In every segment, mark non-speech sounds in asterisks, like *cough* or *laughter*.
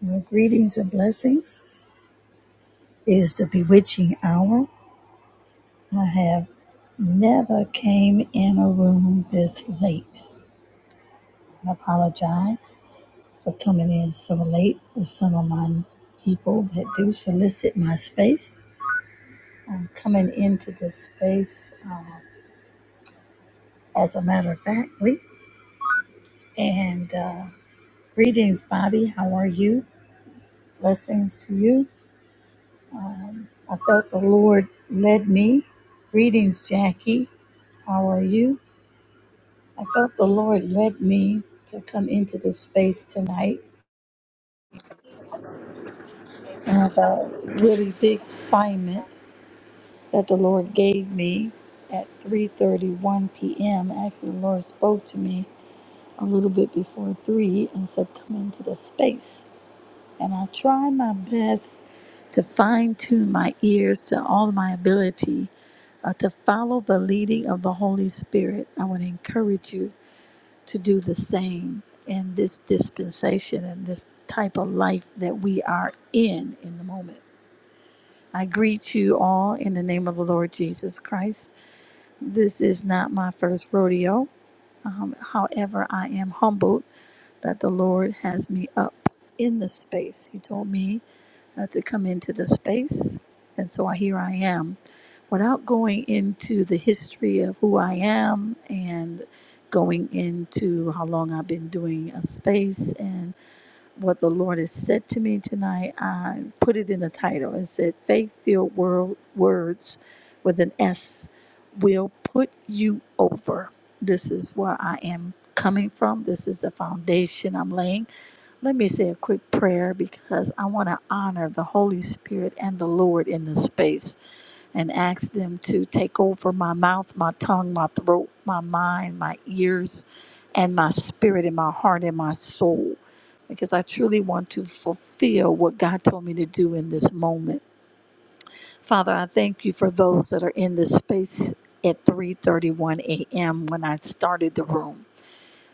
Well, greetings and blessings. It is the bewitching hour. I have never came in a room this late. I apologize for coming in so late with some of my people that do solicit my space. I'm coming into this space uh, as a matter of factly. And uh, greetings, Bobby. How are you? Blessings to you. I felt the Lord led me. Greetings, Jackie. How are you? I felt the Lord led me to come into this space tonight. I have a really big assignment that the Lord gave me at 3:31 p.m. Actually, the Lord spoke to me a little bit before three and said, "Come into the space." And I try my best to fine-tune my ears to all of my ability uh, to follow the leading of the Holy Spirit. I want to encourage you to do the same in this dispensation and this type of life that we are in in the moment. I greet you all in the name of the Lord Jesus Christ. This is not my first rodeo. Um, however, I am humbled that the Lord has me up in the space. He told me uh, to come into the space. And so here I am. Without going into the history of who I am and going into how long I've been doing a space and what the Lord has said to me tonight, I put it in the title. It said, Faith Filled World Words with an S will put you over. This is where I am coming from. This is the foundation I'm laying let me say a quick prayer because I want to honor the Holy Spirit and the Lord in this space and ask them to take over my mouth, my tongue, my throat, my mind, my ears, and my spirit, and my heart, and my soul. Because I truly want to fulfill what God told me to do in this moment. Father, I thank you for those that are in this space at 3:31 a.m. when I started the room.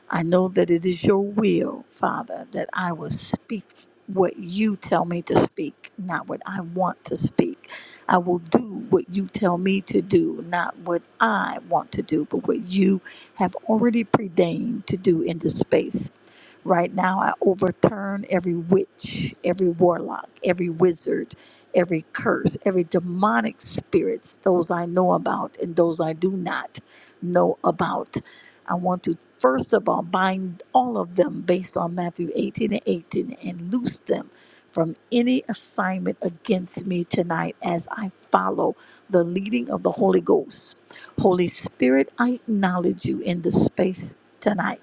I know that it is your will, Father, that I will speak what you tell me to speak, not what I want to speak. I will do what you tell me to do, not what I want to do, but what you have already preordained to do in this space. Right now, I overturn every witch, every warlock, every wizard, every curse, every demonic spirits, those I know about and those I do not know about. I want to first of all bind all of them based on Matthew 18 and 18 and loose them from any assignment against me tonight as I follow the leading of the Holy Ghost. Holy Spirit, I acknowledge you in this space tonight.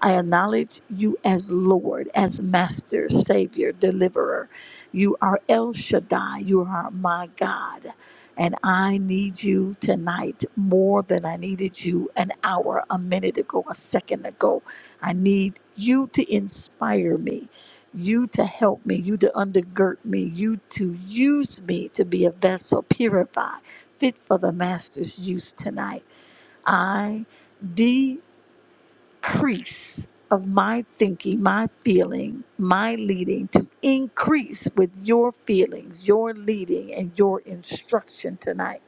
I acknowledge you as Lord, as Master, Savior, Deliverer. You are El Shaddai. You are my God. And I need you tonight more than I needed you an hour, a minute ago, a second ago. I need you to inspire me, you to help me, you to undergird me, you to use me to be a vessel purified, fit for the Master's use tonight. I increase of my thinking, my feeling, my leading to increase with your feelings, your leading, and your instruction tonight.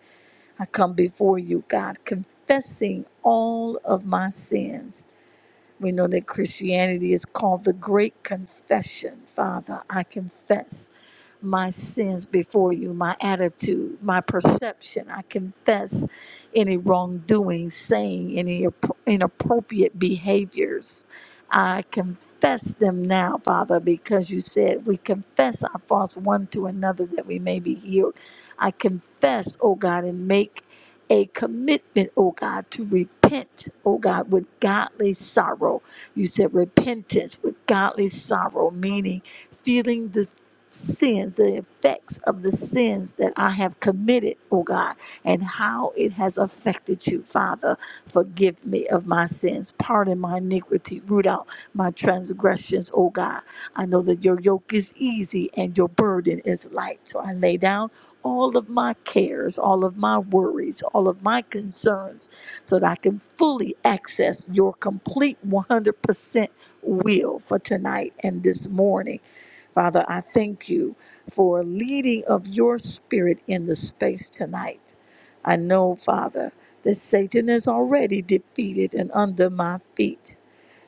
I come before you, God, confessing all of my sins we know that Christianity is called the great confession. Father, I confess my sins before you, my attitude, my perception. I confess any wrongdoing, saying any appro- inappropriate behaviors. I confess them now, Father, because you said we confess our faults one to another that we may be healed. I confess, oh God, and make a commitment, oh God, to repent, oh God, with godly sorrow. You said repentance with godly sorrow, meaning feeling the sins, the effects of the sins that I have committed, oh God, and how it has affected you, Father. Forgive me of my sins, pardon my iniquity, root out my transgressions, oh God. I know that your yoke is easy and your burden is light. So I lay down all of my cares, all of my worries, all of my concerns, so that I can fully access your complete 100% will for tonight and this morning. Father, I thank you for leading of your spirit in the space tonight. I know, Father, that Satan is already defeated and under my feet.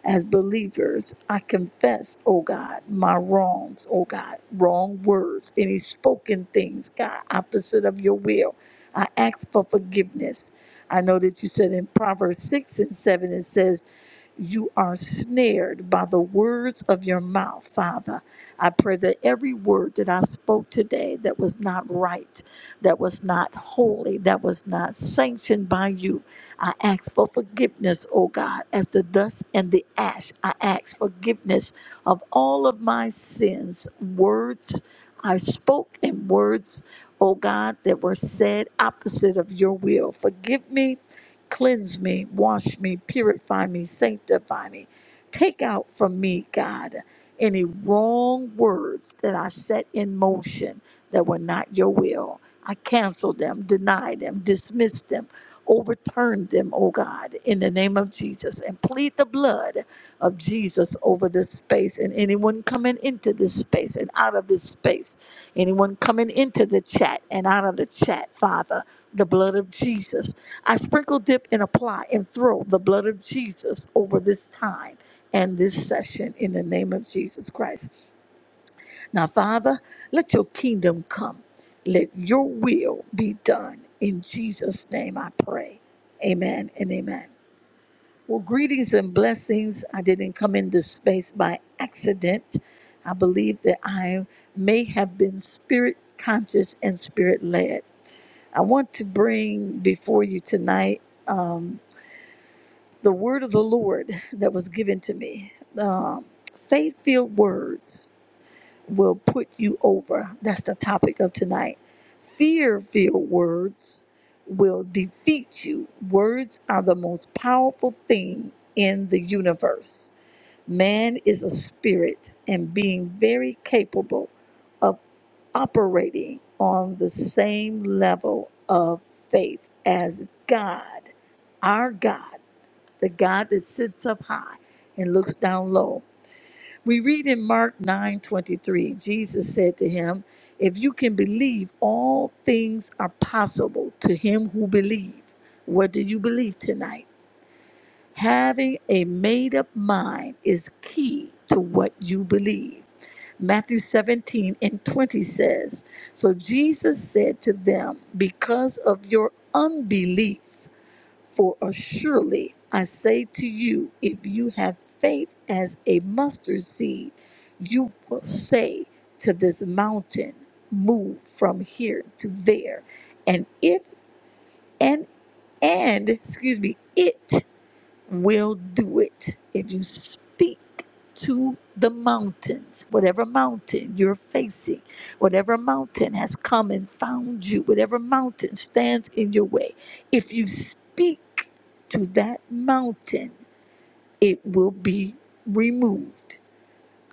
As believers, I confess, oh God, my wrongs, oh God, wrong words, any spoken things, God, opposite of your will. I ask for forgiveness. I know that you said in Proverbs 6 and 7, it says, you are snared by the words of your mouth, Father. I pray that every word that I spoke today that was not right, that was not holy, that was not sanctioned by you, I ask for forgiveness, O God, as the dust and the ash. I ask forgiveness of all of my sins, words I spoke, and words, O God, that were said opposite of your will. Forgive me Cleanse me, wash me, purify me, sanctify me. Take out from me, God, any wrong words that I set in motion that were not your will. I cancel them, deny them, dismiss them, overturn them, oh God, in the name of Jesus, and plead the blood of Jesus over this space and anyone coming into this space and out of this space. Anyone coming into the chat and out of the chat, Father, the blood of Jesus. I sprinkle, dip, and apply and throw the blood of Jesus over this time and this session in the name of Jesus Christ. Now, Father, let your kingdom come. Let your will be done. In Jesus' name I pray. Amen and amen. Well, greetings and blessings. I didn't come in this space by accident. I believe that I may have been spirit conscious and spirit led. I want to bring before you tonight um, the word of the Lord *laughs* that was given to me. Um, Faith filled words will put you over. That's the topic of tonight. Fear filled words will defeat you. Words are the most powerful thing in the universe Man is a spirit and being very capable of operating on the same level of faith as God, our God, the God that sits up high and looks down low. We read in Mark 9:23, Jesus said to him, "If you can believe, all things are possible to him who believes." What do you believe tonight? Having a made up mind is key to what you believe. Matthew 17 and 20 says, So Jesus said to them, Because of your unbelief, for assuredly I say to you, if you have faith as a mustard seed, you will say to this mountain, Move from here to there. And if, and, and, excuse me, it will do it. If you speak to the mountains, whatever mountain you're facing, whatever mountain has come and found you, whatever mountain stands in your way, if you speak to that mountain, it will be removed.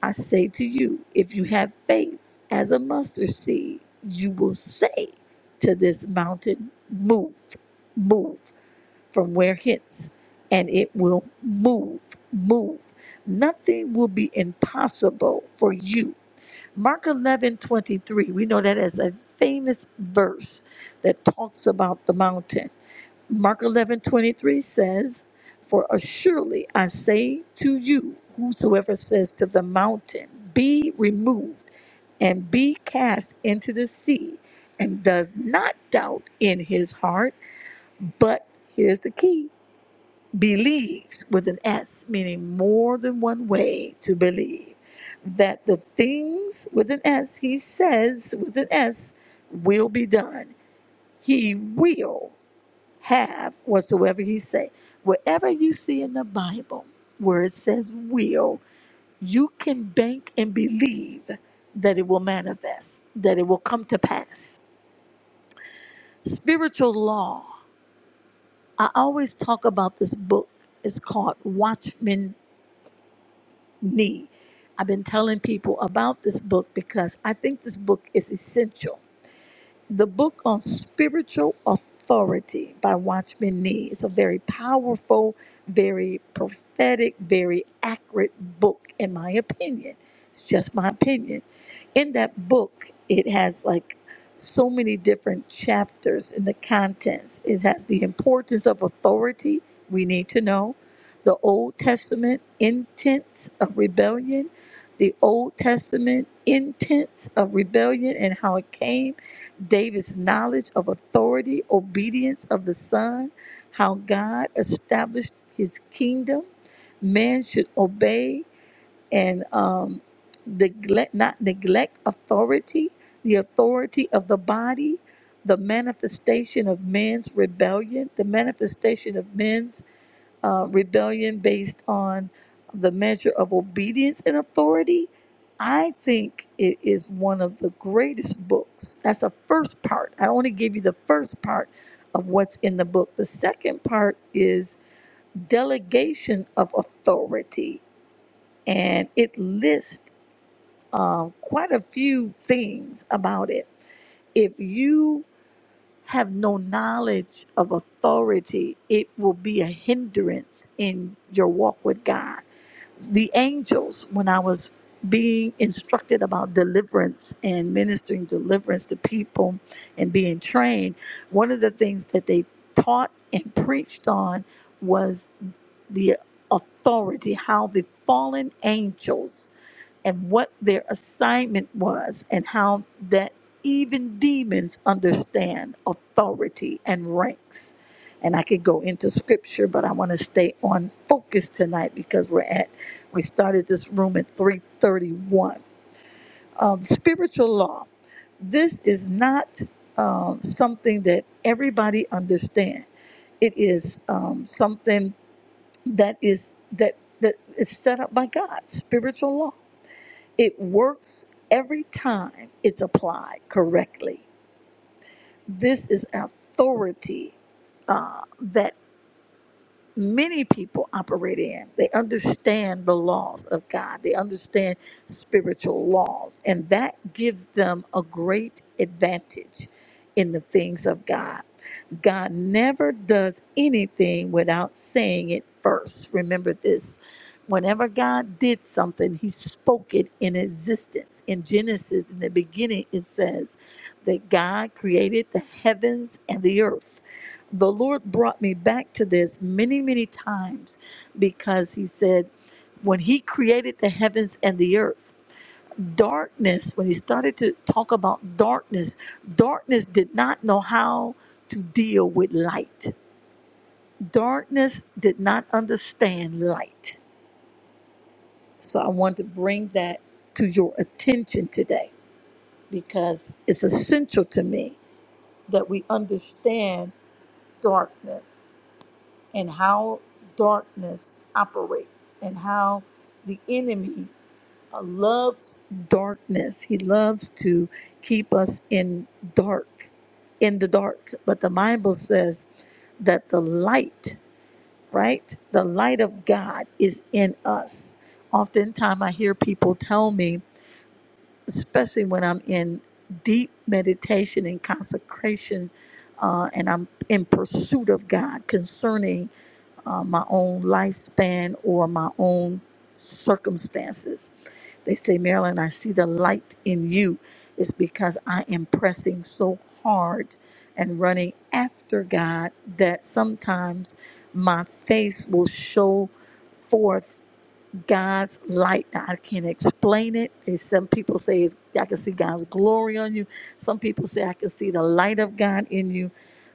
I say to you, if you have faith as a mustard seed, you will say to this mountain, move, move from where hence, and it will move, move. Nothing will be impossible for you. Mark eleven twenty three. we know that as a famous verse that talks about the mountain. Mark eleven twenty three says, For assuredly I say to you, whosoever says to the mountain, Be removed and be cast into the sea, and does not doubt in his heart, but here's the key believes with an S, meaning more than one way to believe, that the things with an S he says with an S will be done. He will have whatsoever he say. Wherever you see in the Bible where it says will, you can bank and believe that it will manifest, that it will come to pass. Spiritual law. I always talk about this book. It's called Watchmen need. I've been telling people about this book because I think this book is essential the book on spiritual authority by Watchman Nee. It's a very powerful, very prophetic, very accurate book, in my opinion. It's just my opinion. In that book, it has like so many different chapters in the contents. It has the importance of authority, we need to know, the Old Testament intents of rebellion, the Old Testament intents of rebellion and how it came David's knowledge of authority, obedience of the Son, how God established his kingdom. Man should obey and um, neglect, not neglect authority, the authority of the body, the manifestation of man's rebellion, the manifestation of men's uh, rebellion based on the measure of obedience and authority, I think it is one of the greatest books. That's the first part. I only gave you the first part of what's in the book. The second part is delegation of authority, and it lists um, quite a few things about it. If you have no knowledge of authority, it will be a hindrance in your walk with God. The angels, when I was being instructed about deliverance and ministering deliverance to people and being trained, one of the things that they taught and preached on was the authority, how the fallen angels and what their assignment was and how that even demons understand authority and ranks. And I could go into scripture, but I want to stay on focus tonight because we're at we started this room at 331. Um, spiritual law. This is not um, something that everybody understands. It is um, something that is that that is set up by God. Spiritual law it works every time it's applied correctly. This is authority uh, that many people operate in. They understand the laws of God, they understand spiritual laws, and that gives them a great advantage in the things of God. God never does anything without saying it first. Remember this. Whenever God did something, he spoke it in existence. In Genesis, in the beginning, it says that God created the heavens and the earth the Lord brought me back to this many, many times because He said, when He created the heavens and the earth, darkness, when He started to talk about darkness, darkness did not know how to deal with light. Darkness did not understand light. So I want to bring that to your attention today because it's essential to me that we understand darkness. and how darkness operates and how the enemy uh, loves darkness. He loves to keep us in dark, in the dark. But the Bible says that the light, right? The light of God is in us. Oftentimes I hear people tell me, especially when I'm in deep meditation and consecration uh, and I'm in pursuit of God concerning uh, my own lifespan or my own circumstances. They say, Marilyn, I see the light in you. It's because I am pressing so hard and running after God that sometimes my face will show forth God's light. Now, I can't explain it. There's some people say it's, I can see God's glory on you. Some people say I can see the light of God in you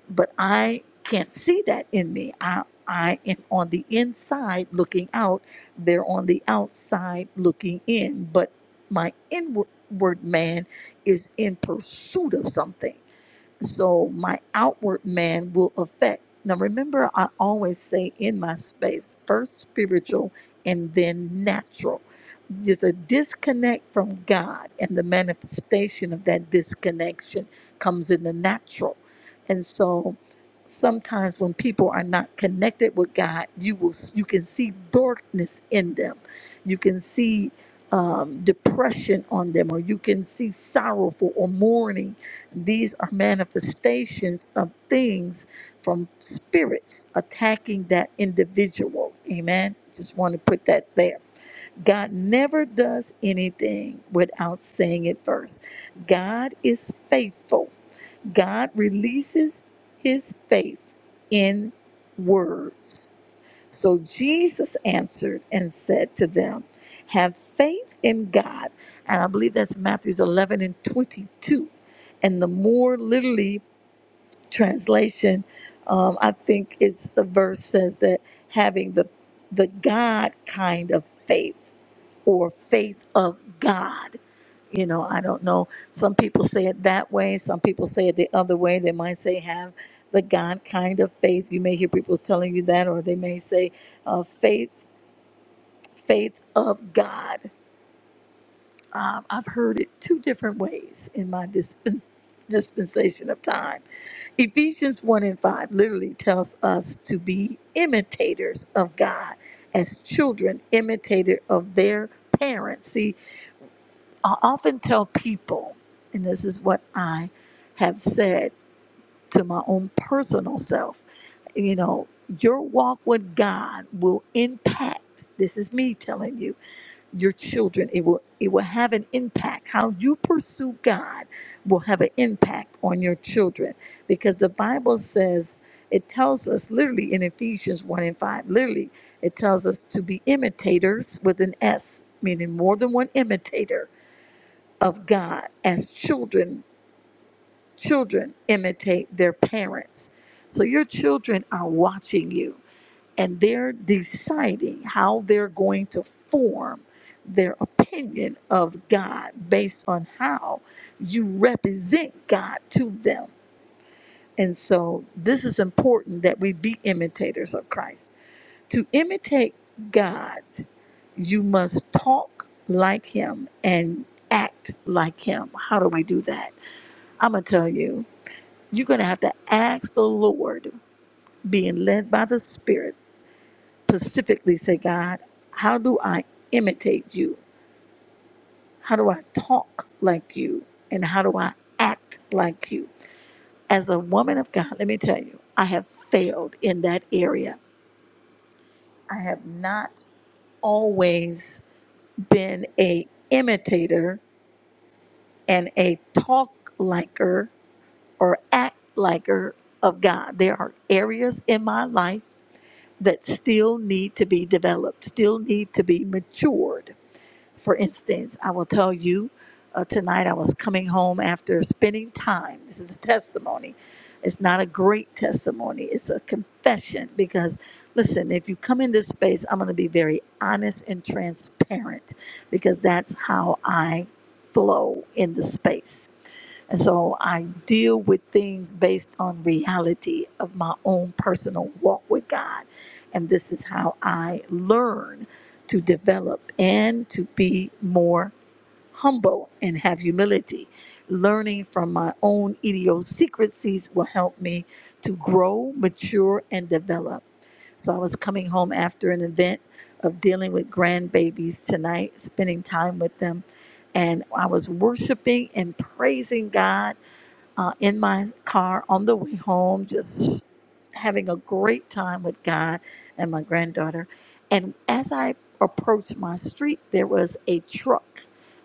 but I can't see that in me. I I am on the inside looking out. They're on the outside looking in. But my inward man is in pursuit of something. So my outward man will affect. Now, remember, I always say in my space, first spiritual and then natural. There's a disconnect from God, and the manifestation of that disconnection comes in the natural. And so sometimes when people are not connected with God, you will you can see darkness in them. You can see um, depression on them, or you can see sorrowful or mourning these are manifestations of things from spirits attacking that individual. Amen. Just want to put that there. God never does anything without saying it first. God is faithful. God releases his faith in words. So Jesus answered and said to them, Have faith in God. And I believe that's Matthew 11 and 22. And the more literally translation, um, I think it's the verse says that having the the God kind of faith or faith of God. You know, I don't know. Some people say it that way. Some people say it the other way. They might say have the God kind of faith. You may hear people telling you that, or they may say uh, faith, faith of God um, I've heard it two different ways in my dispen- *laughs* dispensation of time. Ephesians 1 and 5 literally tells us to be imitators of God as children, imitator of their parents. See, I often tell people, and this is what I have said to my own personal self, you know, your walk with God will impact, this is me telling you, your children it will it will have an impact how you pursue god will have an impact on your children because the bible says it tells us literally in ephesians 1 and 5 literally it tells us to be imitators with an s meaning more than one imitator of god as children children imitate their parents so your children are watching you and they're deciding how they're going to form their opinion of God based on how you represent God to them. And so this is important that we be imitators of Christ. To imitate God, you must talk like him and act like him. How do I do that? I'm going to tell you, you're going to have to ask the Lord, being led by the Spirit specifically say, God, how do I imitate you? How do I talk like you? And how do I act like you? As a woman of God, let me tell you, I have failed in that area. I have not always been a imitator and a talk liker or act liker of God. There are areas in my life that still need to be developed, still need to be matured For instance, I will tell you uh, tonight I was coming home after spending time. This is a testimony. It's not a great testimony, it's a confession because, listen, if you come in this space, I'm going to be very honest and transparent because that's how I flow in the space. And so I deal with things based on reality of my own personal walk with God. And this is how I learn to develop and to be more humble and have humility. Learning from my own idiosyncrasies will help me to grow, mature, and develop. So I was coming home after an event of dealing with grandbabies tonight, spending time with them. And I was worshiping and praising God uh, in my car on the way home, just having a great time with God and my granddaughter. And as I approached my street, there was a truck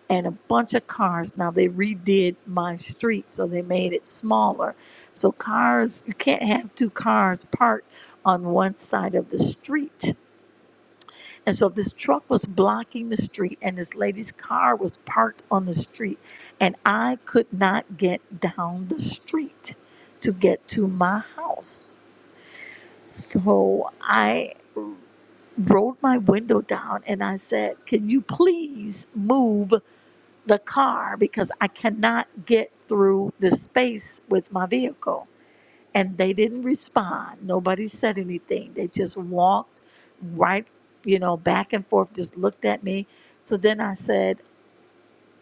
and a bunch of cars. Now they redid my street, so they made it smaller. So cars, you can't have two cars parked on one side of the street and so this truck was blocking the street, and this lady's car was parked on the street. And I could not get down the street to get to my house. So I rolled my window down and I said, Can you please move the car? Because I cannot get through this space with my vehicle and they didn't respond. Nobody said anything. They just walked right, you know, back and forth, just looked at me. So then I said,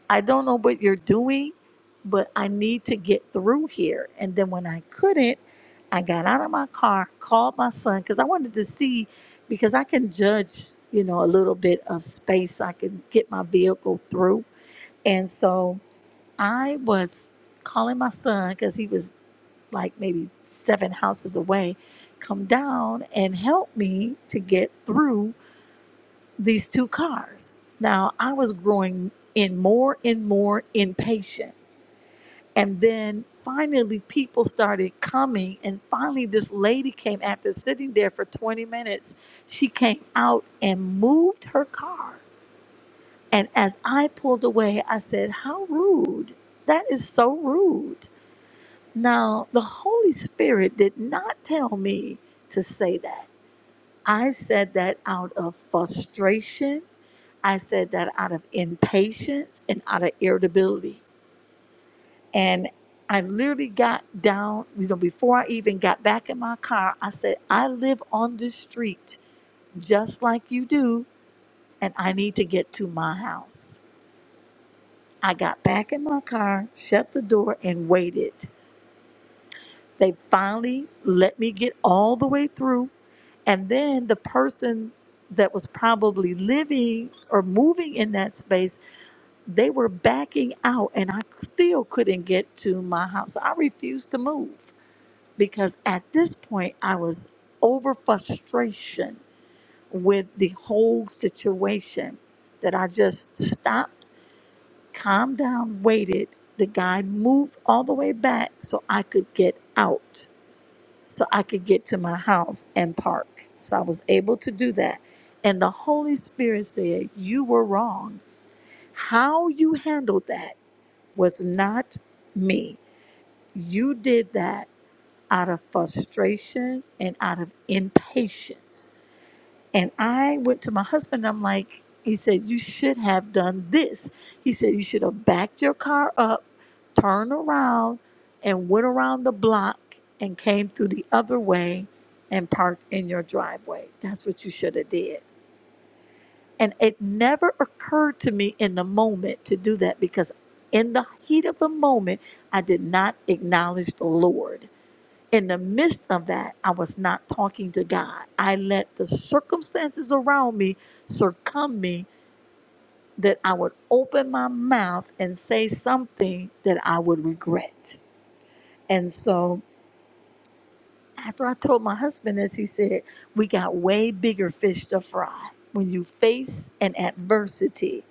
I don't know what you're doing, but I need to get through here. And then when I couldn't, I got out of my car, called my son, because I wanted to see, because I can judge, you know, a little bit of space I can get my vehicle through. And so I was calling my son because he was like maybe seven houses away, come down and help me to get through these two cars. Now, I was growing in more and more impatient. And then finally, people started coming. And finally, this lady came after sitting there for 20 minutes. She came out and moved her car. And as I pulled away, I said, How rude. That is so rude. Now, the Holy Spirit did not tell me to say that. I said that out of frustration. I said that out of impatience and out of irritability. And I literally got down, you know, before I even got back in my car, I said, I live on this street just like you do, and I need to get to my house. I got back in my car, shut the door, and waited. They finally let me get all the way through And then the person that was probably living or moving in that space, they were backing out, and I still couldn't get to my house. I refused to move because at this point I was over frustration with the whole situation that I just stopped, calmed down, waited. The guy moved all the way back so I could get out so I could get to my house and park. So I was able to do that. And the Holy Spirit said, You were wrong. How you handled that was not me. You did that out of frustration and out of impatience. And I went to my husband. I'm like, he said, you should have done this. He said, you should have backed your car up, turned around, and went around the block and came through the other way and parked in your driveway. That's what you should have did. And it never occurred to me in the moment to do that because in the heat of the moment, I did not acknowledge the Lord in the midst of that, I was not talking to God. I let the circumstances around me succumb me that I would open my mouth and say something that I would regret. And so after I told my husband this, he said, We got way bigger fish to fry. When you face an adversity,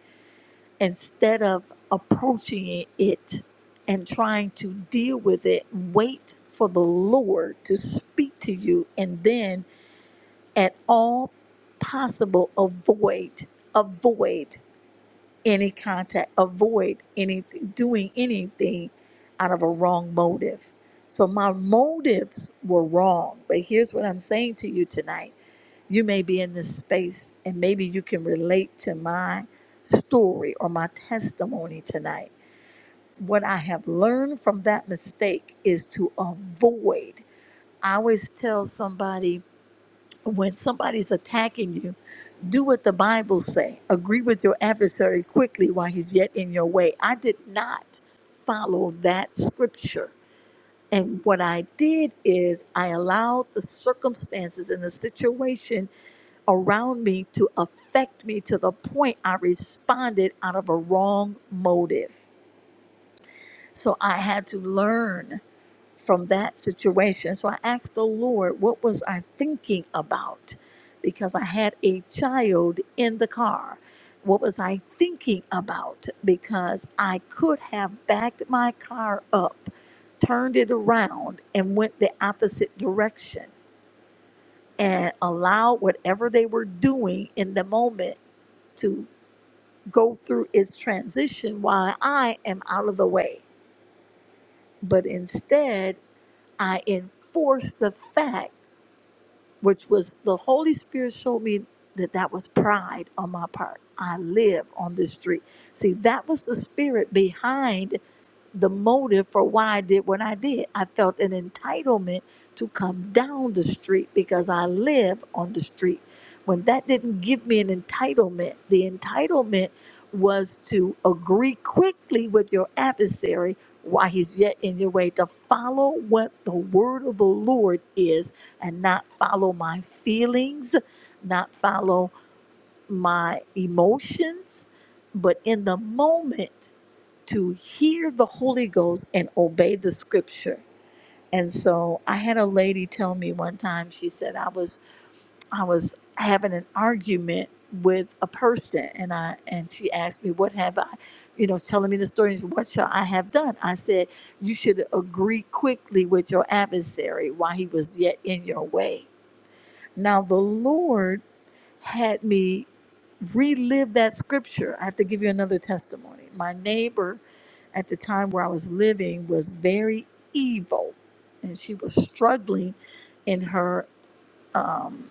instead of approaching it and trying to deal with it, wait for the Lord to speak to you and then at all possible avoid avoid any contact avoid any doing anything out of a wrong motive so my motives were wrong but here's what i'm saying to you tonight you may be in this space and maybe you can relate to my story or my testimony tonight what i have learned from that mistake is to avoid i always tell somebody when somebody's attacking you, do what the Bible say. Agree with your adversary quickly while he's yet in your way. I did not follow that scripture. And what I did is I allowed the circumstances and the situation around me to affect me to the point I responded out of a wrong motive. So I had to learn from that situation. So I asked the Lord, what was I thinking about? Because I had a child in the car. What was I thinking about? Because I could have backed my car up, turned it around, and went the opposite direction and allowed whatever they were doing in the moment to go through its transition while I am out of the way. But instead, I enforce the fact which was the Holy Spirit showed me that that was pride on my part. I live on this street. See, that was the spirit behind the motive for why I did what I did. I felt an entitlement to come down the street because I live on the street. When that didn't give me an entitlement, the entitlement was to agree quickly with your adversary while he's yet in your way, to follow what the word of the Lord is and not follow my feelings, not follow my emotions, but in the moment to hear the Holy Ghost and obey the scripture. And so I had a lady tell me one time, she said I was I was having an argument with a person and I and she asked me, What have I you know, telling me the story, and she said, what shall I have done? I said, You should agree quickly with your adversary while he was yet in your way. Now the Lord had me relive that scripture. I have to give you another testimony. My neighbor at the time where I was living was very evil, and she was struggling in her um,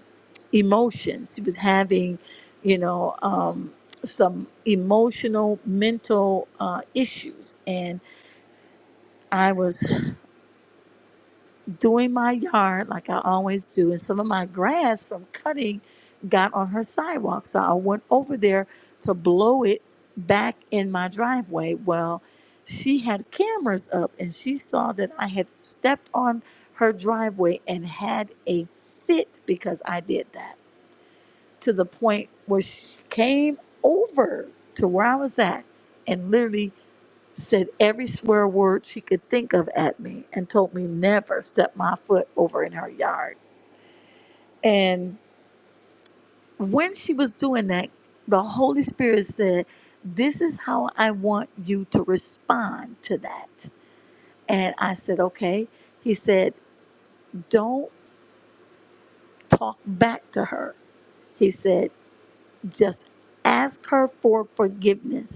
emotions. She was having, you know, um, some emotional, mental uh, issues, and I was. doing my yard like I always do, and some of my grass from cutting got on her sidewalk. So I went over there to blow it back in my driveway. Well, she had cameras up and she saw that I had stepped on her driveway and had a fit because I did that to the point where she came over to where I was at and literally said every swear word she could think of at me and told me never step my foot over in her yard. And when she was doing that, the Holy Spirit said, This is how I want you to respond to that. And I said, Okay. He said, Don't talk back to her. He said, Just ask her for forgiveness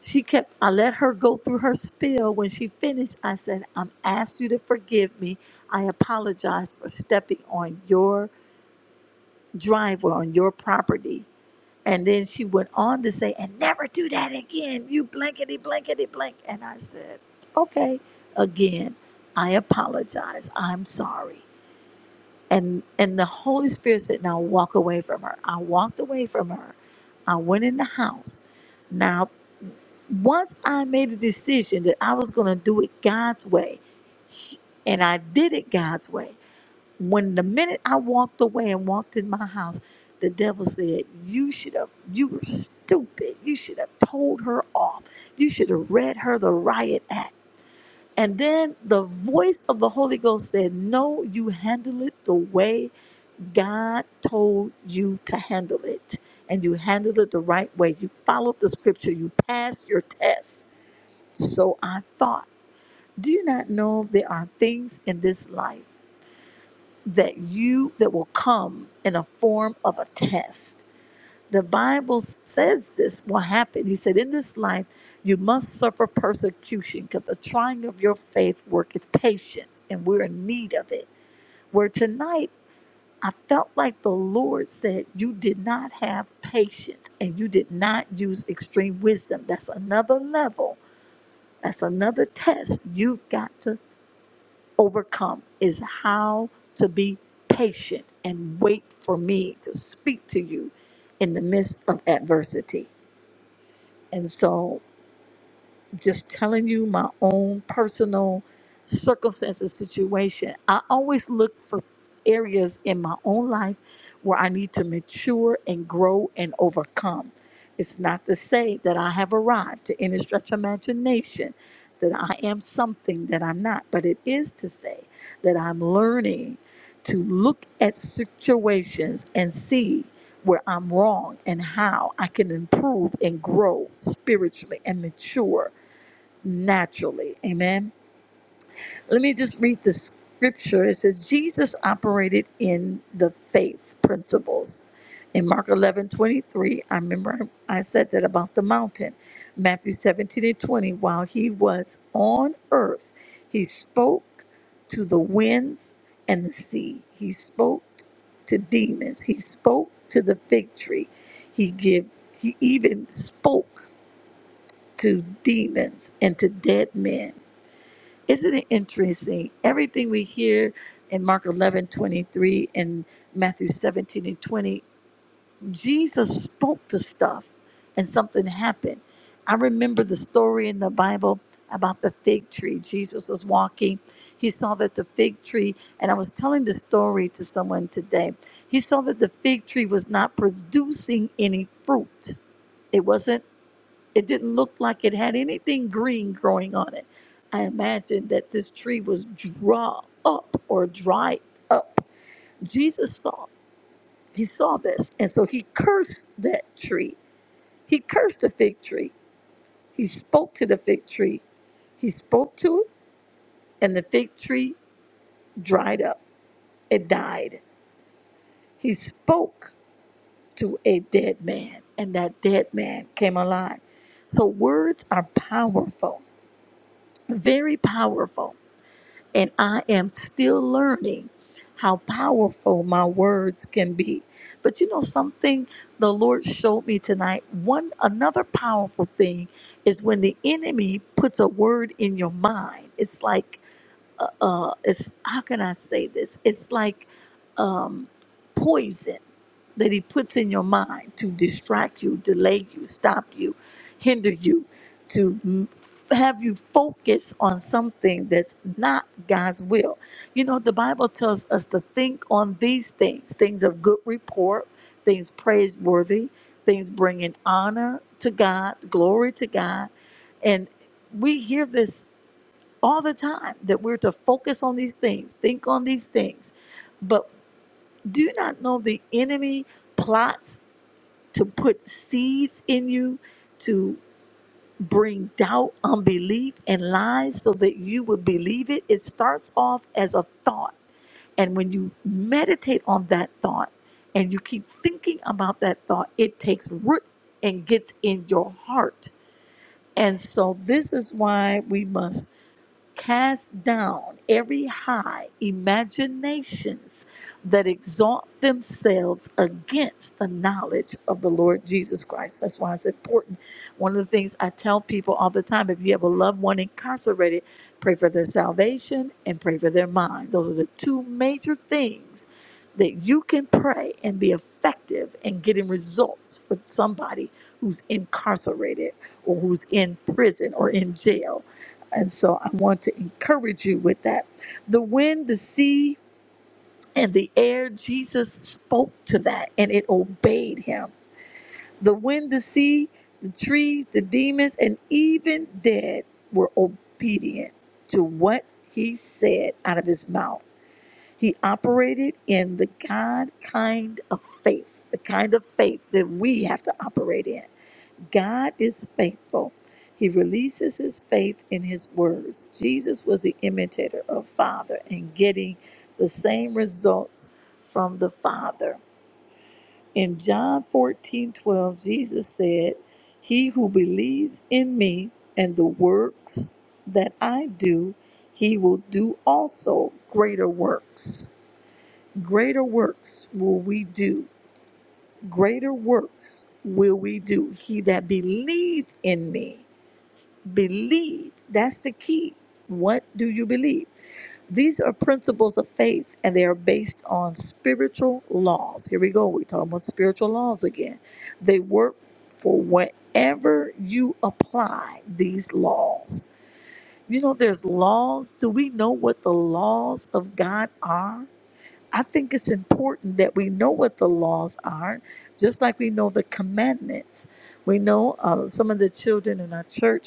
She kept, I let her go through her spiel. When she finished, I said, I'm asked you to forgive me. I apologize for stepping on your driveway, on your property. And then she went on to say, and never do that again, you blankety, blankety, blank. And I said, okay, again, I apologize. I'm sorry. And, and the Holy Spirit said, now walk away from her. I walked away from her. I went in the house. Now once I made a decision that I was going to do it God's way, and I did it God's way, when the minute I walked away and walked in my house, the devil said, You should have, you were stupid. You should have told her off. You should have read her the riot act. And then the voice of the Holy Ghost said, No, you handle it the way God told you to handle it. And you handled it the right way. You followed the scripture. You passed your test so I thought, do you not know there are things in this life that you that will come in a form of a test? The Bible says this will happen. He said, In this life you must suffer persecution, because the trying of your faith worketh patience, and we're in need of it. Where tonight I felt like the Lord said, You did not have patience and you did not use extreme wisdom. That's another level. That's another test. You've got to overcome is how to be patient and wait for me to speak to you in the midst of adversity. And so just telling you my own personal circumstances situation i always look for areas in my own life where i need to mature and grow and overcome it's not to say that i have arrived to any stretch of imagination that i am something that i'm not but it is to say that i'm learning to look at situations and see where i'm wrong and how i can improve and grow spiritually and mature naturally. Amen. Let me just read the scripture. It says, Jesus operated in the faith principles. In Mark 11 23. I remember I said that about the mountain. Matthew 17 and 20, while he was on earth, he spoke to the winds and the sea. He spoke to demons. He spoke to the fig tree. He give he even spoke to demons and to dead men. Isn't it interesting? Everything we hear in Mark 11:23 and Matthew 17 and 20, Jesus spoke the stuff and something happened. I remember the story in the Bible about the fig tree. Jesus was walking. He saw that the fig tree, and I was telling the story to someone today. He saw that the fig tree was not producing any fruit. It wasn't it didn't look like it had anything green growing on it. I imagine that this tree was draw up or dried up. Jesus saw, he saw this, and so he cursed that tree. He cursed the fig tree. He spoke to the fig tree. He spoke to it, and the fig tree dried up. It died. He spoke to a dead man, and that dead man came alive. So words are powerful, very powerful and I am still learning how powerful my words can be. But you know something the Lord showed me tonight, one another powerful thing is when the enemy puts a word in your mind. It's like uh, uh, it's how can I say this? It's like um, poison that he puts in your mind to distract you, delay you, stop you, hinder you, to m- have you focus on something that's not God's will. You know, the Bible tells us to think on these things things of good report, things praiseworthy, things bringing honor to God, glory to God. And we hear this all the time that we're to focus on these things, think on these things. But do you not know the enemy plots to put seeds in you to bring doubt, unbelief, and lies so that you would believe it? It starts off as a thought. And when you meditate on that thought and you keep thinking about that thought, it takes root and gets in your heart. And so this is why we must cast down every high imaginations that exalt themselves against the knowledge of the Lord Jesus Christ. That's why it's important. One of the things I tell people all the time if you have a loved one incarcerated, pray for their salvation and pray for their mind. Those are the two major things that you can pray and be effective in getting results for somebody who's incarcerated or who's in prison or in jail and so I want to encourage you with that. The wind, the sea, and the air, Jesus spoke to that and it obeyed him. The wind, the sea, the trees, the demons, and even dead were obedient to what he said out of his mouth. He operated in the God kind of faith, the kind of faith that we have to operate in. God is faithful. He releases his faith in his words. Jesus was the imitator of Father and getting the same results from the Father. In John 14 12, Jesus said, He who believes in me and the works that I do, he will do also greater works. Greater works will we do. Greater works will we do. He that believed in me believe. That's the key. What do you believe? These are principles of faith and they are based on spiritual laws. Here we go. We're talking about spiritual laws again. They work for whenever you apply these laws. You know, there's laws. Do we know what the laws of God are? I think it's important that we know what the laws are, just like we know the commandments. We know uh, some of the children in our church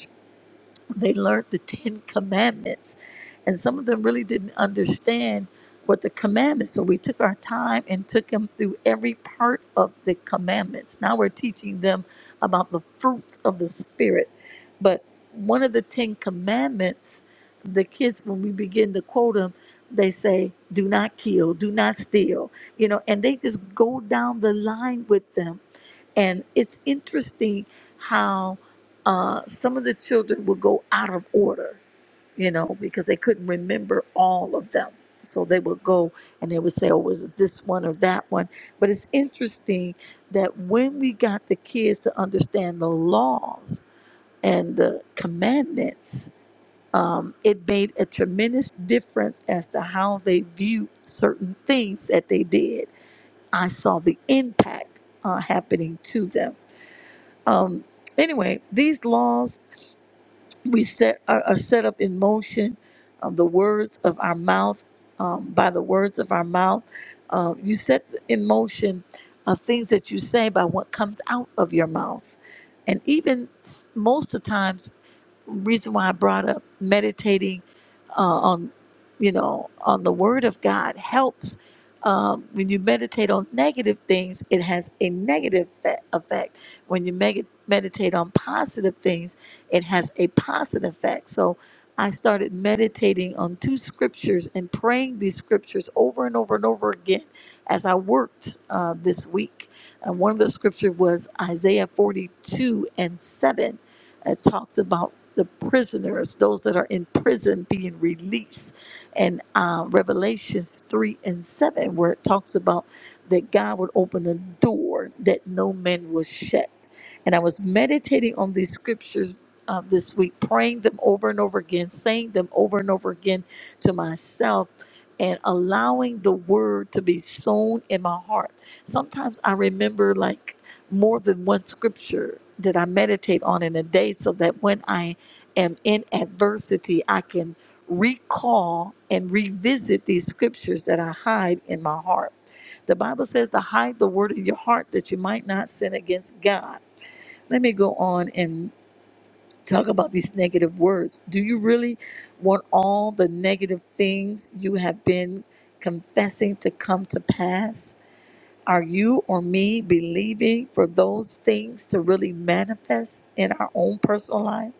they learned the Ten Commandments, and some of them really didn't understand what the commandments. So we took our time and took them through every part of the commandments. Now we're teaching them about the fruits of the Spirit. But one of the Ten Commandments, the kids, when we begin to quote them, they say, "Do not kill, do not steal," you know, and they just go down the line with them and it's interesting how uh, some of the children would go out of order, you know, because they couldn't remember all of them. So they would go and they would say, oh, was it this one or that one? But it's interesting that when we got the kids to understand the laws and the commandments, um, it made a tremendous difference as to how they viewed certain things that they did. I saw the impact uh, happening to them um, anyway, these laws we set are, are set up in motion. Um, the words of our mouth, um, by the words of our mouth, uh, you set in motion uh, things that you say by what comes out of your mouth, and even s- most of the times reason why I brought up meditating uh, on, you know, on the Word of God helps. Um, when you meditate on negative things, it has a negative fe- effect. When you meg- meditate on positive things, it has a positive effect. So I started meditating on two scriptures and praying these scriptures over and over and over again as I worked uh, this week. And one of the scriptures was Isaiah 42 and 7 it talks about the prisoners, those that are in prison being released. And uh, Revelations 3 and 7, where it talks about that God would open a door that no man will shut. And I was meditating on these scriptures uh, this week, praying them over and over again, saying them over and over again to myself, and allowing the word to be sown in my heart. Sometimes I remember, like, more than one scripture that I meditate on in a day so that when I am in adversity, I can recall and revisit these scriptures that I hide in my heart. The Bible says to hide the word in your heart that you might not sin against God. Let me go on and talk about these negative words. Do you really want all the negative things you have been confessing to come to pass? Are you or me believing for those things to really manifest in our own personal life?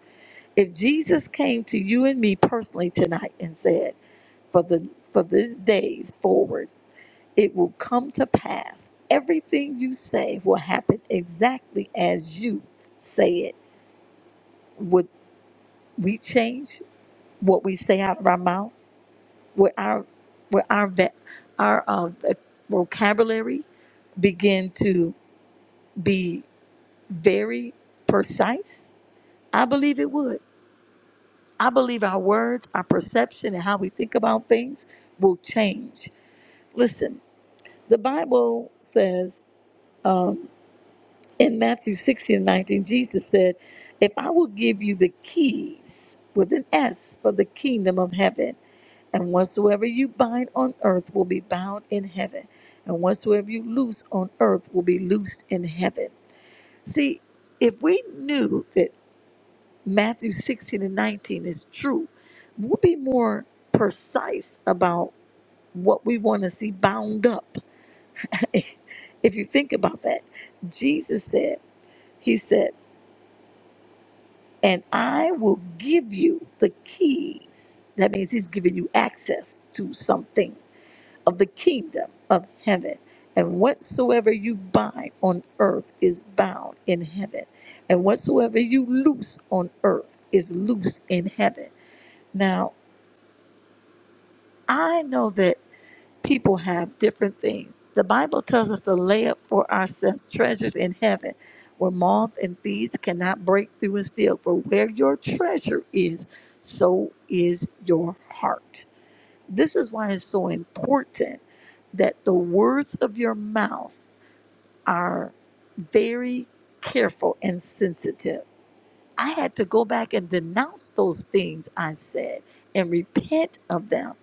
If Jesus came to you and me personally tonight and said, for the for these days forward, it will come to pass. Everything you say will happen exactly as you say it. Would we change what we say out of our mouth? Would our would our va- our uh, vocabulary begin to be? very precise? I believe it would. I believe our words, our perception, and how we think about things will change. Listen, the Bible says um, in Matthew 16 and 19, Jesus said, If I will give you the keys with an S for the kingdom of heaven, and whatsoever you bind on earth will be bound in heaven, and whatsoever you loose on earth will be loosed in heaven. See, if we knew that Matthew 16 and 19 is true. We'll be more precise about what we want to see bound up. *laughs* if you think about that, Jesus said, He said, and I will give you the keys. That means He's giving you access to something of the kingdom of heaven. And whatsoever you bind on earth is bound in heaven. And whatsoever you loose on earth is loose in heaven. Now. I know that people have different things. The Bible tells us to lay up for ourselves treasures in heaven where moth and thieves cannot break through and steal. For where your treasure is, so is your heart. This is why it's so important that the words of your mouth are very careful and sensitive. I had to go back and denounce those things I said and repent of them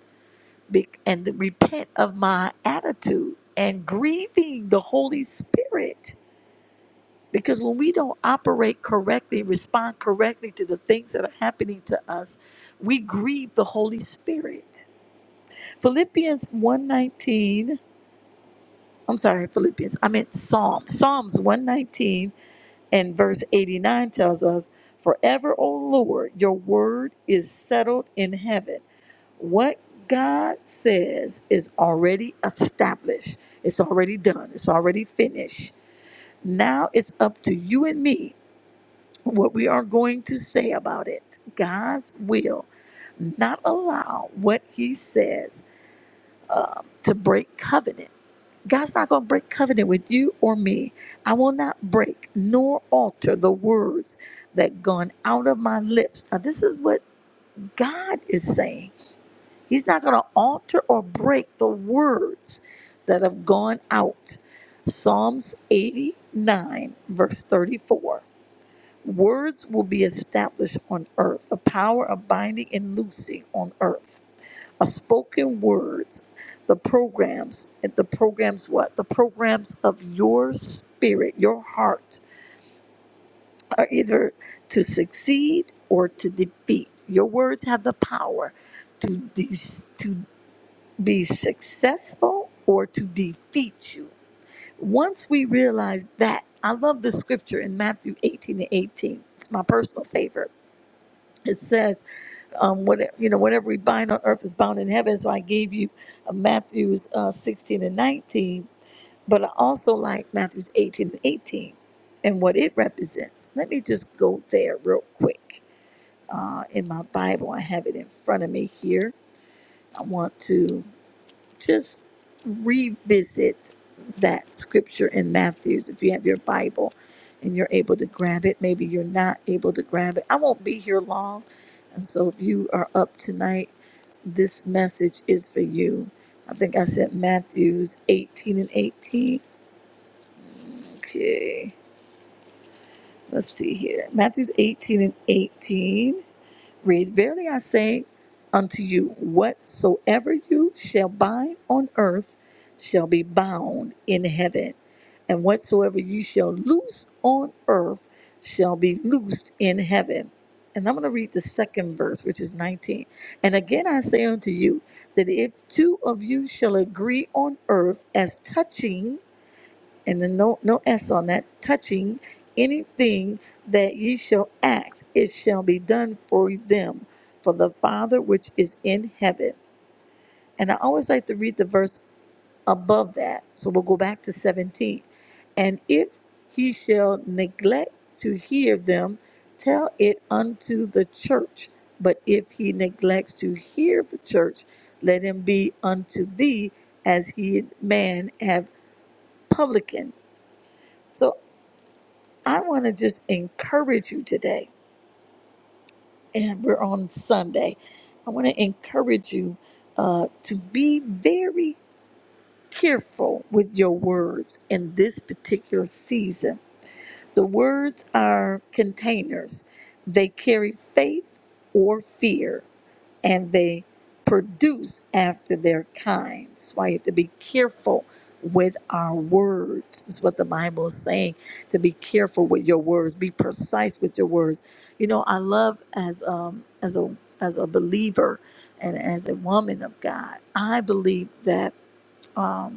be- and repent of my attitude and grieving the Holy Spirit. Because when we don't operate correctly, respond correctly to the things that are happening to us, we grieve the Holy Spirit. Philippians 119, I'm sorry, Philippians, I meant Psalm. Psalms 119 and verse 89 tells us, Forever, O Lord, your word is settled in heaven. what God says is already established, it's already done, it's already finished. Now it's up to you and me what we are going to say about it. God's will not allow what He says to break covenant. God's not going to break covenant with you or me. I will not break nor alter the words that gone out of my lips. Now, this is what God is saying. He's not going to alter or break the words that have gone out. Psalms 89, verse 34. Words will be established on earth, the power of binding and loosing on earth. A spoken words, the programs, the programs what? The programs of your spirit, your heart, are either to succeed or to defeat. Your words have the power to de- to be successful or to defeat you. Once we realize that, I love the scripture in Matthew 18 and 18. It's my personal favorite. It says, um, whatever, you know, whatever we bind on earth is bound in heaven. So I gave you uh, Matthew's uh, 16 and 19, but I also like Matthew's 18 and 18 and what it represents. Let me just go there real quick. Uh, in my Bible, I have it in front of me here. I want to. just revisit that scripture in Matthew's if you have your Bible and you're able to grab it. Maybe you're not able to grab it. I won't be here long. And so if you are up tonight, this message is for you. I think I said Matthew's 18 and 18. Okay, let's see here. Matthew's 18 and 18. reads, Verily I say unto you, whatsoever you shall bind on earth shall be bound in heaven, and whatsoever you shall loose on earth shall be loosed in heaven. And I'm going to read the second verse, which is 19. And again I say unto you, that if two of you shall agree on earth as touching, and then no no s on that touching anything that ye shall ask it shall be done for them for the father which is in heaven and i always like to read the verse above that so we'll go back to 17 and if he shall neglect to hear them tell it unto the church but if he neglects to hear the church let him be unto thee as he man have publican So. I want to just encourage you today, and we're on Sunday. I want to encourage you uh, to be very careful with your words in this particular season. The words are containers, they carry faith or fear and they produce after their kind. That's why you have to be careful with our words. This is what the Bible is saying to be careful with your words, be precise with your words. You know, I love as um as a as a believer and as a woman of God, I believe that um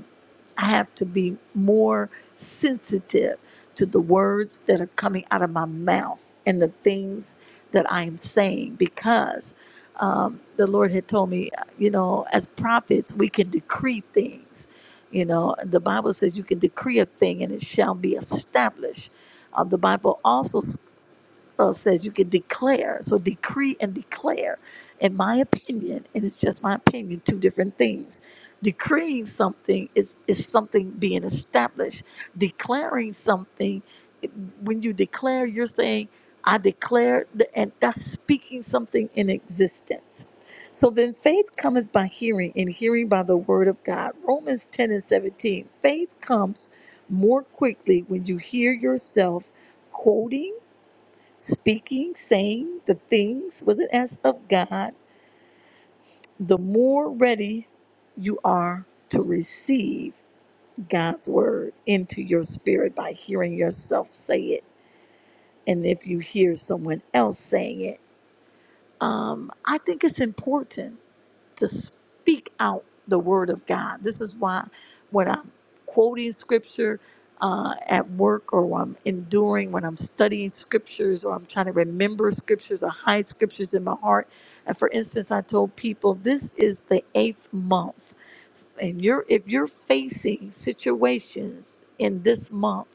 I have to be more sensitive to the words that are coming out of my mouth and the things that I am saying because um, the Lord had told me, you know, as prophets, we can decree things. You know, the Bible says you can decree a thing and it shall be established. Uh, the Bible also uh, says you can declare. So decree and declare, in my opinion, and it's just my opinion, two different things. Decreeing something is is something being established. Declaring something, it- when you declare, you're saying, "I declare," th- and that's speaking something in existence. So then faith cometh by hearing, and hearing by the word of God. Romans 10 and 17. Faith comes more quickly when you hear yourself quoting Speaking, saying the things with an S of God, the more ready you are to receive God's word into your spirit by hearing yourself say it. And if you hear someone else saying it, um, I think it's important to speak out the word of God. This is why when I'm quoting scripture uh, at work or when I'm enduring, when I'm studying scriptures or I'm trying to remember scriptures or hide scriptures in my heart. And for instance, I told people this is the eighth month. And you're if you're facing situations in this month,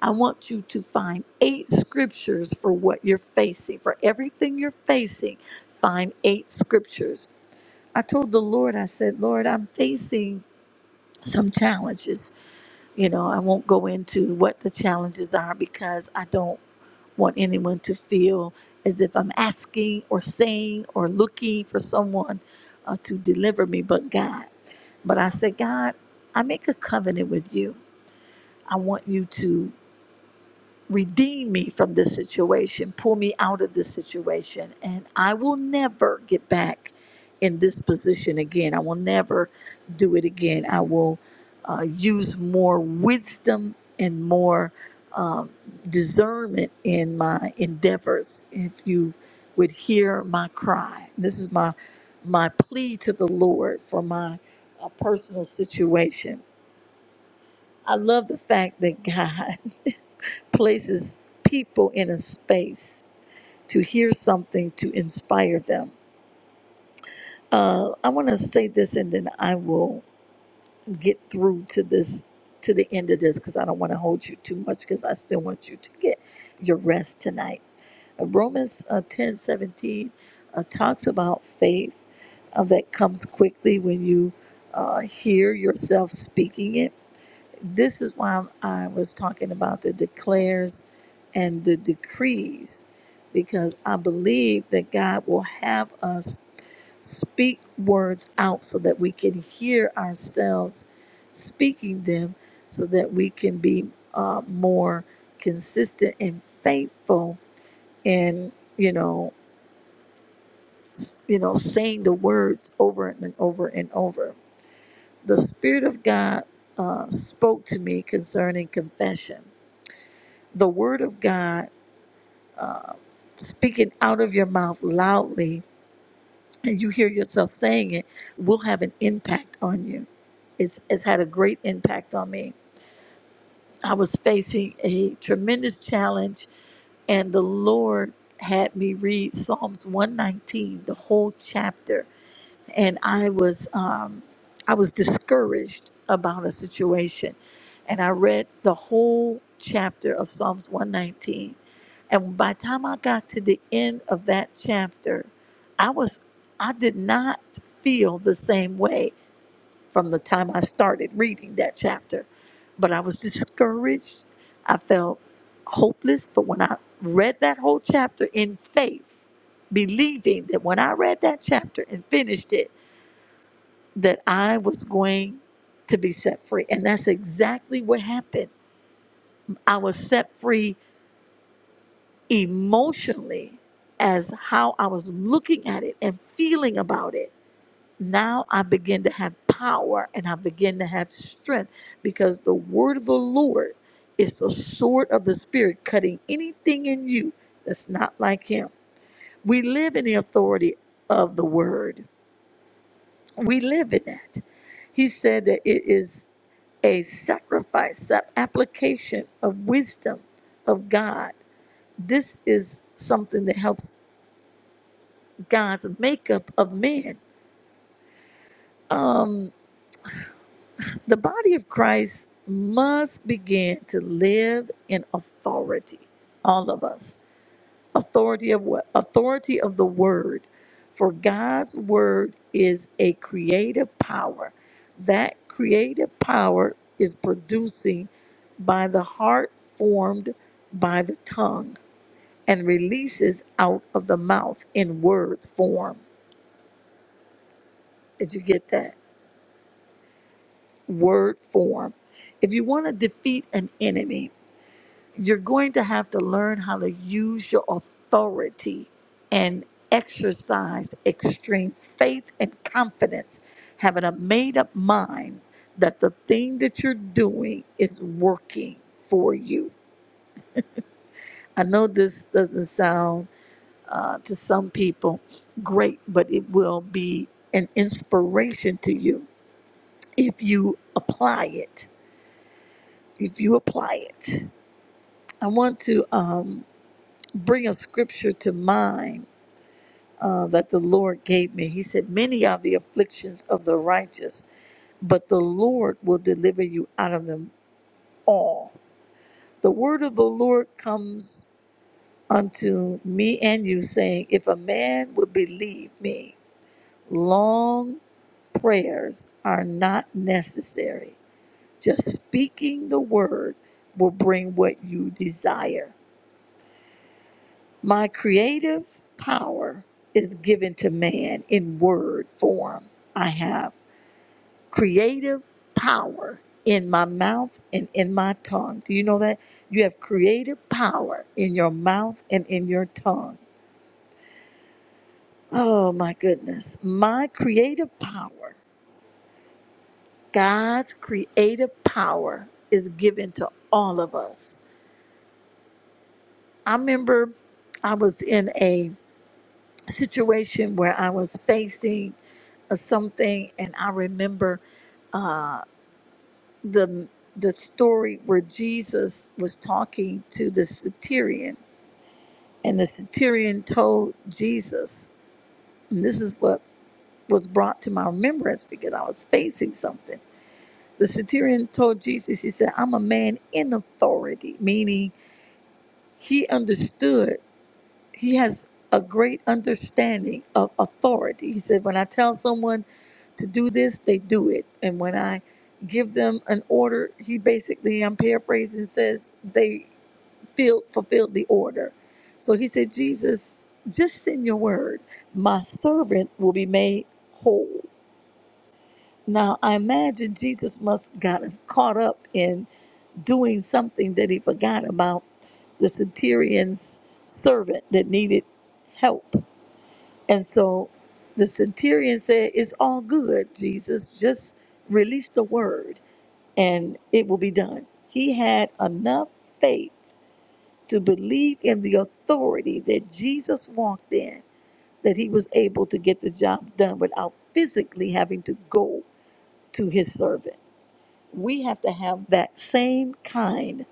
I want you to find eight scriptures for what you're facing. For everything you're facing, find eight scriptures I told the Lord, I said, Lord, I'm facing some challenges. You know, I won't go into what the challenges are because I don't want anyone to feel as if I'm asking or saying or looking for someone uh, to deliver me but God. But I said, God, I make a covenant with you. I want you to redeem me from this situation, pull me out of this situation, and I will never get back in this position again. I will never do it again. I will uh, use more wisdom and more um, discernment in my endeavors. If you would hear my cry, this is my my plea to the Lord for my uh, personal situation. I love the fact that God. *laughs* places people in a space to hear something to inspire them. Uh, I want to say this, and then I will get through to this to the end of this because I don't want to hold you too much because I still want you to get your rest tonight. Uh, Romans uh, ten seventeen uh, talks about faith uh, that comes quickly when you uh, hear yourself speaking it This is why I was talking about the declares and the decrees, because I believe that God will have us speak words out so that we can hear ourselves speaking them, so that we can be uh, more consistent and faithful in you know you know saying the words over and over and over. The Spirit of God uh, spoke to me concerning confession the word of God, uh, speaking out of your mouth loudly, and you hear yourself saying it, will have an impact on you. It's, it's had a great impact on me. I was facing a tremendous challenge, and the Lord had me read Psalms 119, the whole chapter and I was um, I was discouraged about a situation, and I read the whole chapter of Psalms 119, and by the time I got to the end of that chapter, I was I did not feel the same way from the time I started reading that chapter, but I was discouraged. I felt hopeless. But when I read that whole chapter in faith, believing that when I read that chapter and finished it that I was going to be set free. And that's exactly what happened. I was set free emotionally as how I was looking at it and feeling about it. Now I begin to have power and I begin to have strength because the word of the Lord is the sword of the Spirit, cutting anything in you that's not like Him. We live in the authority of the word, we live in that. He said that it is. a sacrifice, an application of wisdom of God. This is something that helps God's makeup of men. Um, the body of Christ must begin to live in authority, all of us authority of what authority of the word for god's word is a creative power that creative power is producing by the heart formed by the tongue and releases out of the mouth in word form did you get that word form if you want to defeat an enemy you're going to have to learn how to use your authority and exercise extreme faith and confidence, having a made up mind that the thing that you're doing is working for you. I know this doesn't sound uh, to some people great, but it will be an inspiration to you if you apply it. If you apply it, I want to um, bring a scripture to mind uh, that the Lord gave me. He said, Many are the afflictions of the righteous, but the Lord will deliver you out of them all. The word of the Lord comes unto me and you, saying, If a man would believe me, long prayers are not necessary. Just speaking the word will bring what you desire. My creative power is given to man in word form. I have. creative power in my mouth and in my tongue. Do you know that? You have creative power in your mouth and in your tongue. Oh my goodness. My creative power, God's creative power is given to all of us. I remember I was in a situation where I was facing uh, something, and I remember. uh, the the story where Jesus was talking to the centurion, and the centurion told Jesus, and this is what was brought to my remembrance because I was facing something. The centurion told Jesus, he said, I'm a man in authority, meaning he understood, he has a great understanding of authority. He said, When I tell someone to do this, they do it. And when I give them an order, he basically, I'm paraphrasing, says, they filled, fulfilled the order. So he said, Jesus, just send your word. My servant will be made whole. Now, I imagine Jesus must got caught up in doing something that he forgot about the centurion's servant that needed help. And so the centurion said, It's all good, Jesus. Just release the word and it will be done. He had enough faith to believe in the authority that Jesus walked in, that he was able to get the job done without physically having to go to his servant. We have to have that same kind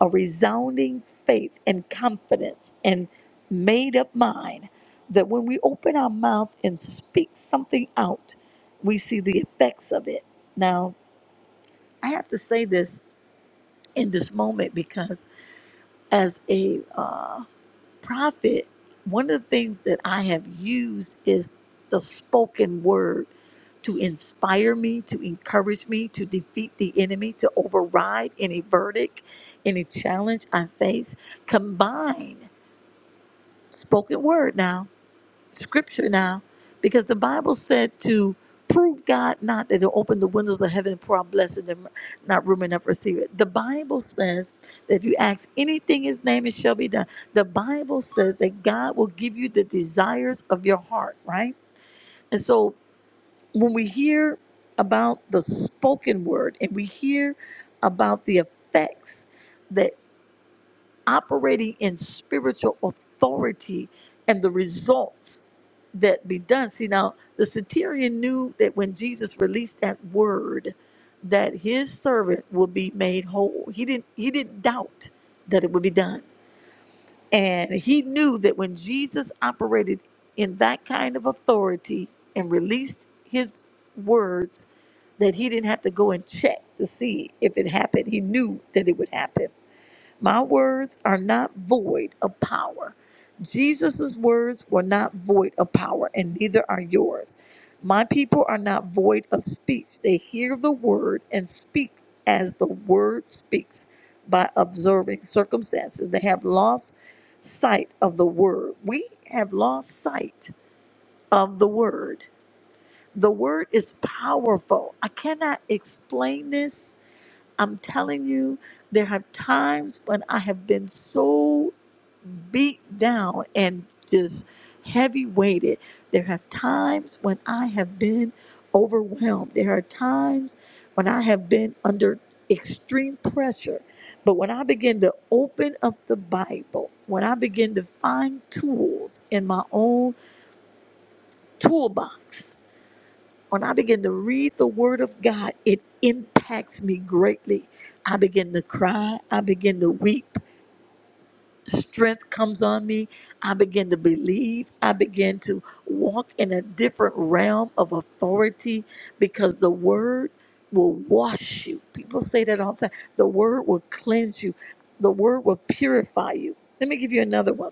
of resounding faith and confidence and made up mind that when we open our mouth and speak something out, we see the effects of it. Now, I have to say this in this moment because as a uh, prophet, one of the things that I have used is the spoken word to inspire me, to encourage me, to defeat the enemy, to override any verdict, any challenge I face. Combine spoken word now scripture now because the Bible said to prove God not that to open the windows of heaven and pour out blessings and not room enough to receive it. The Bible says that if you ask anything in his name, it shall be done. The Bible says that God will give you the desires of your heart, right? And so when we hear about the spoken word and we hear about the effects that operating in spiritual authority and the results that be done. See, now the centurion knew that when Jesus released that word, that his servant would be made whole. He didn't he didn't doubt that it would be done. And he knew that when Jesus operated in that kind of authority and released his words, that he didn't have to go and check to see if it happened. He knew that it would happen. My words are not void of power. Jesus' words were not void of power, and neither are yours. My people are not void of speech. They hear the word and speak as the word speaks by observing circumstances. They have lost sight of the word. We have lost sight of the word. The word is powerful. I cannot explain this I'm telling you, there have times when I have been so beat down and just heavy weighted. There have times when I have been overwhelmed. There are times when I have been under extreme pressure. But when I begin to open up the Bible, when I begin to find tools in my own toolbox, when I begin to read the Word of God, it impacts me greatly. I begin to cry. I begin to weep. Strength comes on me. I begin to believe. I begin to walk in a different realm of authority because the Word will wash you. People say that all the time. The Word will cleanse you, the Word will purify you. Let me give you another one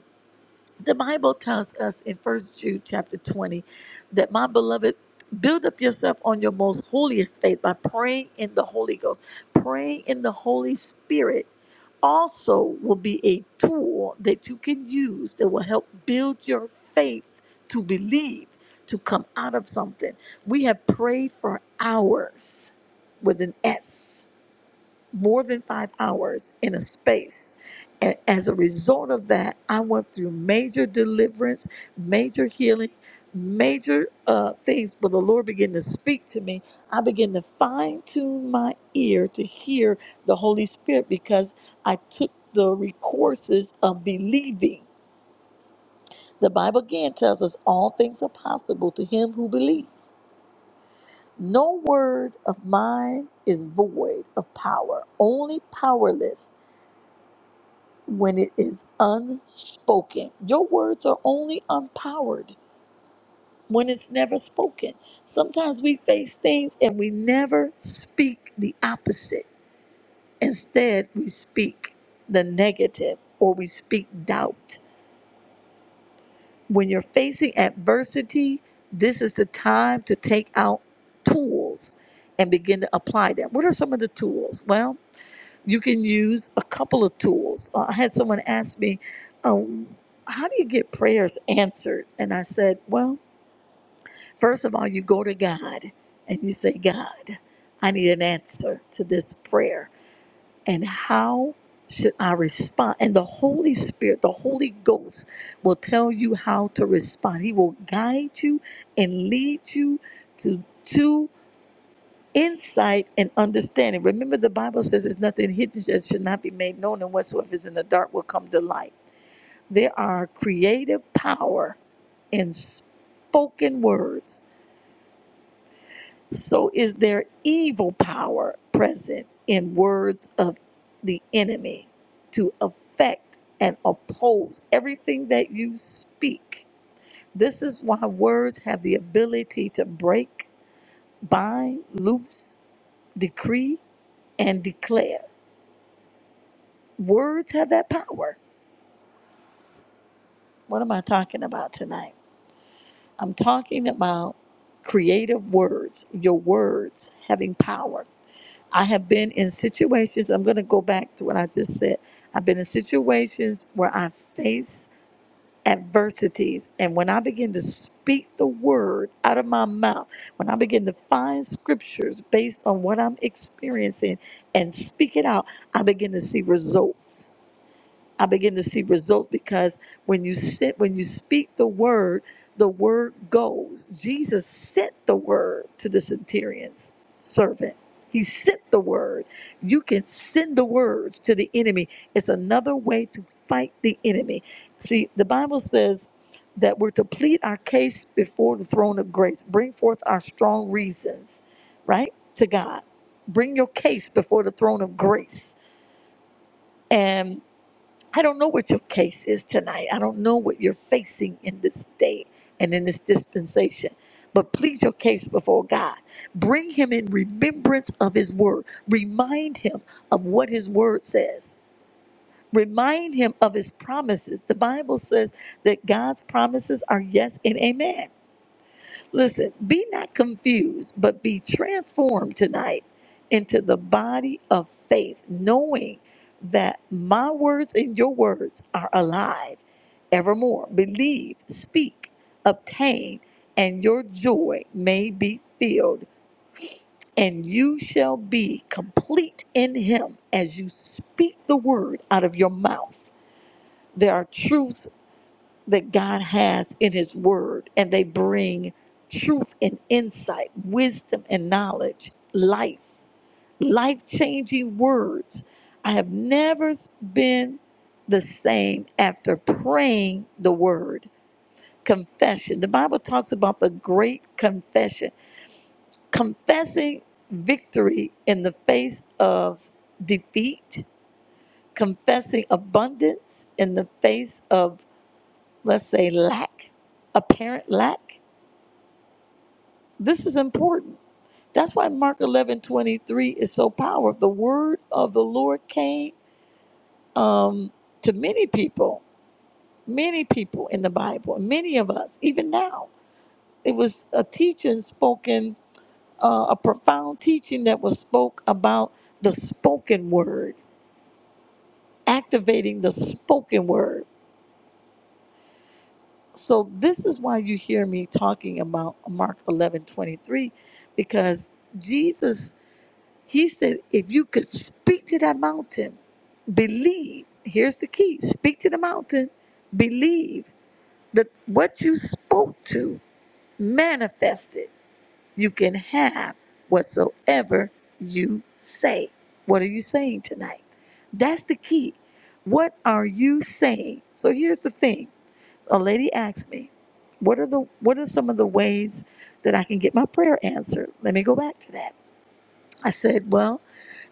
the Bible tells us in First Jude chapter 20 that my beloved, build up yourself on your most holiest faith by praying in the Holy Ghost. Praying in the Holy Spirit also will be a tool that you can use that will help build your faith to believe, to come out of something. We have prayed for hours with an S more than five hours in a space. And as a result of that, I went through major deliverance, major healing, major uh, things. But the Lord began to speak to me. I began to fine tune my ear to hear the Holy Spirit because I took the re- courses of believing. The Bible again tells us all things are possible to him who believes. No word of mine is void of power, only powerless when it is unspoken. Your words are only empowered when it's never spoken. Sometimes we face things and we never speak the opposite. Instead, we speak the negative or we speak doubt. When you're facing adversity, this is the time to take out tools and begin to apply them. What are some of the tools? Well, you can use a couple of tools. Uh, I had someone ask me, um, How do you get prayers answered? And I said, Well, first of all, you go to God and you say, God, I need an answer to this prayer. And how should I respond? And the Holy Spirit, the Holy Ghost, will tell you how to respond. He will guide you and lead you to. to insight and understanding. Remember, the Bible says there's nothing hidden that should not be made known, and whatsoever is in the dark will come to light. There are creative power in spoken words. So, is there evil power present in words of the enemy to affect and oppose everything that you speak? This is why words have the ability to break, bind, loose, decree, and declare. Words have that power. What am I talking about tonight? I'm talking about creative words, your words having power. I have been in situations, I'm going to go back to what I just said. I've been in situations where I face adversities. And when I begin to speak the word out of my mouth, when I begin to find scriptures based on what I'm experiencing and speak it out, I begin to see results. I begin to see results because when you sit, when you speak the word, the word goes. Jesus sent the word to the centurion's servant. He sent the word. You can send the words to the enemy. It's another way to fight the enemy. See, the Bible says that we're to plead our case before the throne of grace, bring forth our strong reasons, right? To God. Bring your case before the throne of grace. I don't know what your case is tonight. I don't know what you're facing in this day and in this dispensation. But plead your case before God. Bring him in remembrance of his word. Remind him of what his word says. Remind him of his promises. The Bible says that God's promises are yes and amen. Listen, be not confused, but be transformed tonight into the body of faith, knowing that my words and your words are alive evermore. Believe, speak, obtain, and your joy may be filled, and you shall be complete in Him as you speak the word out of your mouth. There are truths that God has in His Word, and they bring truth and insight, wisdom and knowledge, life, life changing words. I have never been the same after praying the Word. Confession. The Bible talks about the great confession, confessing victory in the face of defeat, confessing abundance in the face of, let's say, lack, apparent lack This is important. That's why Mark eleven twenty three is so powerful. The word of the Lord came um, to many people, many people in the Bible, many of us, even now. It was a teaching spoken, uh, a profound teaching that was spoke about the spoken word, activating the spoken word. So this is why you hear me talking about Mark eleven twenty three, because Jesus He said, if you could speak to that mountain, believe. Here's the key speak to the mountain, believe that what you spoke to manifested. You can have whatsoever you say. What are you saying tonight? That's the key. What are you saying? So here's the thing. A lady asked me, what are the what are some of the ways that I can get my prayer answered? Let me go back to that. I said, Well,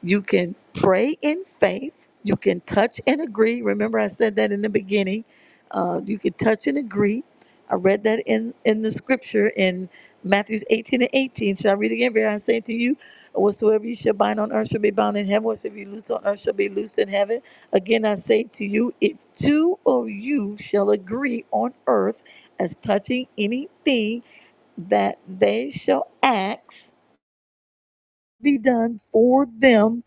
you can pray in faith. You can touch and agree. Remember, I said that in the beginning. Uh, you can touch and agree. I read that in, in the scripture in Matthew 18 and 18. Shall I read again? Verily I say to you, whatsoever you shall bind on earth shall be bound in heaven. Whatsoever you loose on earth shall be loosed in heaven. Again, I say to you, if two of you shall agree on earth as touching anything that they shall ask, be done for them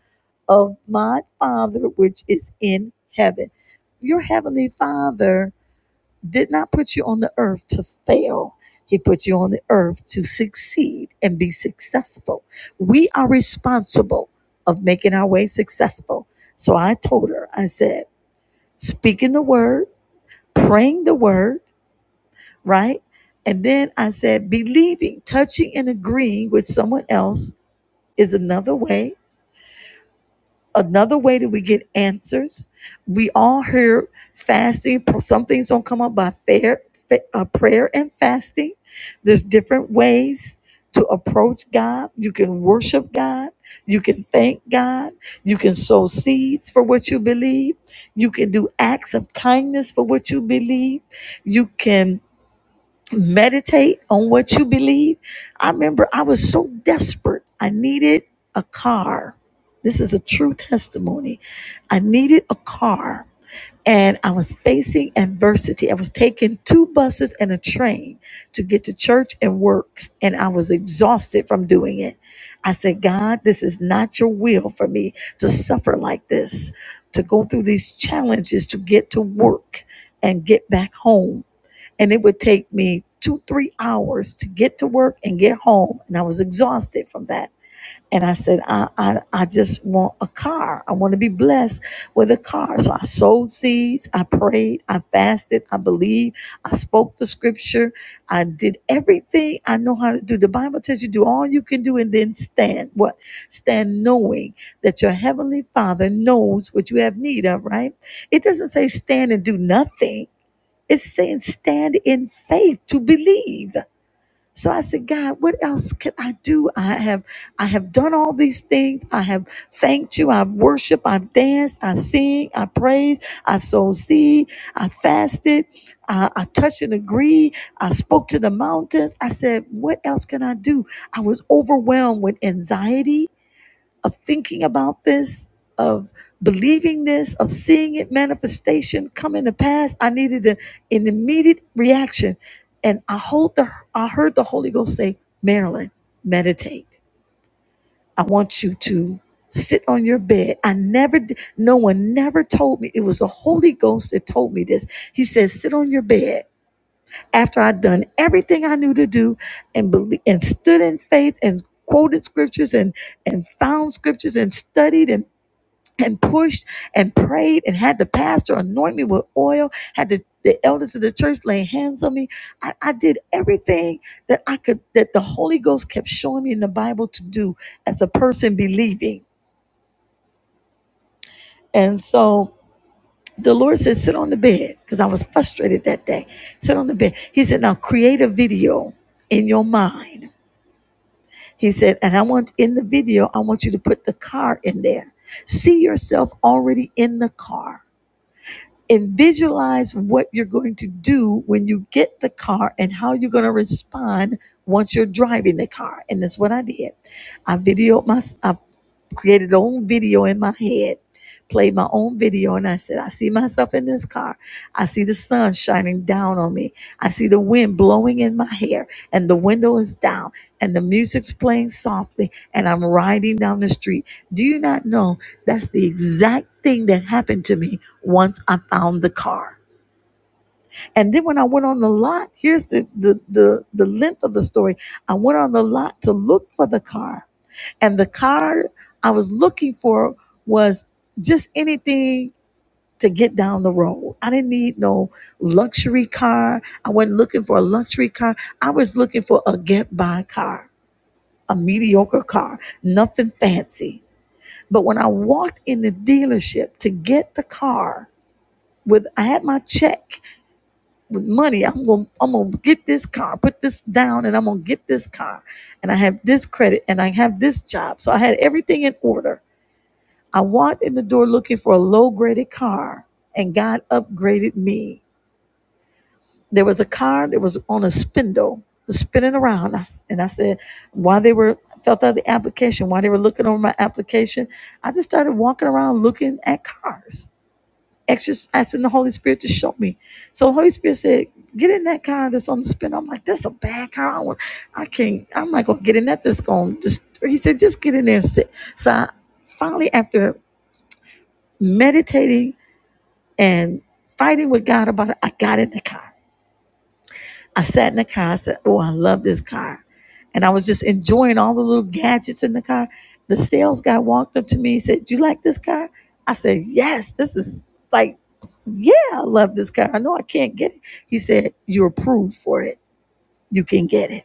of my Father which is in heaven. Your heavenly Father did not put you on the earth to fail. He put you on the earth to succeed and be successful. We are responsible of making our way successful. So I told her, I said, speaking the word, praying the word, right? And then I said, believing, touching and agreeing with someone else is another way another way that we get answers. We all hear fasting. Some things don't come up by fair, fa- uh, prayer and fasting. There's different ways to approach God. You can worship God. You can thank God. You can sow seeds for what you believe. You can do acts of kindness for what you believe. You can meditate on what you believe. I remember I was so desperate. I needed a car. This is a true testimony. I needed a car and I was facing adversity. I was taking two buses and a train to get to church and work, and I was exhausted from doing it. I said, God, this is not your will for me to suffer like this, to go through these challenges to get to work and get back home and it would take me two, three hours to get to work and get home. And I was exhausted from that. And I said, I, I, I just want a car. I want to be blessed with a car. So I sowed seeds. I prayed. I fasted. I believed. I spoke the scripture. I did everything I know how to do. The Bible tells you do all you can do and then stand. What? Stand knowing that your heavenly father knows what you have need of, right? It doesn't say stand and do nothing it's saying stand in faith to believe. So I said, God, what else can I do? I have I have done all these things. I have thanked you. I've worshiped. I've danced. I sing. I praise. I sowed seed. I fasted. I, I touched and agreed. I spoke to the mountains. I said, what else can I do? I was overwhelmed with anxiety of thinking about this, of believing this, of seeing it manifestation come into pass. I needed a, an immediate reaction, and I hold the I heard the Holy Ghost say, "Marilyn, meditate. I want you to." Sit on your bed. I never, d- no one never told me. It was the Holy Ghost that told me this. He said, sit on your bed. After I'd done everything I knew to do and believe, and stood in faith and quoted scriptures and and found scriptures and studied and and pushed and prayed and had the pastor anoint me with oil, had the, the elders of the church laying hands on me. I, I did everything that I could, that the Holy Ghost kept showing me in the Bible to do as a person believing. And so the Lord said, sit on the bed, because I was frustrated that day. Sit on the bed. He said, now create a video in your mind. He said, and I want in the video, I want you to put the car in there. See yourself already in the car and visualize what you're going to do when you get the car and how you're going to respond once you're driving the car. And that's what I did. I videoed myself created their own video in my head, played my own video, and I said, I see myself in this car. I see the sun shining down on me. I see the wind blowing in my hair, and the window is down, and the music's playing softly, and I'm riding down the street. Do you not know that's the exact thing that happened to me once I found the car? And then when I went on the lot, here's the the the, the length of the story. I went on the lot to look for the car and the car I was looking for was just anything to get down the road. I didn't need no luxury car. I wasn't looking for a luxury car. I was looking for a get by car, a mediocre car, nothing fancy. But when I walked in the dealership to get the car, with I had my check with money, I'm gonna I'm gonna get this car, put this down, and I'm gonna get this car. And I have this credit and I have this job. So I had everything in order I walked in the door looking for a low graded car, and God upgraded me. There was a car that was on a spindle, spinning around. And I said, while they were, felt out the application, while they were looking over my application, I just started walking around looking at cars, exercising asking the Holy Spirit to show me. So the Holy Spirit said, Get in that car that's on the spindle. I'm like, that's a bad car. I, want, I can't, I'm not going to get in that. That's going to just, he said, just get in there and sit. So I finally, after meditating and fighting with God about it, I got in the car. I sat in the car. I said, Oh, I love this car. And I was just enjoying all the little gadgets in the car. The sales guy walked up to me and said, do You like this car? I said, Yes, this is like, yeah, I love this car. I know I can't get it. He said, You're approved for it. You can get it.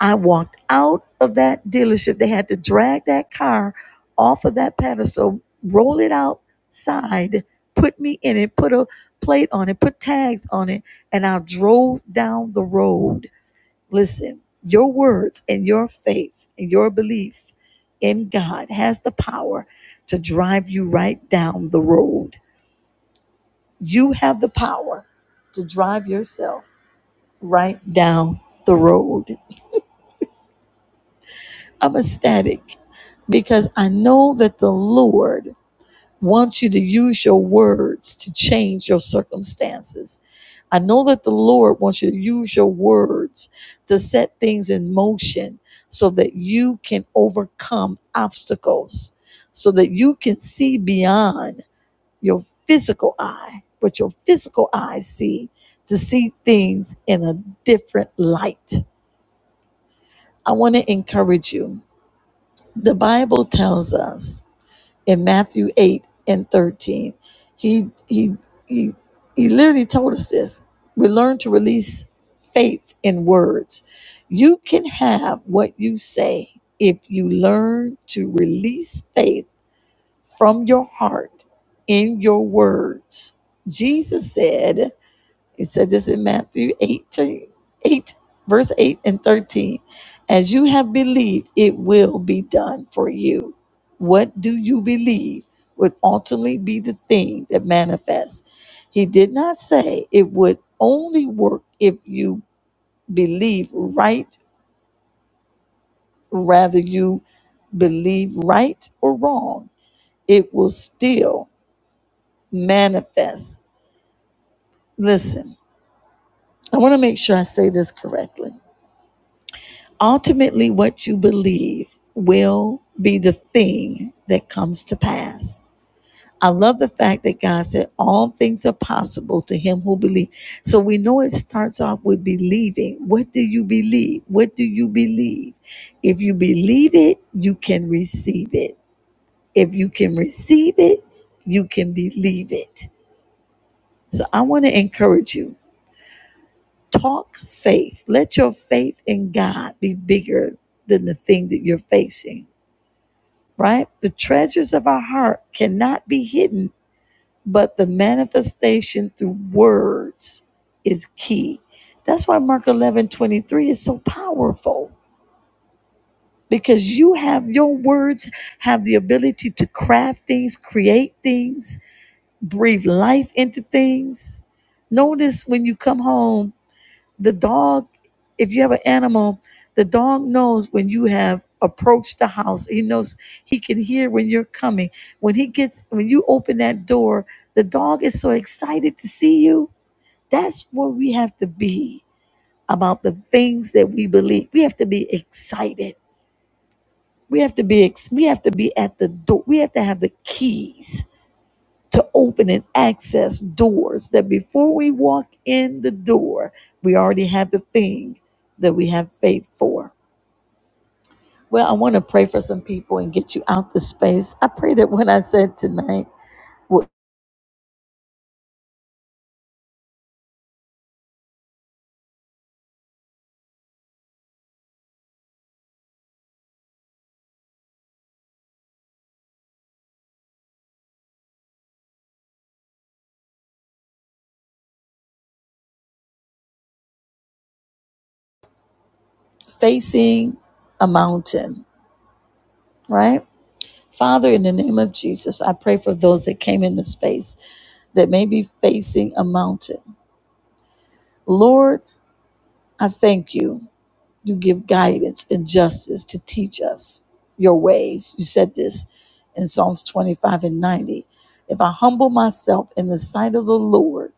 I walked out of that dealership. They had to drag that car off of that pedestal, roll it outside, put me in it, put a plate on it, put tags on it, and I drove down the road. Listen, your words and your faith and your belief in God has the power to drive you right down the road. You have the power to drive yourself right down the road. I'm ecstatic because I know that the Lord wants you to use your words to change your circumstances. I know that the Lord wants you to use your words to set things in motion so that you can overcome obstacles, so that you can see beyond your physical eye, what your physical eyes see, to see things in a different light. I want to encourage you the Bible tells us in Matthew 8 and 13, he he he he literally told us this. We learn to release faith in words. You can have what you say if you learn to release faith from your heart in your words. Jesus said, he said this in Matthew 18, 8, verse 8 and 13. As you have believed, it will be done for you. What do you believe would ultimately be the thing that manifests? He did not say it would only work if you believe right, rather you believe right or wrong. It will still manifest. Listen, I want to make sure I say this correctly Ultimately, what you believe will be the thing that comes to pass. I love the fact that God said all things are possible to him who believes. So we know it starts off with believing. What do you believe? What do you believe? If you believe it, you can receive it. If you can receive it, you can believe it. So I want to encourage you talk faith. Let your faith in God be bigger than the thing that you're facing. right? The treasures of our heart cannot be hidden, but the manifestation through words is key. That's why Mark 11 23 is so powerful because you have your words have the ability to craft things, create things, breathe life into things. Notice when you come home the dog, if you have an animal, the dog knows when you have approached the house. He knows he can hear when you're coming. When he gets, when you open that door, the dog is so excited to see you. That's where we have to be about the things that we believe. We have to be excited. We have to be ex- we have to be at the door. We have to have the keys to open and access doors that before we walk in the door, we already have the thing that we have faith for. Well, I want to pray for some people and get you out the space. I pray that what I said tonight was facing a mountain, right? Father, in the name of Jesus, I pray for those that came in the space that may be facing a mountain. Lord, I thank you. You give guidance and justice to teach us your ways. You said this in Psalms 25 and 90. If I humble myself in the sight of the Lord,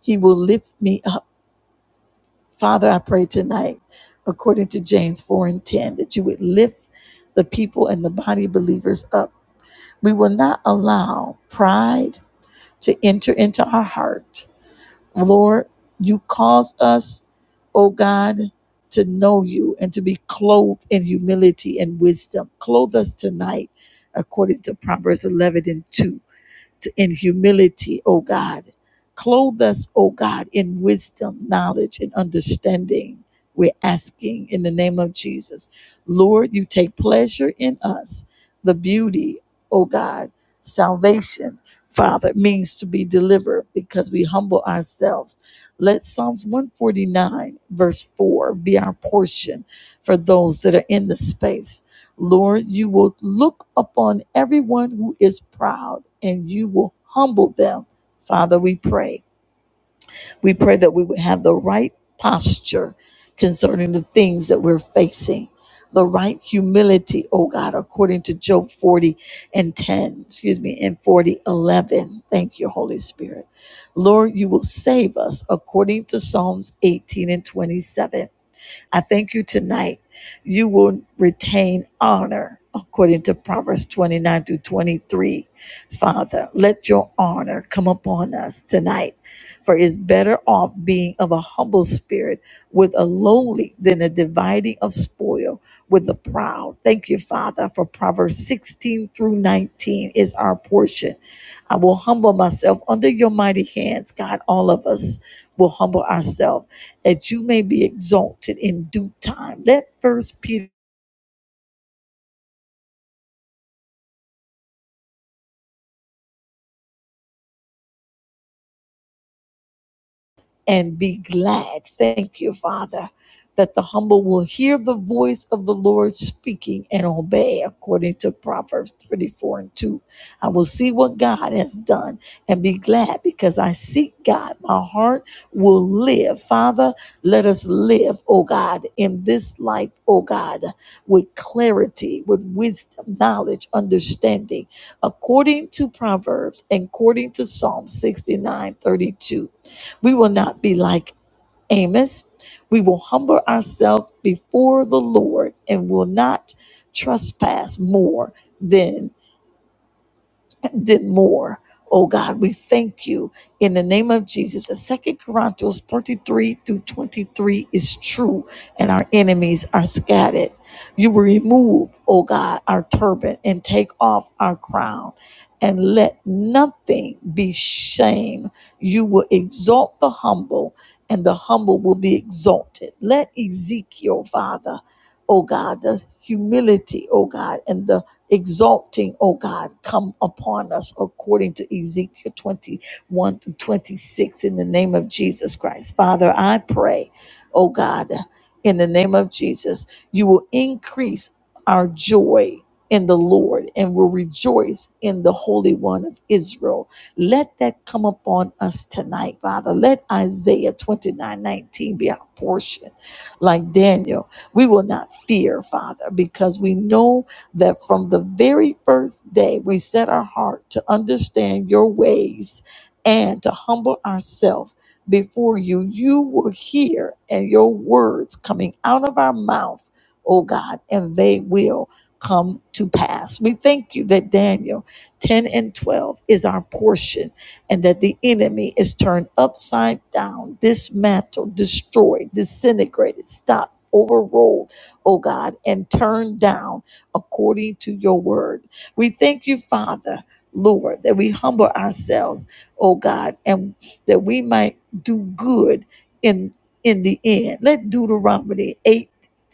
he will lift me up. Father, I pray tonight, according to James 4 and 10, that you would lift the people and the body believers up. We will not allow pride to enter into our heart Lord, you cause us, oh God, to know you and to be clothed in humility and wisdom. Clothe us tonight according to Proverbs 11 and 2 t- in humility, O God. Clothe us, O God, in wisdom, knowledge, and understanding. We're asking in the name of Jesus. Lord, you take pleasure in us. The beauty, O God, salvation, Father, means to be delivered because we humble ourselves. Let Psalms 149, verse 4, be our portion for those that are in the space. Lord, you will look upon everyone who is proud and you will humble them. Father, we pray. We pray that we would have the right posture concerning the things that we're facing, the right humility, oh God, according to Job 40 and 10, excuse me, and 40 11. Thank you, Holy Spirit. Lord, you will save us according to Psalms 18 and 27. I thank you tonight. You will retain honor according to Proverbs 29 through 23. Father, let your honor come upon us tonight. For it's better off being of a humble spirit with a lowly than a dividing of spoil with the proud. Thank you, Father, for Proverbs 16 through 19 is our portion. I will humble myself under your mighty hands. God, all of us will humble ourselves that you may be exalted in due time. Let first Peter and be glad. Thank you, Father, that the humble will hear the voice of the Lord speaking and obey, according to Proverbs 34 and 2. I will see what God has done and be glad because I seek God. My heart will live. Father, let us live, oh God, in this life, oh God, with clarity, with wisdom, knowledge, understanding, according to Proverbs and according to Psalm 69 32. We will not be like Amos. We will humble ourselves before the Lord and will not trespass more than did more. Oh God, we thank you in the name of Jesus. And Second Chronicles 33 through 23 is true, and our enemies are scattered. You will remove, oh God, our turban and take off our crown, and let nothing be shame. You will exalt the humble, and the humble will be exalted. Let Ezekiel, Father, oh God, the humility, oh God, and the exalting, oh God, come upon us according to Ezekiel 21 through 26 in the name of Jesus Christ. Father, I pray, oh God, in the name of Jesus, you will increase our joy in the Lord and will rejoice in the Holy One of Israel. Let that come upon us tonight, Father. Let Isaiah 29, 19, be our portion. Like Daniel, we will not fear, Father, because we know that from the very first day we set our heart to understand your ways and to humble ourselves before you, you will hear and your words coming out of our mouth, oh God, and they will come to pass. We thank you that Daniel 10 and 12 is our portion and that the enemy is turned upside down, dismantled, destroyed, disintegrated, stopped, overruled, oh God, and turned down according to your word. We thank you, Father, Lord, that we humble ourselves, oh God, and that we might do good in in the end. Let Deuteronomy 8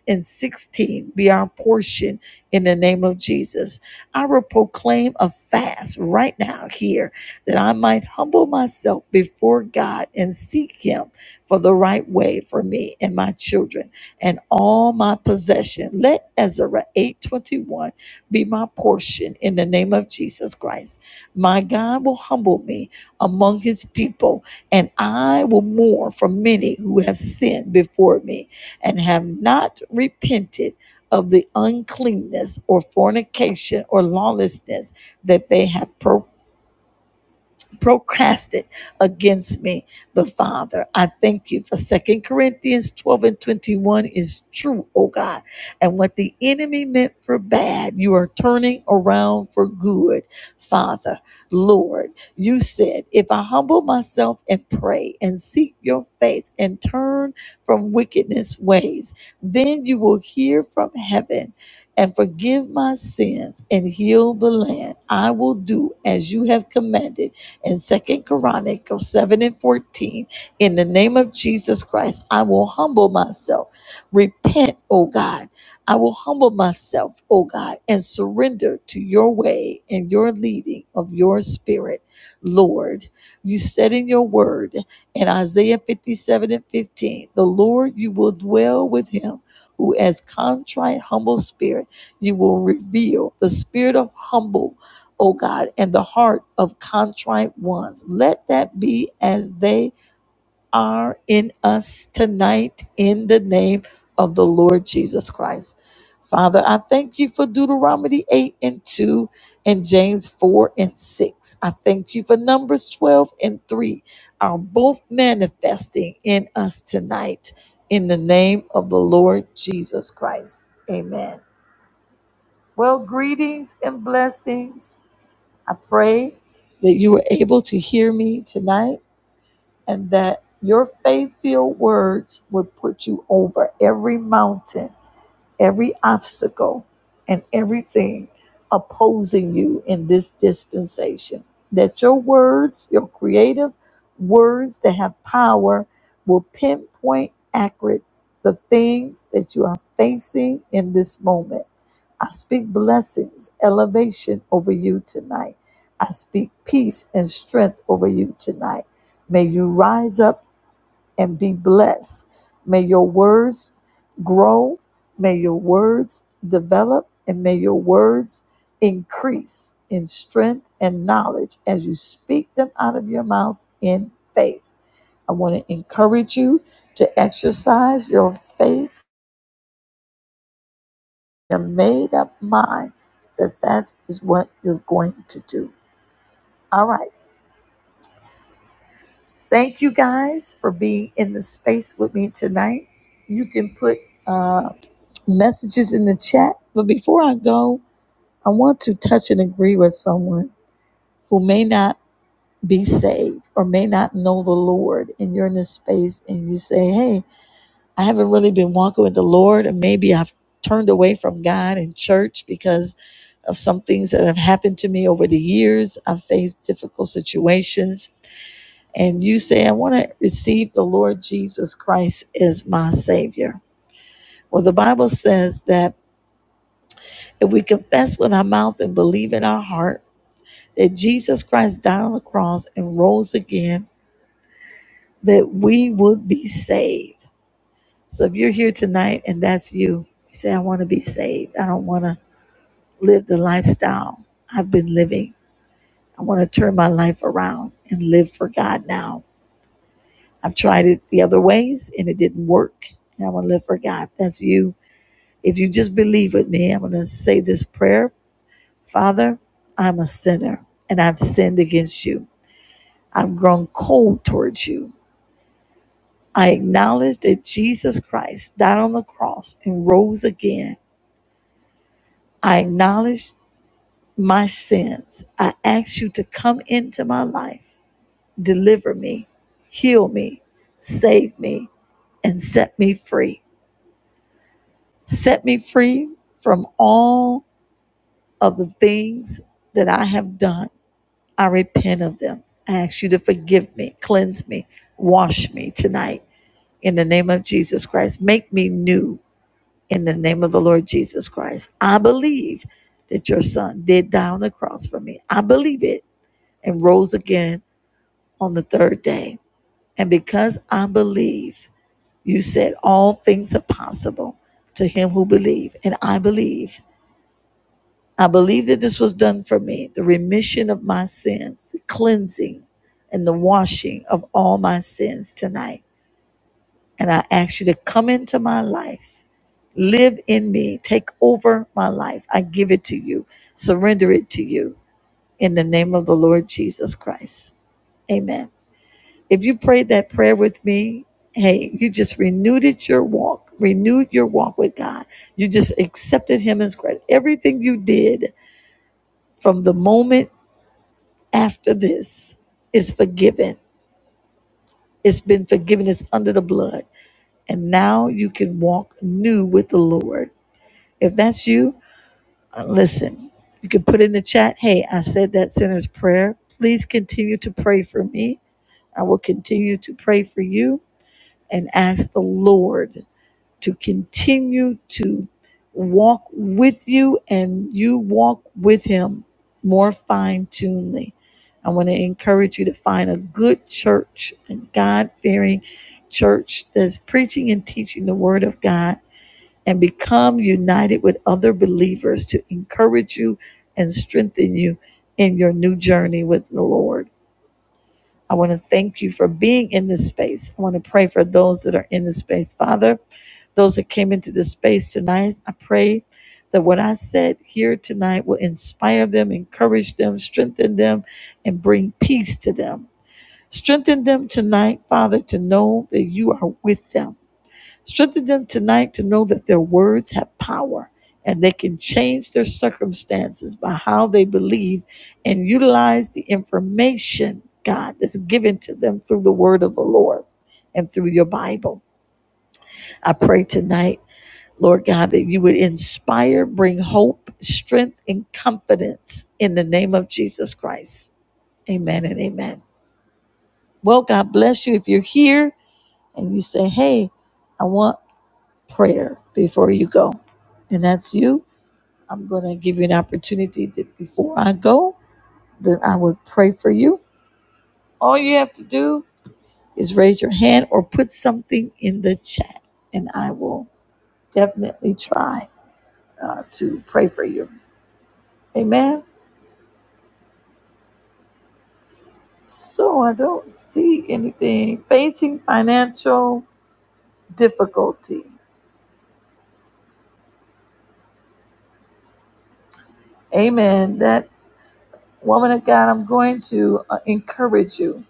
and 16 be our portion in the name of Jesus. I will proclaim a fast right now here that I might humble myself before God and seek Him for the right way for me and my children and all my possession. Let Ezra 8:21 be my portion in the name of Jesus Christ. My God will humble me among his people, and I will mourn for many who have sinned before me and have not repented of the uncleanness or fornication or lawlessness that they have pro- procrastinate against me. But Father, I thank you for Second Corinthians 12 and 21 is true, oh God. And what the enemy meant for bad, you are turning around for good. Father, Lord, you said, if I humble myself and pray and seek your face and turn from wickedness ways, then you will hear from heaven and forgive my sins and heal the land. I will do as you have commanded in Second Chronicles 7 and 14. In the name of Jesus Christ, I will humble myself. Repent, O God. I will humble myself, O God, and surrender to your way and your leading of your spirit. Lord, you said in your word in Isaiah 57 and 15, the Lord, you will dwell with him who has contrite, humble spirit, you will reveal the spirit of humble O God, and the heart of contrite ones. Let that be as they are in us tonight in the name of the Lord Jesus Christ. Father, I thank you for Deuteronomy 8 and 2 and James 4 and 6. I thank you for Numbers 12 and 3 are both manifesting in us tonight in the name of the Lord Jesus Christ. Amen. Well, greetings and blessings. I pray that you were able to hear me tonight and that your faith filled words would put you over every mountain every obstacle and everything opposing you in this dispensation. That your words, your creative words that have power, will pinpoint accurate the things that you are facing in this moment. I speak blessings, elevation over you tonight. I speak peace and strength over you tonight. May you rise up and be blessed. May your words grow, may your words develop, and may your words increase in strength and knowledge as you speak them out of your mouth in faith. I want to encourage you to exercise your faith, your made up mind that that is what you're going to do. All right. Thank you guys for being in the space with me tonight. You can put uh, messages in the chat. But before I go, I want to touch and agree with someone who may not be saved or may not know the Lord, and you're in this space and you say, Hey, I haven't really been walking with the Lord, and maybe I've turned away from God and church because of some things that have happened to me over the years. I've faced difficult situations. And you say, I want to receive the Lord Jesus Christ as my Savior. Well, the Bible says that If we confess with our mouth and believe in our heart that Jesus Christ died on the cross and rose again, that we would be saved. So if you're here tonight and that's you, you say, I want to be saved. I don't want to live the lifestyle I've been living. I want to turn my life around and live for God now. I've tried it the other ways and it didn't work. And I want to live for God. that's you. If you just believe with me, I'm going to say this prayer Father, I'm a sinner and I've sinned against you. I've grown cold towards you. I acknowledge that Jesus Christ died on the cross and rose again. I acknowledge my sins. I ask you to come into my life, deliver me, heal me, save me, and set me free. Set me free from all of the things that I have done I repent of them. I ask you to forgive me, cleanse me, wash me tonight in the name of Jesus Christ. Make me new in the name of the Lord Jesus Christ. I believe that your son did die on the cross for me. I believe it and rose again on the third day. And because I believe, you said all things are possible to him who believes, And I believe I believe that this was done for me the remission of my sins, the cleansing, and the washing of all my sins tonight. And I ask you to come into my life, live in me, take over my life. I give it to you, surrender it to you in the name of the Lord Jesus Christ. Amen. If you prayed that prayer with me, hey, you just renewed it your walk, renewed your walk with God. You just accepted Him as Christ. Everything you did from the moment after this it's forgiven. It's been forgiven. It's under the blood. And now you can walk new with the Lord. If that's you, uh, listen, you can put in the chat, hey, I said that sinner's prayer. Please continue to pray for me. I will continue to pray for you and ask the Lord to continue to walk with you and you walk with him more fine tunedly. I want to encourage you to find a good church, a God fearing church that's preaching and teaching the word of God and become united with other believers to encourage you and strengthen you in your new journey with the Lord. I want to thank you for being in this space. I want to pray for those that are in this space. Father, those that came into this space tonight. I pray that what I said here tonight will inspire them, encourage them, strengthen them, and bring peace to them. Strengthen them tonight, Father, to know that you are with them. Strengthen them tonight to know that their words have power and they can change their circumstances by how they believe and utilize the information, God, that's given to them through the word of the Lord and through your Bible. I pray tonight Lord God, that you would inspire, bring hope, strength, and confidence in the name of Jesus Christ. Amen and amen. Well, God bless you. If you're here and you say, hey, I want prayer before you go, and that's you, I'm going to give you an opportunity that before I go, then I would pray for you. All you have to do is raise your hand or put something in the chat, and I will definitely try uh, to pray for you. Amen. So I don't see anything facing financial difficulty. Amen. That woman of God, I'm going to uh, encourage you.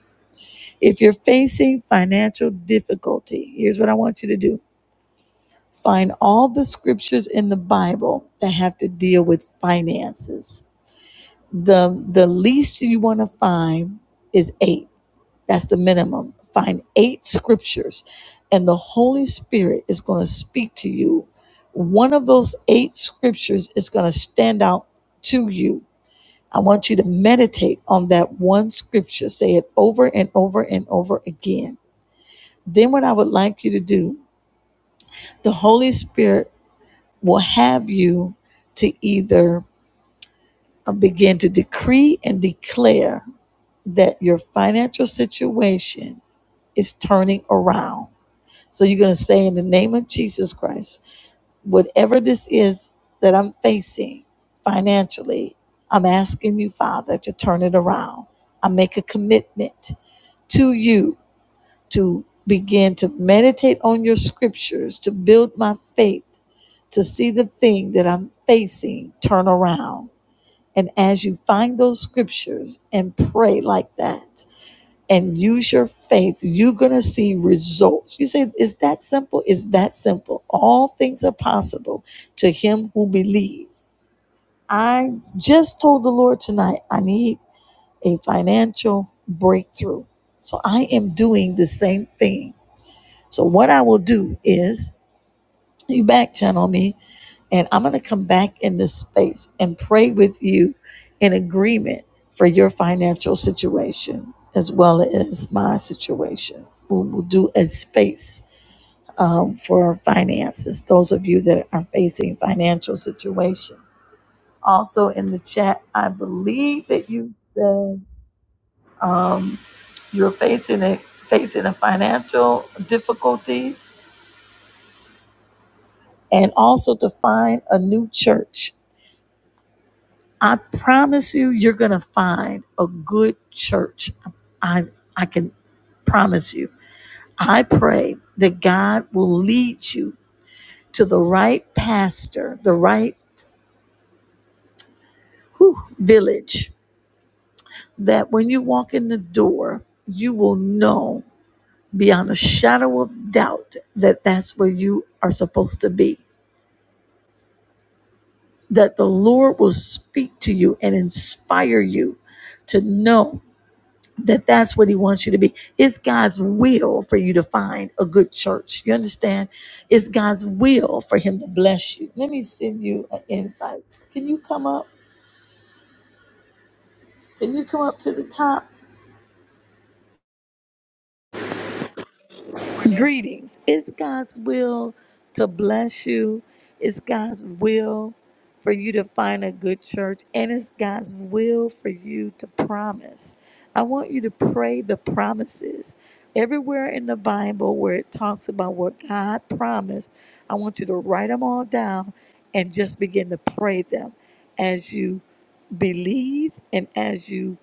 If you're facing financial difficulty, here's what I want you to do find all the scriptures in the Bible that have to deal with finances. The, the least you want to find is eight That's the minimum. Find eight scriptures, and the Holy Spirit is going to speak to you. One of those eight scriptures is going to stand out to you. I want you to meditate on that one scripture. Say it over and over and over again. Then, what I would like you to do, the Holy Spirit will have you to either uh, begin to decree and declare that your financial situation is turning around So you're going to say, in the name of Jesus Christ, whatever this is that I'm facing financially, I'm asking you, Father, to turn it around. I make a commitment to you to begin to meditate on your scriptures, to build my faith, to see the thing that I'm facing turn around. And as you find those scriptures and pray like that, and use your faith, you're going to see results. You say, is that simple? Is that simple? All things are possible to him who believes. I just told the Lord tonight, I need a financial breakthrough. So I am doing the same thing. So what I will do is you back channel me, and I'm going to come back in this space and pray with you in agreement for your financial situation as well as my situation. We will do a space um, for finances, those of you that are facing financial situation. Also in the chat, I believe that you said um, you're facing a, facing a financial difficulties and also to find a new church I promise you, you're going to find a good church. I, I can promise you. I pray that God will lead you to the right pastor, the right whew, village, that when you walk in the door, you will know beyond a shadow of doubt that that's where you are supposed to be. That the Lord will speak to you and inspire you to know. that that's what he wants you to be. It's God's will for you to find a good church. You understand? It's God's will for him to bless you. Let me send you an invite. Can you come up? Can you come up to the top? morning. Greetings. It's God's will to bless you. It's God's will for you to find a good church. And it's God's will for you to promise. I want you to pray the promises. Everywhere in the Bible where it talks about what God promised, I want you to write them all down and just begin to pray them as you believe and as you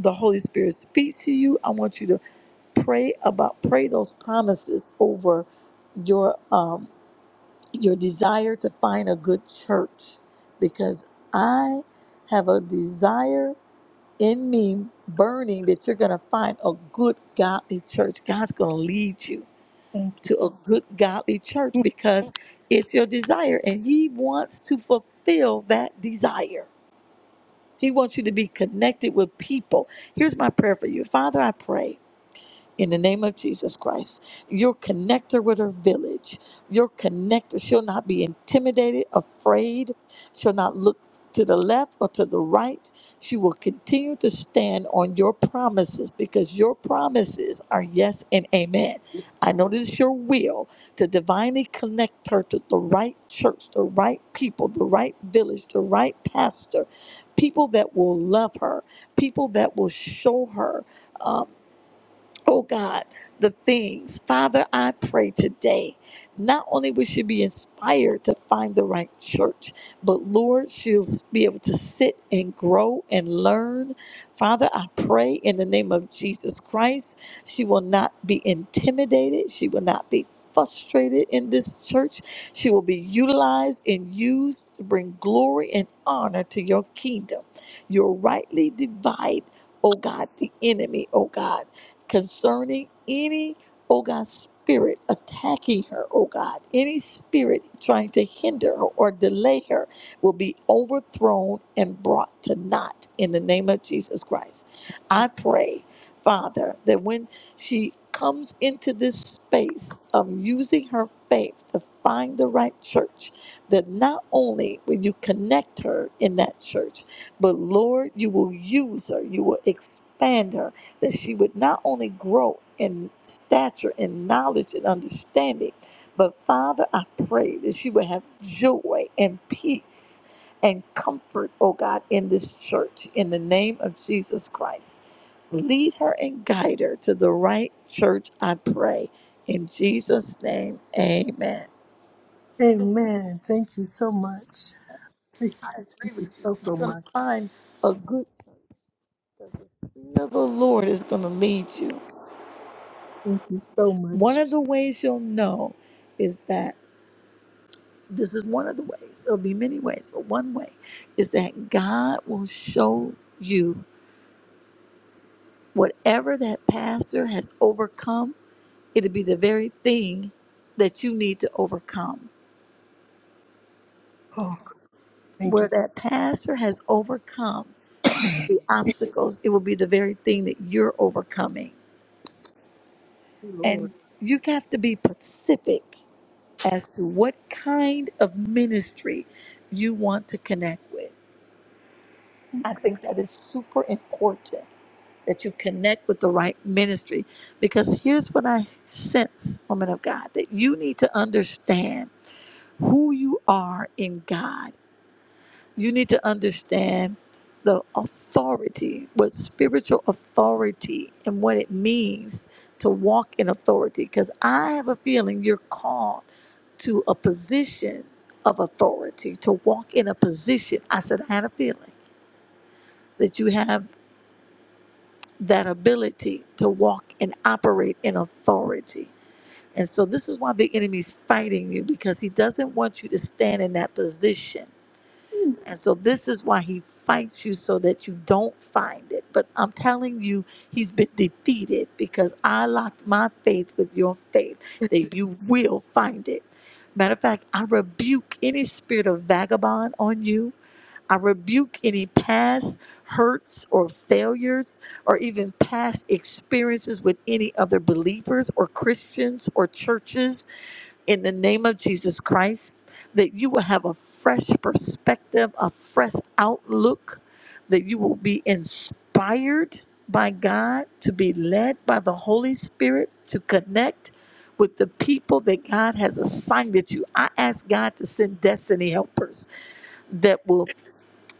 the Holy Spirit speaks to you. I want you to pray about pray those promises over your um your desire to find a good church because I have a desire in me burning that you're going to find a good godly church. God's going to lead you Thank to a good godly church you. because it's your desire and he wants to fulfill that desire. He wants you to be connected with people. Here's my prayer for you. Father, I pray in the name of Jesus Christ. You'll connect her with her village. You'll connect her. She'll not be intimidated, afraid. She'll not look to the left or to the right. She will continue to stand on your promises because your promises are yes and amen. I know this is your will to divinely connect her to the right church, the right people, the right village, the right pastor, people that will love her, people that will show her. Um, oh God, the things. Father, I pray today, not only will she be inspired to find the right church, but Lord, she'll be able to sit and grow and learn. Father, I pray in the name of Jesus Christ, she will not be intimidated, she will not be frustrated in this church. She will be utilized and used to bring glory and honor to your kingdom. You'll rightly divide, oh God, the enemy, oh God concerning any, oh God, spirit attacking her, oh God, any spirit trying to hinder her or delay her will be overthrown and brought to naught in the name of Jesus Christ. I pray, Father, that when she comes into this space of using her faith to find the right church, that not only will you connect her in that church, but Lord, you will use her, you will expand her that she would not only grow in stature and knowledge and understanding, but Father, I pray that she would have joy and peace and comfort, oh God, in this church, in the name of Jesus Christ. Lead her and guide her to the right church, I pray. In Jesus' name, amen. Amen. Thank you so much. Thank I you. Thank agree you with you. so, You're so going to much. find a good church that the Spirit of the Lord is going to lead you Thank you so much. One of the ways you'll know is that this is one of the ways, there'll be many ways, but one way is that God will show you whatever that pastor has overcome, it'll be the very thing that you need to overcome. Oh, thank you, Where that pastor has overcome the obstacles, it will be the very thing that you're overcoming. Lord. And you have to be specific as to what kind of ministry you want to connect with I think that is super important that you connect with the right ministry because here's what I sense, woman of God, that you need to understand who you are in God. You need to understand the authority, what spiritual authority and what it means to walk in authority because I have a feeling you're called to a position of authority, to walk in a position. I said I had a feeling that you have that ability to walk and operate in authority. And so this is why the enemy's fighting you because he doesn't want you to stand in that position. Mm, And so this is why he fights you so that you don't find it. But I'm telling you, he's been defeated because I locked my faith with your faith that you will find it. Matter of fact, I rebuke any spirit of vagabond on you I rebuke any past hurts or failures or even past experiences with any other believers or Christians or churches in the name of Jesus Christ. That you will have a fresh perspective, a fresh outlook, that you will be inspired by God, to be led by the Holy Spirit, to connect with the people that God has assigned you. I ask God to send destiny helpers that will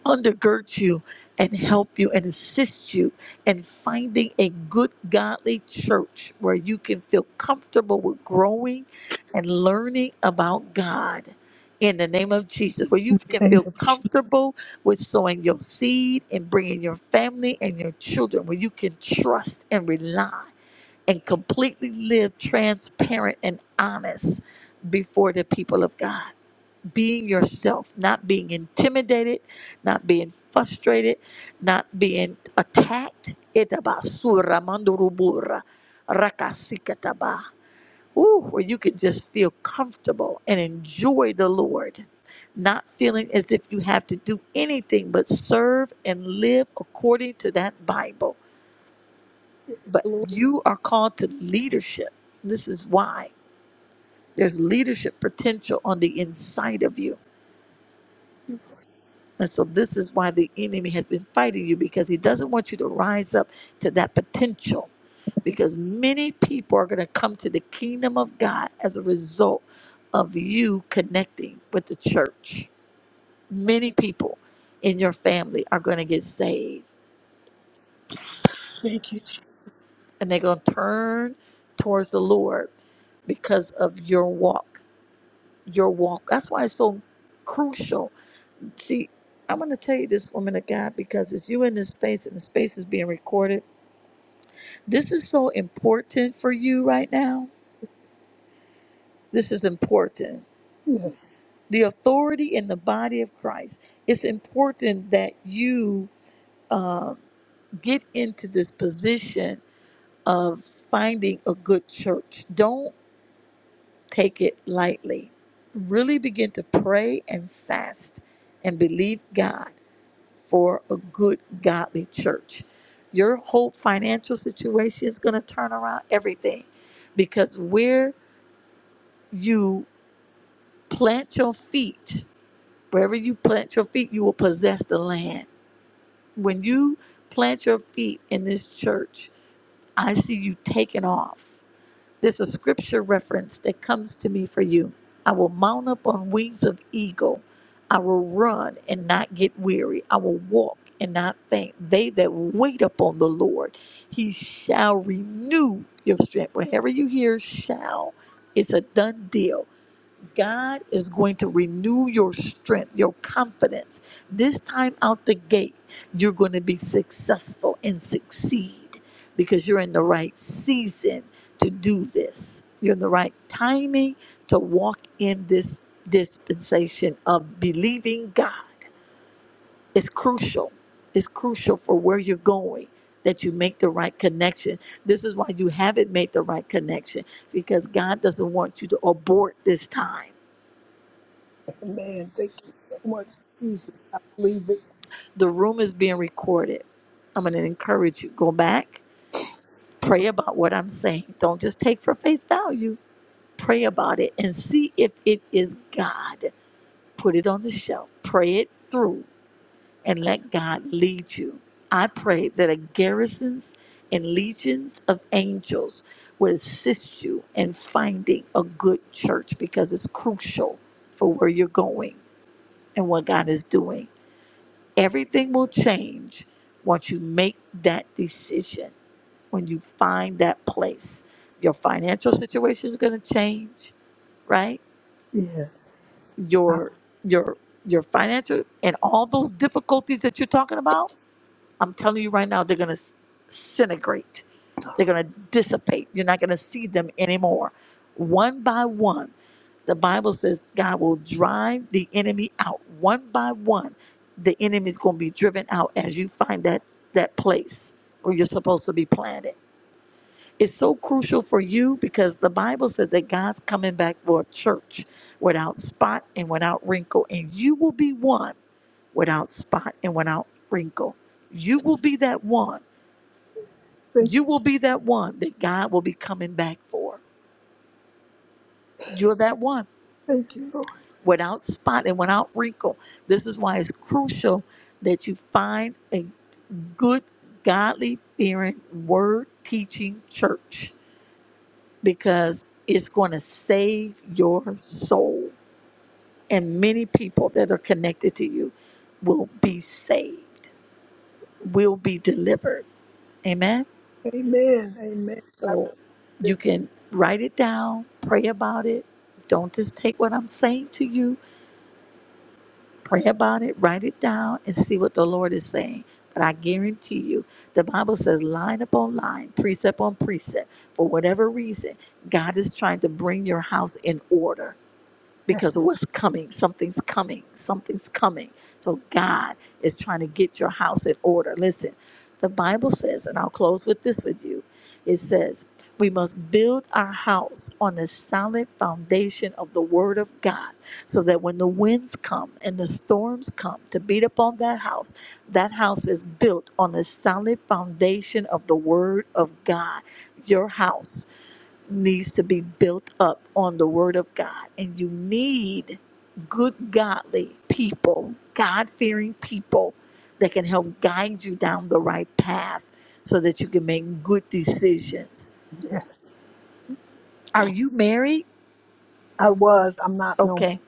undergird you and help you and assist you in finding a good godly church where you can feel comfortable with growing and learning about God in the name of Jesus, where you can Thank feel comfortable with sowing your seed and bringing your family and your children, where you can trust and rely and completely live transparent and honest before the people of God being yourself, not being intimidated, not being frustrated, not being attacked. Etabasura mandurubura rakasikataba. Ooh, where you can just feel comfortable and enjoy the Lord, not feeling as if you have to do anything but serve and live according to that Bible. you, But Lord, you are called to leadership. This is why there's leadership potential on the inside of you And so this is why the enemy has been fighting you because he doesn't want you to rise up to that potential. Because many people are going to come to the kingdom of God as a result of you connecting with the church. Many people in your family are going to get saved thank you. Jesus. and they're going to turn towards the Lord because of your walk. Your walk. That's why it's so crucial. See, I'm going to tell you this woman of God because it's you in this space and the space is being recorded This is so important for you right now. This is important. Yeah, The authority in the body of Christ. It's important that you um, get into this position of finding a good church. Don't take it lightly. Really begin to pray and fast and believe God for a good, godly church. Your whole financial situation is going to turn around everything because where you plant your feet wherever you plant your feet you will possess the land when you plant your feet in this church i see you taking off there's a scripture reference that comes to me for you i will mount up on wings of eagle i will run and not get weary i will walk and not faint they that wait upon the lord he shall renew your strength whenever you hear shall it's a done deal God is going to renew your strength, your confidence. This time out the gate, you're going to be successful and succeed because you're in the right season to do this. You're in the right timing to walk in this dispensation of believing God. It's crucial. It's crucial for where you're going that you make the right connection. This is why you haven't made the right connection because God doesn't want you to abort this time. man, thank you so much, Jesus. I believe it. The room is being recorded. I'm going to encourage you go back, pray about what I'm saying. Don't just take for face value. Pray about it and see if it is God. Put it on the shelf. Pray it through and let God lead you. I pray that a garrisons and legions of angels would assist you in finding a good church because it's crucial for where you're going and what God is doing Everything will change once you make that decision, when you find that place. Your financial situation is going to change, right? Yes. I Your your your financial and all those difficulties that you're talking about, I'm telling you right now, they're going to disintegrate they're going to dissipate. You're not going to see them anymore. One by one, the Bible says God will drive the enemy out one by one. The enemy is going to be driven out as you find that that place where you're supposed to be planted. It's so crucial for you because the Bible says that God's coming back for a church without spot and without wrinkle, and you will be one without spot and without wrinkle. You will be that one thank you you. will be that one that God will be coming back for. You're that one Thank you, Lord. without spot and without wrinkle. This is why it's crucial that you find a good, godly fearing, word teaching church because it's going to save your soul. And many people that are connected to you will be saved, will be delivered. Amen. Amen. Amen. I So believe you it. can write it down, pray about it. Don't just take what I'm saying to you. Pray about it, write it down, and see what the Lord is saying. But I guarantee you, the Bible says line upon line, precept on precept. For whatever reason, God is trying to bring your house in order Yeah, because of what's coming. Something's coming. Something's coming. So God is trying to get your house in order. Listen, the Bible says, and I'll close with this with you it says, we must build our house on the solid foundation of the Word of God so that when the winds come and the storms come to beat upon that house, that house is built on the solid foundation of the Word of God. Your house needs to be built up on the Word of God. And you need good, godly people, God fearing people that can help guide you down the right path so that you can make good decisions. yeah. Are you married? I was. I'm not no Okay.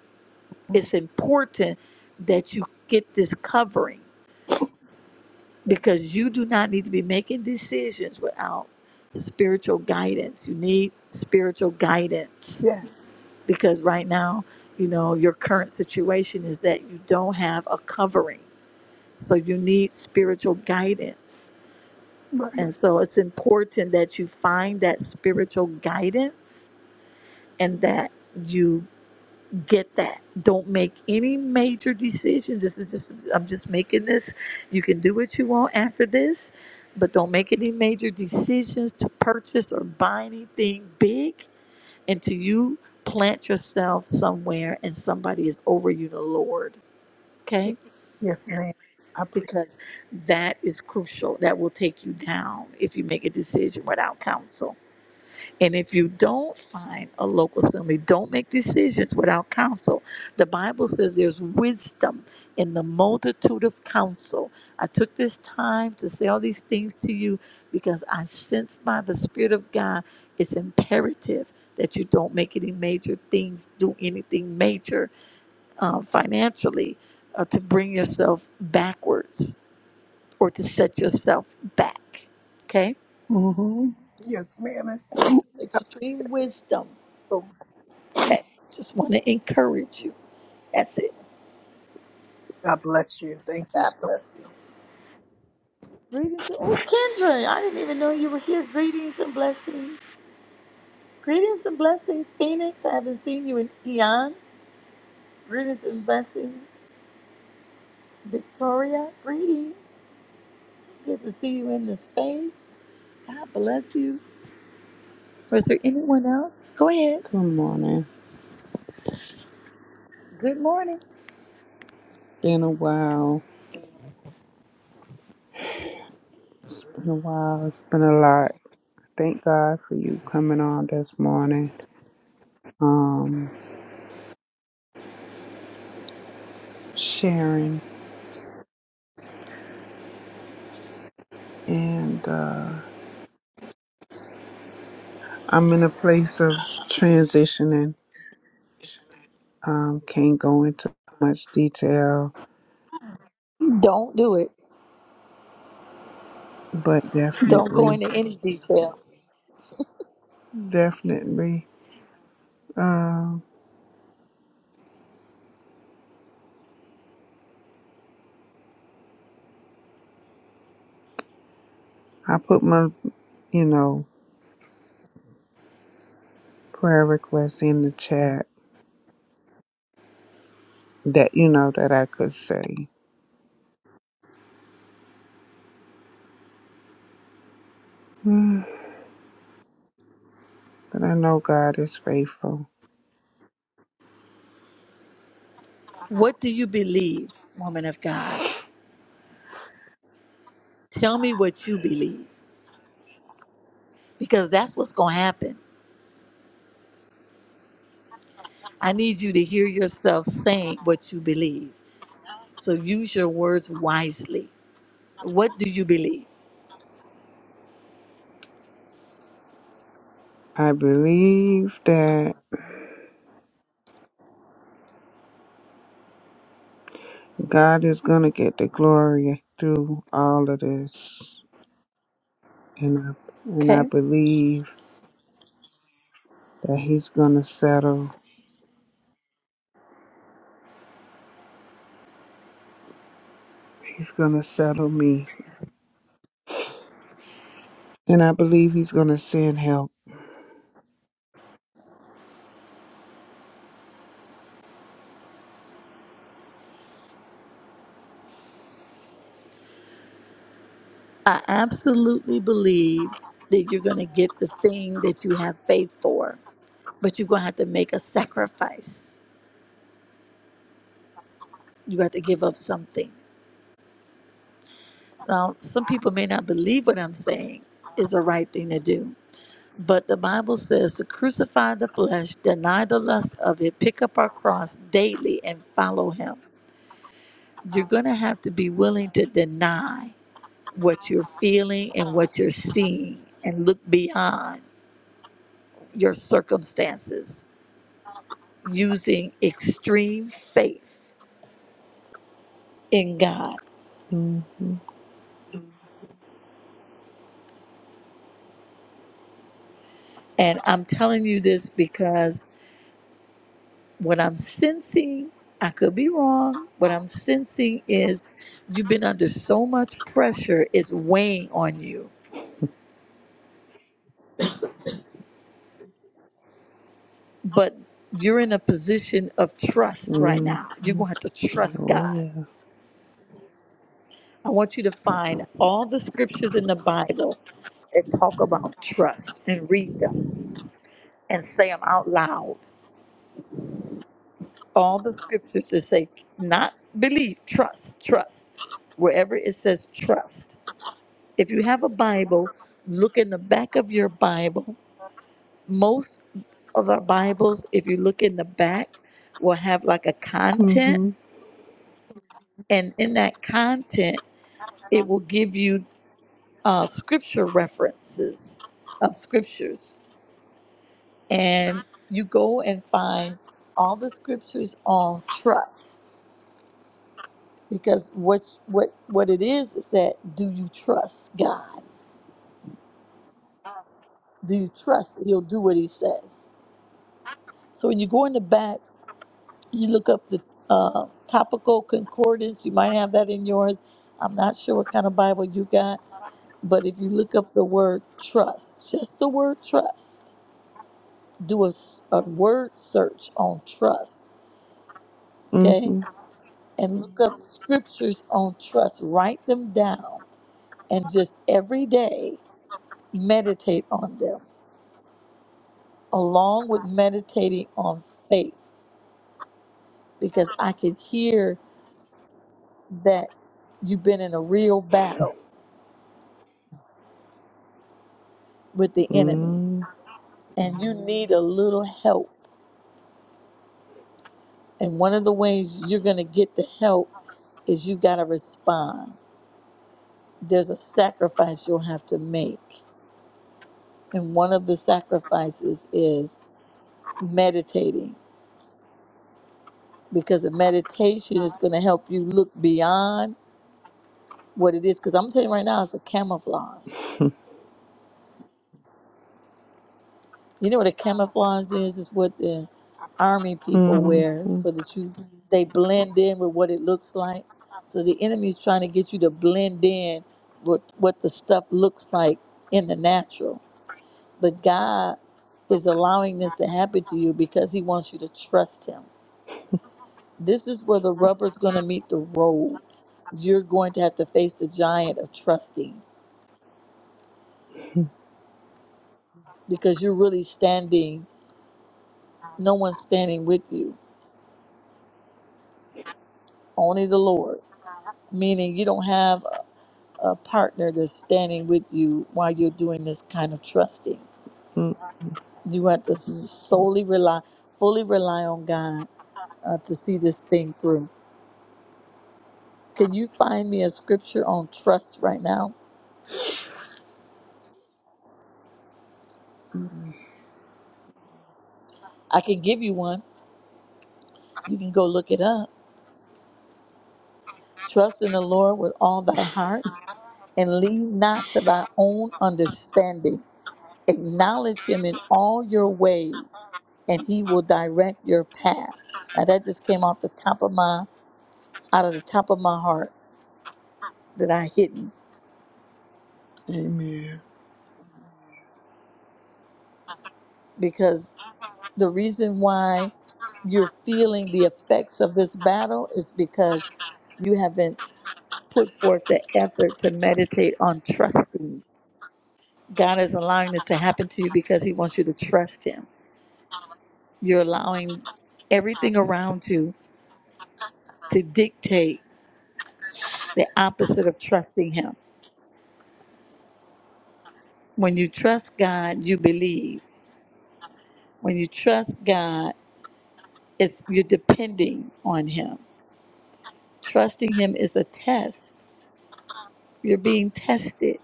more. Mm, It's important that you get this covering because you do not need to be making decisions without spiritual guidance. You need spiritual guidance Yes. because right now, you know, your current situation is that you don't have a covering. So you need spiritual guidance. Right. And so it's important that you find that spiritual guidance and that you get that. Don't make any major decisions. This is just I'm just making this. You can do what you want after this, but don't make any major decisions to purchase or buy anything big until you plant yourself somewhere and somebody is over you, the Lord. Okay? Yes, Yes. ma'am. I pray. Because that is crucial. That will take you down if you make a decision without counsel. And if you don't find a local assembly, don't make decisions without counsel. The Bible says there's wisdom in the multitude of counsel. I took this time to say all these things to you because I sense by the Spirit of God it's imperative that you don't make any major things, do anything major uh, financially uh, to bring yourself backwards or to set yourself back. Okay? Mm-hmm. Yes, ma'am. Extreme wisdom Okay. Just want to encourage you. That's it. God bless you. Thank you. God so bless you. Greetings. to- Oh, Kendra, I didn't even know you were here. Greetings and blessings. Greetings and blessings, Phoenix. I haven't seen you in eons. Greetings and blessings, Victoria. Greetings. Good to see you in the space. God bless you. Was there anyone else? Go ahead. Good morning. Good morning. Been a while. It's been a while. It's been a lot. Thank God for you coming on this morning. Um, sharing and uh I'm in a place of transitioning. Um, can't go into much detail, Don't do it. but Don't go definitely, into any detail. definitely. Um, I put my, you know, prayer requests in the chat that you know that I could say. *sighs* But I know God is faithful. What do you believe, woman of God? Tell me what you believe. because that's what's going to happen. I need you to hear yourself saying what you believe. So use your words wisely. What do you believe? I believe that God is going to get the glory through all of this. And I, and I Okay. believe that he's going to settle. He's going to settle me. And I believe he's going to send help. I absolutely believe that you're going to get the thing that you have faith for, but you're going to have to make a sacrifice. You have to give up something. Now, some people may not believe what I'm saying is the right thing to do, but the Bible says to crucify the flesh, deny the lust of it, pick up our cross daily, and follow Him you're going to have to be willing to deny what you're feeling and what you're seeing and look beyond your circumstances using extreme faith in God. hmm And I'm telling you this because what I'm sensing, I could be wrong, what I'm sensing is you've been under so much pressure, it's weighing on you. But you're in a position of trust right hmm now. You're going to have to trust Oh, God yeah. I want you to find all the scriptures in the Bible that talk about trust and read them and say them out loud. All the scriptures that say, not believe, trust, trust. Wherever it says trust. If you have a Bible, look in the back of your Bible. Most of our Bibles, if you look in the back, will have like a content. hmm And in that content, it will give you uh, scripture references of scriptures. and you go and find all the scriptures on trust because what what what it is is that do you trust God? Do you trust that He'll do what He says? So when you go in the back, you look up the uh, topical concordance. You might have that in yours. I'm not sure what kind of Bible you got, but if you look up the word trust, just the word trust, do a, s- a word search on trust. hmm Okay and look up scriptures on trust. Write them down and just every day meditate on them, along with meditating on faith, because I can hear that you've been in a real battle with the enemy hmm hmm and you need a little help. And one of the ways you're going to get the help is you've got to respond. There's a sacrifice you'll have to make. And one of the sacrifices is meditating because the meditation is going to help you look beyond what it is. Because I'm telling you right now, it's a camouflage. You know what a camouflage is? It's what the army *laughs* people wear so that you they blend in with what it looks like. So the enemy's trying to get you to blend in with what the stuff looks like in the natural. But God is allowing this to happen to you because He wants you to trust Him. This is where the rubber's going to meet the road. You're going to have to face the giant of trusting because you're really standing, no one's standing with you, only the Lord. Meaning you don't have a a partner that's standing with you while you're doing this kind of trusting. You have to solely rely, fully rely on God uh, to see this thing through. Can you find me a scripture on trust right now? I can give you one. You can go look it up. Trust in the Lord with all thy heart and lean not to thy own understanding. Acknowledge him in all your ways, and he will direct your path. Now that just came off the top of my out of the top of my heart that I hidden Amen. because the reason why you're feeling the effects of this battle is because you haven't put forth the effort to meditate on trusting. God is allowing this to happen to you because he wants you to trust him. You're allowing everything around you to dictate the opposite of trusting him. When you trust God, you believe. When you trust God, it's you're depending on him. Trusting him is a test. You're being tested.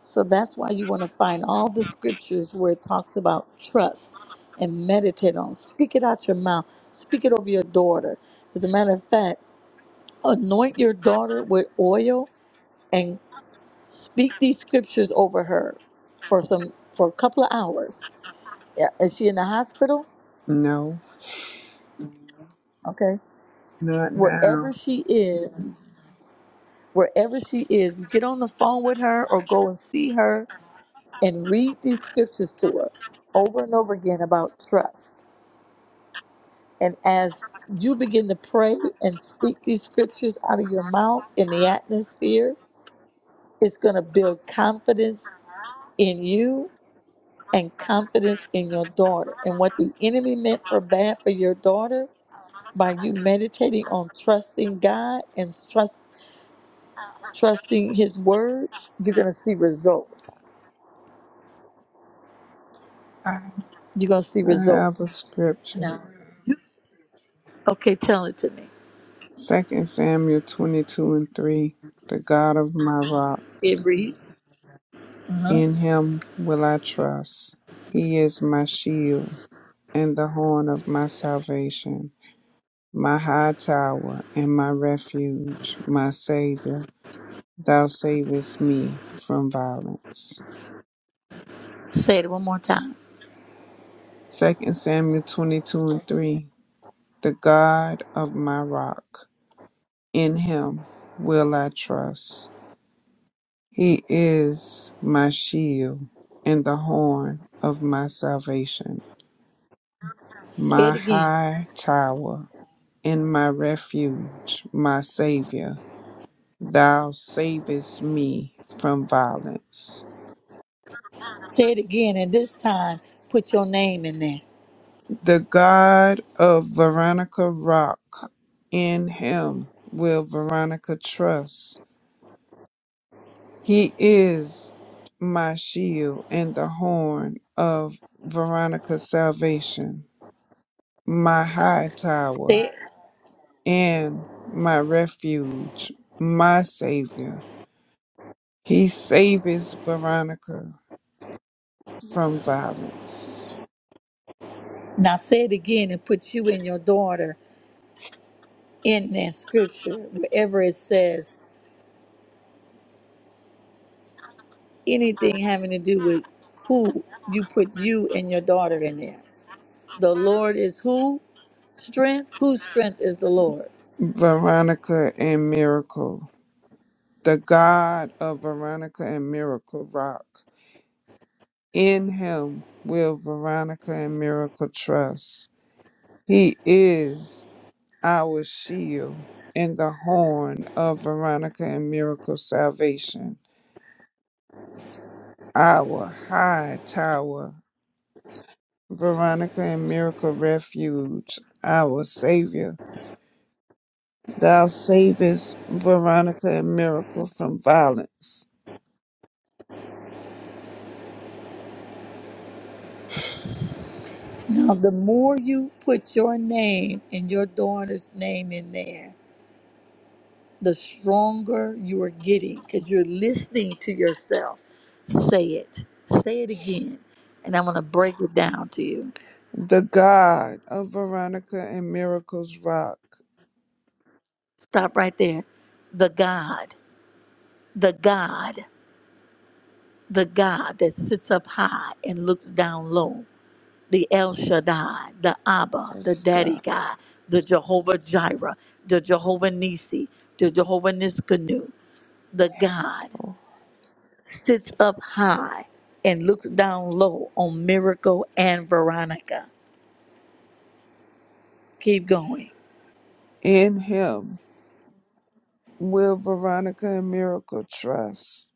So that's why you want to find all the scriptures where it talks about trust and meditate on. Speak it out your mouth. Speak it over your daughter. As a matter of fact, anoint your daughter with oil and speak these scriptures over her for some for a couple of hours Yeah, is she in the hospital? No, Okay. not Wherever now. she is, wherever she is, you get on the phone with her or go and see her and read these scriptures to her over and over again about trust. And as you begin to pray and speak these scriptures out of your mouth in the atmosphere, it's going to build confidence in you and confidence in your daughter. And what the enemy meant for bad for your daughter, by you meditating on trusting God and trusting trusting his word, you're going to see results. I You're going to see I have a results. scripture. Now, okay, tell it to me. 2 Samuel 22 and 3 The God of my rock, It reads, uh-huh. in him will I trust. He is my shield and the horn of my salvation, my high tower and my refuge, my Savior. Thou savest me from violence. say it one more time. 2 Samuel 22 and 3 The God of my rock, in him will I trust. He is my shield and the horn of my salvation, Say my it again. high tower and my refuge, my Savior. Thou savest me from violence. Say it again, and this time put your name in there. The God of Veronica Rock, in him will Veronica trust. He is my shield and the horn of Veronica's salvation my high tower Say it. and my refuge, my Savior. He saves Veronica from violence. Now, say it again and put you and your daughter in that scripture, wherever it says anything having to do with who, you put you and your daughter in there. The Lord is who? Strength. Whose strength is the Lord? Veronica and Miracle, the God of Veronica and Miracle Rock. In Him will Veronica and Miracle trust. He is our shield and the horn of Veronica and Miracle salvation, our high tower Veronica and Miracle Refuge, our Savior. Thou savest Veronica and Miracle from violence. Now, the more you put your name and your daughter's name in there, the stronger you are getting because you're listening to yourself. Say it. Say it again. And I'm going to break it down to you. The God of Veronica and Miracle's rock. Stop right there. The God, the God, the God that sits up high and looks down low, the El Shaddai, the Abba, the Yes, Daddy God. God, the Jehovah Jireh, the Jehovah Nisi, the Jehovah Niskanu, the Yes, God. Lord. sits up high and looks down low on Miracle and Veronica. Keep going. In Him will Veronica and Miracle trust.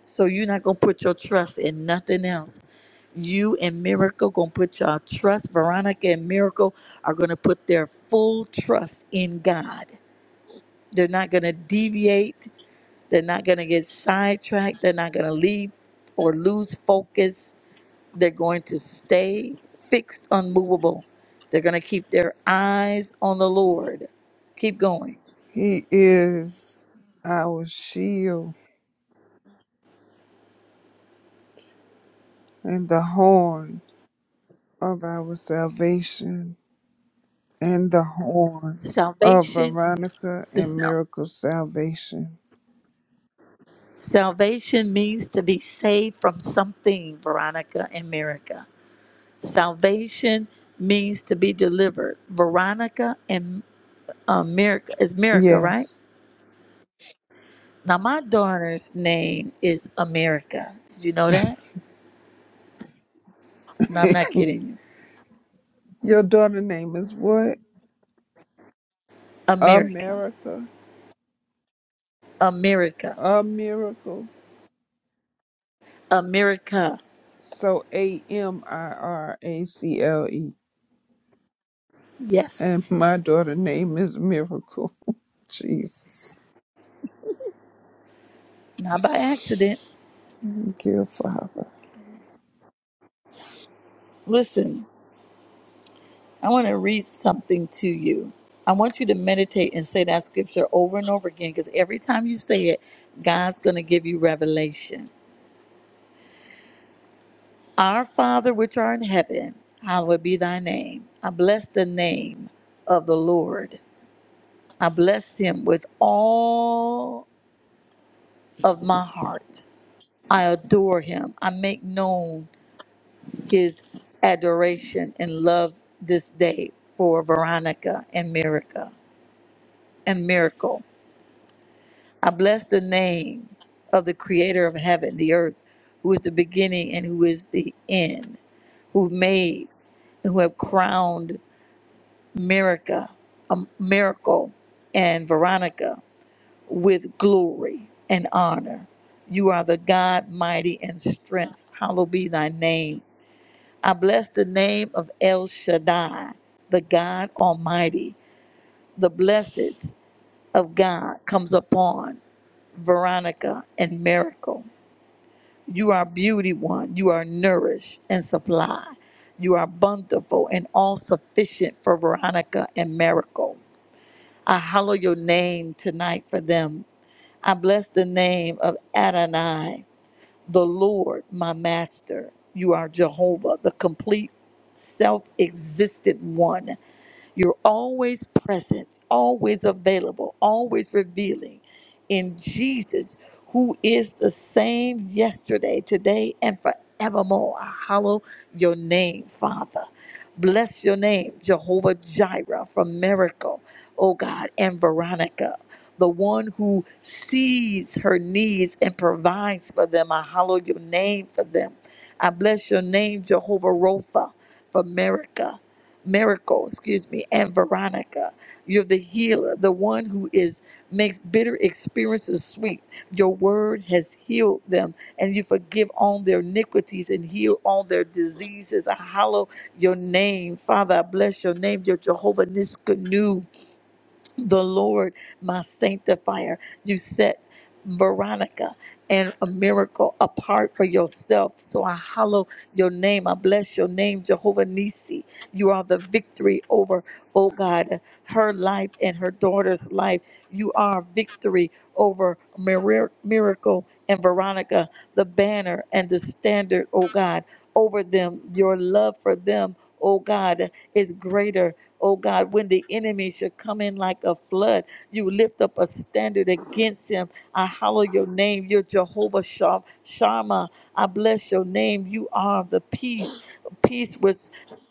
So you're not gonna put your trust in nothing else. You and Miracle gonna put your trust. Veronica and Miracle are gonna put their full trust in God. They're not gonna deviate. They're not gonna get sidetracked. They're not gonna leave or lose focus They're going to stay fixed, unmovable. They're going to keep their eyes on the Lord. Keep going. He is our shield and the horn of our salvation. and the horn of Salvation, Veronica the and self. miracle salvation. Salvation means to be saved from something, Veronica and Mirica. Salvation means to be delivered. Veronica and America is Mirica, right? Yes. Now my daughter's name is America. Did you know that? No, I'm not *laughs* kidding you. Your daughter name is what? America. America. America. A miracle. America. So A M I R A C L E. And Yes. my daughter name is Miracle. *laughs* Jesus. not by accident. Thank you, Father. Listen, I want to read something to you. I want you to meditate and say that scripture over and over again because every time you say it, God's going to give you revelation. Our Father, which art in heaven, hallowed be thy name. I bless the name of the Lord. I bless him with all of my heart. I adore him. I make known his adoration and love this day for Veronica and Mirica. and miracle. I bless the name of the creator of heaven, the earth, who is the beginning and who is the end, who made and who have crowned Mirica, um, Miracle and Veronica with glory and honor. You are the God mighty in strength. Hallowed be thy name. I bless the name of El Shaddai, the God Almighty. The blessings of God comes upon. Veronica, and Miracle. You are beauty one. You are nourished and supply. You are bountiful and all sufficient for Veronica and Miracle. I hallow your name tonight for them. I bless the name of Adonai, the Lord, my master. You are Jehovah, the complete self existent one. You're always present, always available, always revealing in Jesus, who is the same yesterday, today, and forevermore. I hallow your name, Father. Bless your name, Jehovah Jireh from Miracle, oh God, and Veronica, the one who sees her needs and provides for them. I hallow your name for them. I bless your name, Jehovah Ropha, for America miracle, excuse me, and Veronica. You're the healer, the one who is makes bitter experiences sweet. Your word has healed them, and you forgive all their iniquities and heal all their diseases. I hallow your name, Father. I bless your name, your Jehovah Niskanu the Lord, my sanctifier. You set Veronica and a miracle apart for yourself. So I hallow your name. I bless your name, Jehovah Nisi. You are the victory over, oh God, her life and her daughter's life. You are victory over Mir- miracle and Veronica, the banner and the standard, oh God, over them. Your love for them, oh God, is greater Oh God, when the enemy should come in like a flood, you lift up a standard against him. I hallow your name. You're Jehovah Sham- Shammah. I bless your name. You are the peace, peace which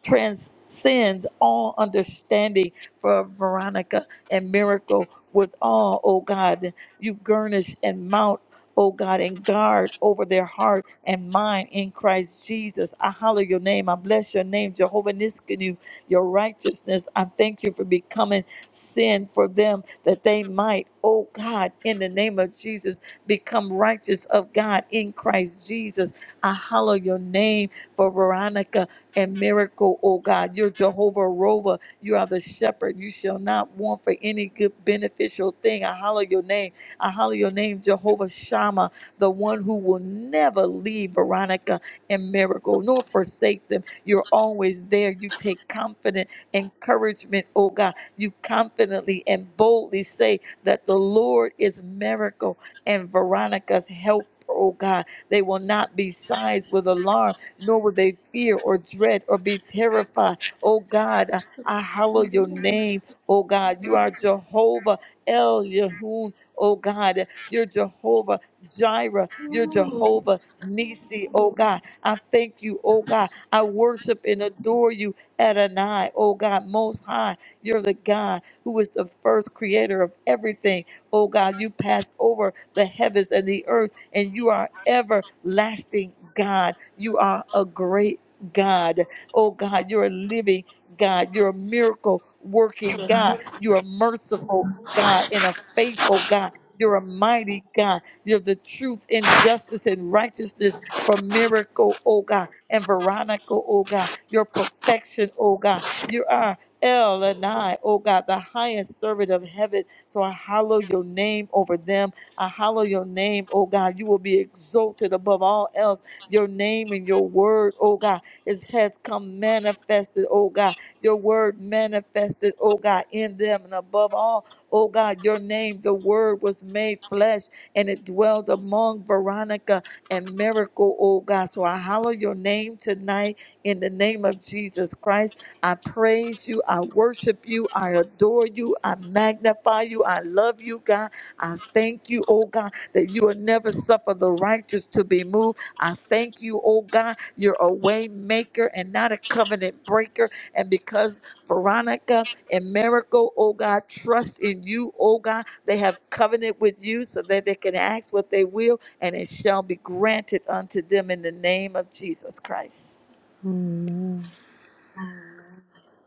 transcends all understanding for Veronica and miracle with all, oh God. You garnish and mount, oh God, and guard over their heart and mind in Christ Jesus. I hallow your name. I bless your name, Jehovah Niskanu your righteousness. I thank you for becoming sin for them that they might, oh God, in the name of Jesus, become righteous of God in Christ Jesus. I hallow your name for Veronica and miracle, oh God. You're Jehovah Rover. You are the shepherd. You shall not want for any good beneficial thing. I hallow your name. I hallow your name, Jehovah Shammah, the one who will never leave Veronica and miracle, nor forsake them. You're always there. You take confident encouragement, oh God. You confidently and boldly say that the Lord is miracle and Veronica's help. Oh God, they will not be sized with alarm, nor will they fear or dread or be terrified. Oh God, I I hallow your name. Oh God, you are Jehovah El Yehun. Oh God, you're Jehovah Jireh. You're Jehovah Nisi. Oh God, I thank you. Oh God, I worship and adore you, Adonai, oh God, most high. You're the God who is the first creator of everything. Oh God, you passed over the heavens and the earth, and you are everlasting God. You are a great God. Oh God, you're a living God. You're a miracle working God. You're a merciful God and a faithful God. You're a mighty God. You're the truth and justice and righteousness for miracle, oh God and Veronica, oh God, your perfection, oh God. You are El and I, oh God, the highest servant of heaven. So I hallow your name over them. I hallow your name, oh God. You will be exalted above all else. Your name and your word, oh God, is, has come manifested, oh God. Your word manifested, oh God, in them and above all, oh God, your name, the word was made flesh and it dwelled among Veronica and miracle, oh God. So I hallow your name tonight in the name of Jesus Christ. I praise you. I worship you. I adore you. I magnify you. I love you, God. I thank you, oh God, that you will never suffer the righteous to be moved. I thank you, oh God. You're a way maker and not a covenant breaker. And because Veronica and Miracle, oh God, trust in you, oh God, they have covenant with you so that they can ask what they will and it shall be granted unto them in the name of Jesus Christ. Amen.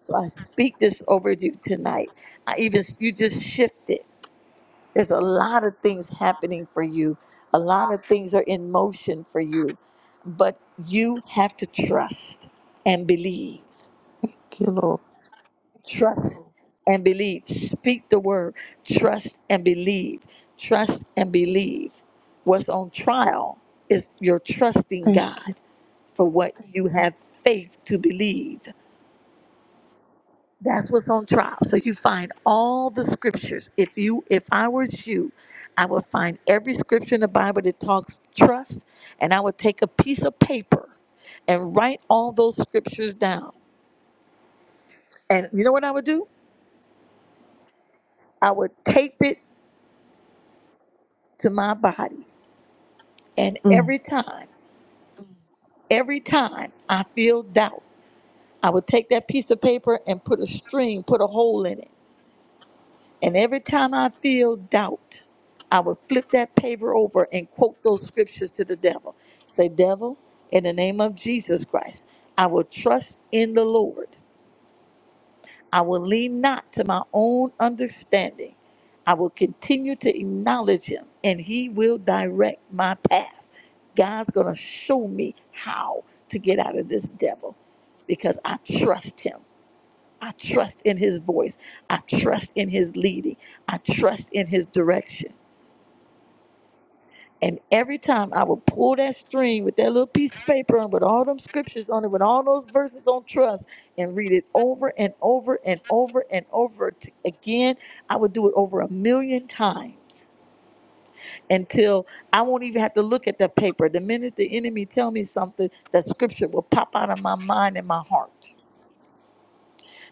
So I speak this over you tonight. I even you just shifted. There's a lot of things happening for you. A lot of things are in motion for you. But you have to trust and believe. Thank you, Lord. Trust and believe. Speak the word. Trust and believe. Trust and believe. What's on trial is you're trusting Thank you. God for what you have faith to believe. That's what's on trial. So you find all the scriptures. If you if I was you, I would find every scripture in the Bible that talks trust and I would take a piece of paper and write all those scriptures down. And you know what I would do? I would tape it to my body. And Mm. every time, every time I feel doubt, I would take that piece of paper and put a string, put a hole in it. And every time I feel doubt, I would flip that paper over and quote those scriptures to the devil. Say, Devil, in the name of Jesus Christ, I will trust in the Lord I will lean not to my own understanding. I will continue to acknowledge him and he will direct my path. God's going to show me how to get out of this devil because I trust him. I trust in his voice. I trust in his leading. I trust in his direction. And every time I would pull that string with that little piece of paper and with all them scriptures on it, with all those verses on trust, and read it over and over and over and over t- again. I would do it over a million times until I won't even have to look at the paper. The minute the enemy tell me something, that scripture will pop out of my mind and my heart.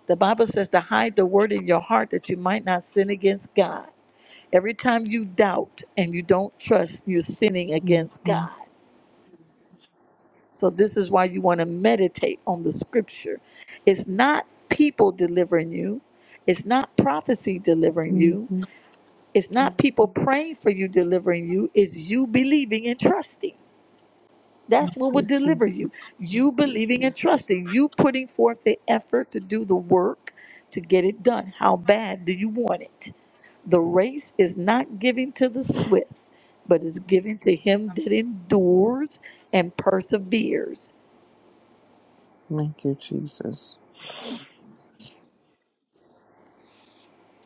The Bible says to hide the word in your heart that you might not sin against God. Every time you doubt and you don't trust, you're sinning against Mm-hmm. God So this is why you want to meditate on the scripture. It's not people delivering you. It's not prophecy delivering you. Mm-hmm. It's not people praying for you delivering you. It's you believing and trusting. That's what Thank will you, Jesus. deliver you. You believing and trusting. You putting forth the effort to do the work to get it done. How bad do you want it? The race is not given to the swift, but is given to him that endures and perseveres. Thank you, Jesus.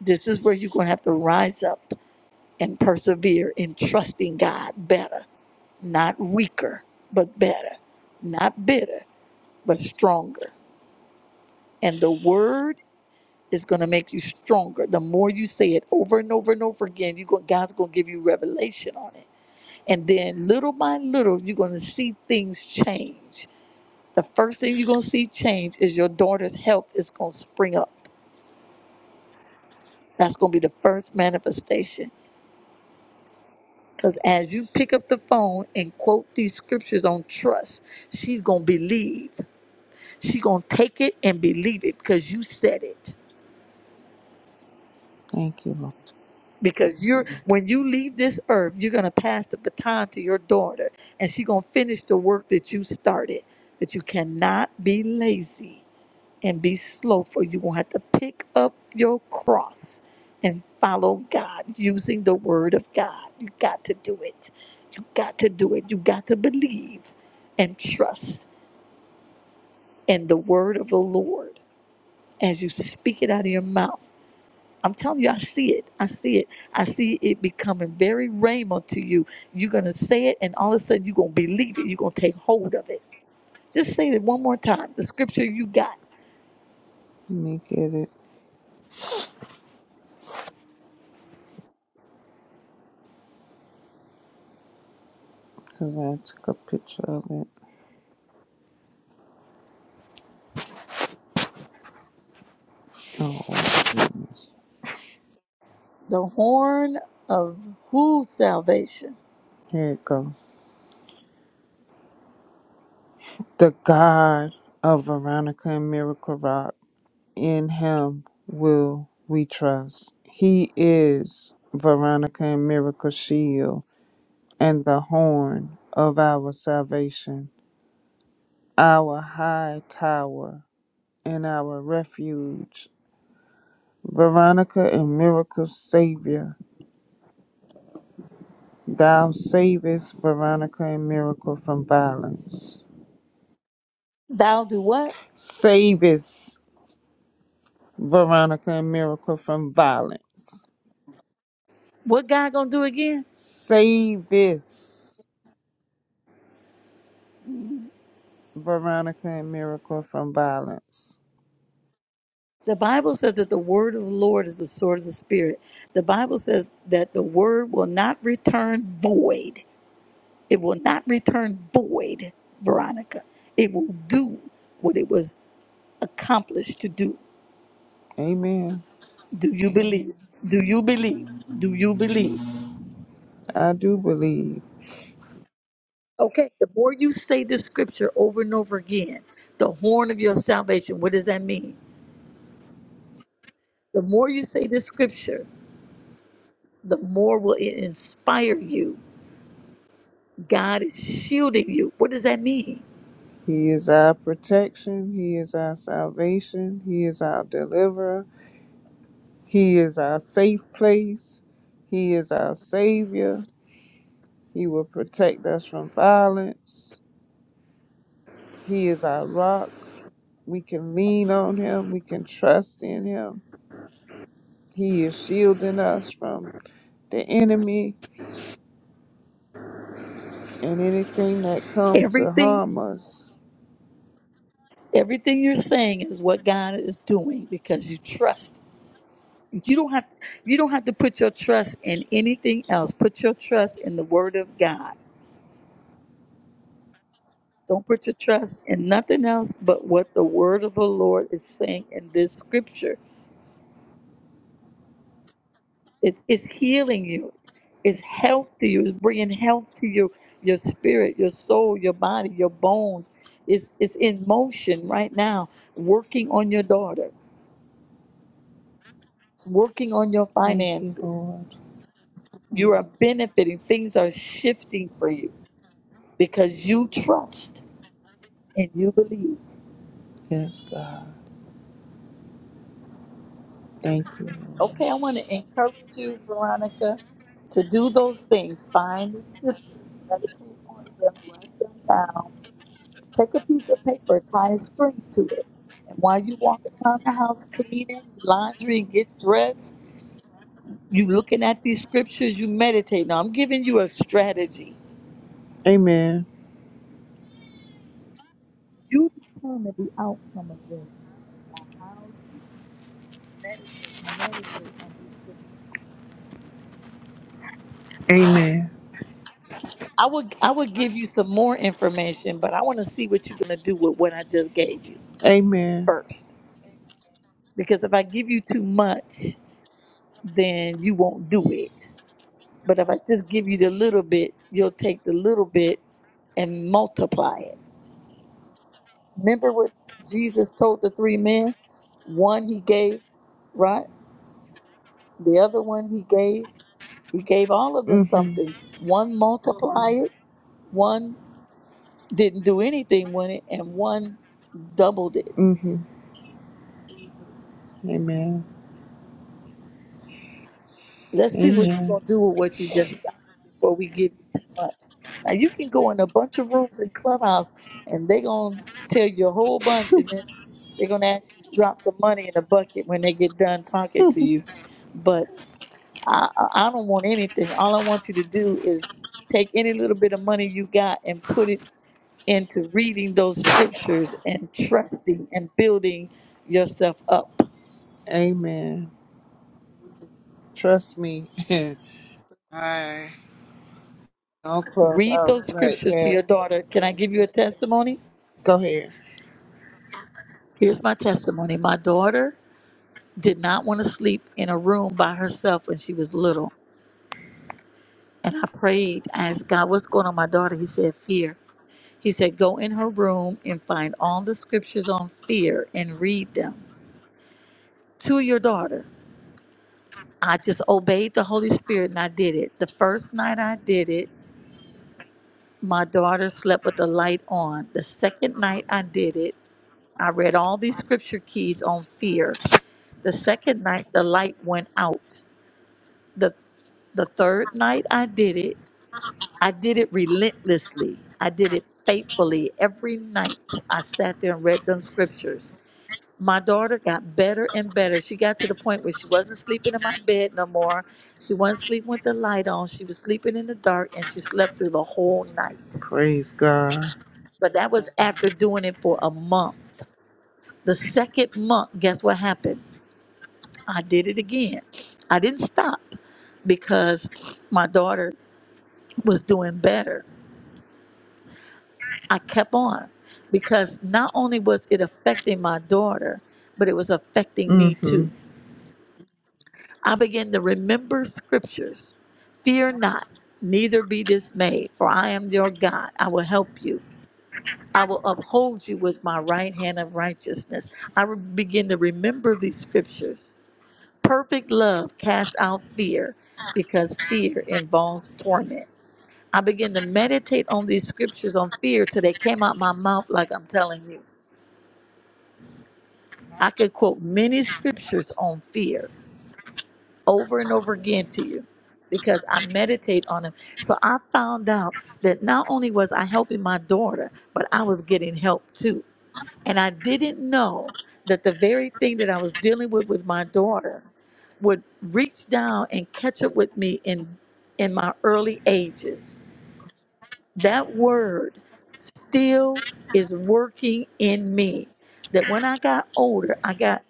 This is where you're going to have to rise up and persevere in trusting God better, not weaker, but better, not bitter, but stronger. And the word is going to make you stronger. The more you say it over and over and over again, you go, God's going to give you revelation on it. And then little by little, you're going to see things change. The first thing you're going to see change is your daughter's health is going to spring up. That's going to be the first manifestation Because as you pick up the phone and quote these scriptures on trust, she's going to believe. She's going to take it and believe it because you said it. Thank you, Lord. Because you're when you leave this earth, you're going to pass the baton to your daughter and she's going to finish the work that you started. But you cannot be lazy and be slow, for you're going to have to pick up your cross and follow God using the word of God. You got to do it. You got to do it. You got to believe and trust in the word of the Lord as you speak it out of your mouth. I'm telling you, I see it. I see it. I see it becoming very rhema to you. You're going to say it, and all of a sudden, you're going to believe it. You're going to take hold of it. Just say it one more time. The scripture you got. Let me get it. Cause I took a picture of it. Oh my goodness. The horn of whose salvation? Here it go. The God of Veronica and Miracle Rock. In him will we trust. He is Veronica and Miracle Shield and the horn of our salvation, our high tower and our refuge. Veronica and Miracle Savior, thou savest Veronica and Miracle from violence. Thou do what? Save us, Veronica and Miracle, from violence. What God gonna do again? Save us, Veronica and Miracle, from violence. The Bible says that the word of the Lord is the sword of the spirit. The Bible says that the word will not return void. It will not return void, Veronica. It will do what it was accomplished to do. Amen. Do you believe? Do you believe? Do you believe? I do believe Okay, the more you say this scripture over and over again, the horn of your salvation, what does that mean? The more you say this scripture, the more will it inspire you. God is shielding you. What does that mean? He is our protection, He is our salvation, He is our deliverer, He is our safe place, He is our Savior. He will protect us from violence. He is our rock. We can lean on Him, we can trust in Him. He is shielding us from the enemy and anything that come to Everything, harm us. everything you're saying is what God is doing because you trust. You don't have you don't have to put your trust in anything else. Put your trust in the word of God. Don't put your trust in nothing else but what the word of the Lord is saying in this scripture It's, it's healing you. It's health to you. It's bringing health to you, your spirit, your soul, your body, your bones. It's, it's in motion right now, working on your daughter. It's working on your Thank you, finances. Lord. You are benefiting. Things are shifting for you because you trust and you believe. Yes, God. Thank you, Lord. Okay, I want to encourage you, Veronica, to do those things. Find the scriptures, meditate on them, write them down Take a piece of paper, tie a string to it. And while you're walking around the house cleaning, laundry, and getting dressed, you looking at these scriptures, you meditate. Now I'm giving you a strategy. Amen. You determine the outcome of this by how you meditate on these scriptures. Amen. I would I would give you some more information, but I want to see what you're gonna do with what I just gave you Amen. first. Because if I give you too much, then you won't do it. But if I just give you the little bit, you'll take the little bit and multiply it. Remember what Jesus told the three men? One he gave, right? The other one he gave. He gave all of them hmm something. One multiplied it, one didn't do anything with it, and one doubled it. hmm Amen. Let's see what you're Amen. gonna do with what you just got before we give you too much. Now you can go in a bunch of rooms in Clubhouse and they gonna tell you a whole bunch and then they're gonna ask you to drop some money in a bucket when they get done talking to you. But I I I don't want anything. All I want you to do is take any little bit of money you got and put it into reading those scriptures and trusting and building yourself up. Amen. Trust me. *laughs* I don't Read those clubhouse like scriptures to your that. daughter. Can I give you a testimony? Go ahead. Here's my testimony. My daughter did not want to sleep in a room by herself when she was little. And I prayed, I asked God, what's going on, my daughter? He said, fear. He said, go in her room and find all the scriptures on fear and read them to your daughter. I just obeyed the Holy Spirit and I did it. The first night I did it, my daughter slept with the light on. The second night I did it, I read all these scripture keys on fear. The second night, the light went out The The third night I did it, I did it relentlessly. I did it faithfully every night. I sat there and read them scriptures. My daughter got better and better. She got to the point where she wasn't sleeping in my bed no more. She wasn't sleeping with the light on. She was sleeping in the dark and she slept through the whole night. Praise God. But that was after doing it for a month. The second month, guess what happened? I did it again. I didn't stop because my daughter was doing better I kept on because not only was it affecting my daughter, but it was affecting me hmm too. I began to remember scriptures Fear not, neither be dismayed, for I am your God. I will help you. I will uphold you with my right hand of righteousness. I re- begin to remember these scriptures. Perfect love casts out fear because fear involves torment. I began to meditate on these scriptures on fear till they came out my mouth, like I'm telling you. I could quote many scriptures on fear over and over again to you because I meditate on them. So I found out that not only was I helping my daughter, but I was getting help too. And I didn't know that the very thing that I was dealing with with my daughter would reach down and catch up with me in in my early ages. That word still is working in me. That when I got older, I got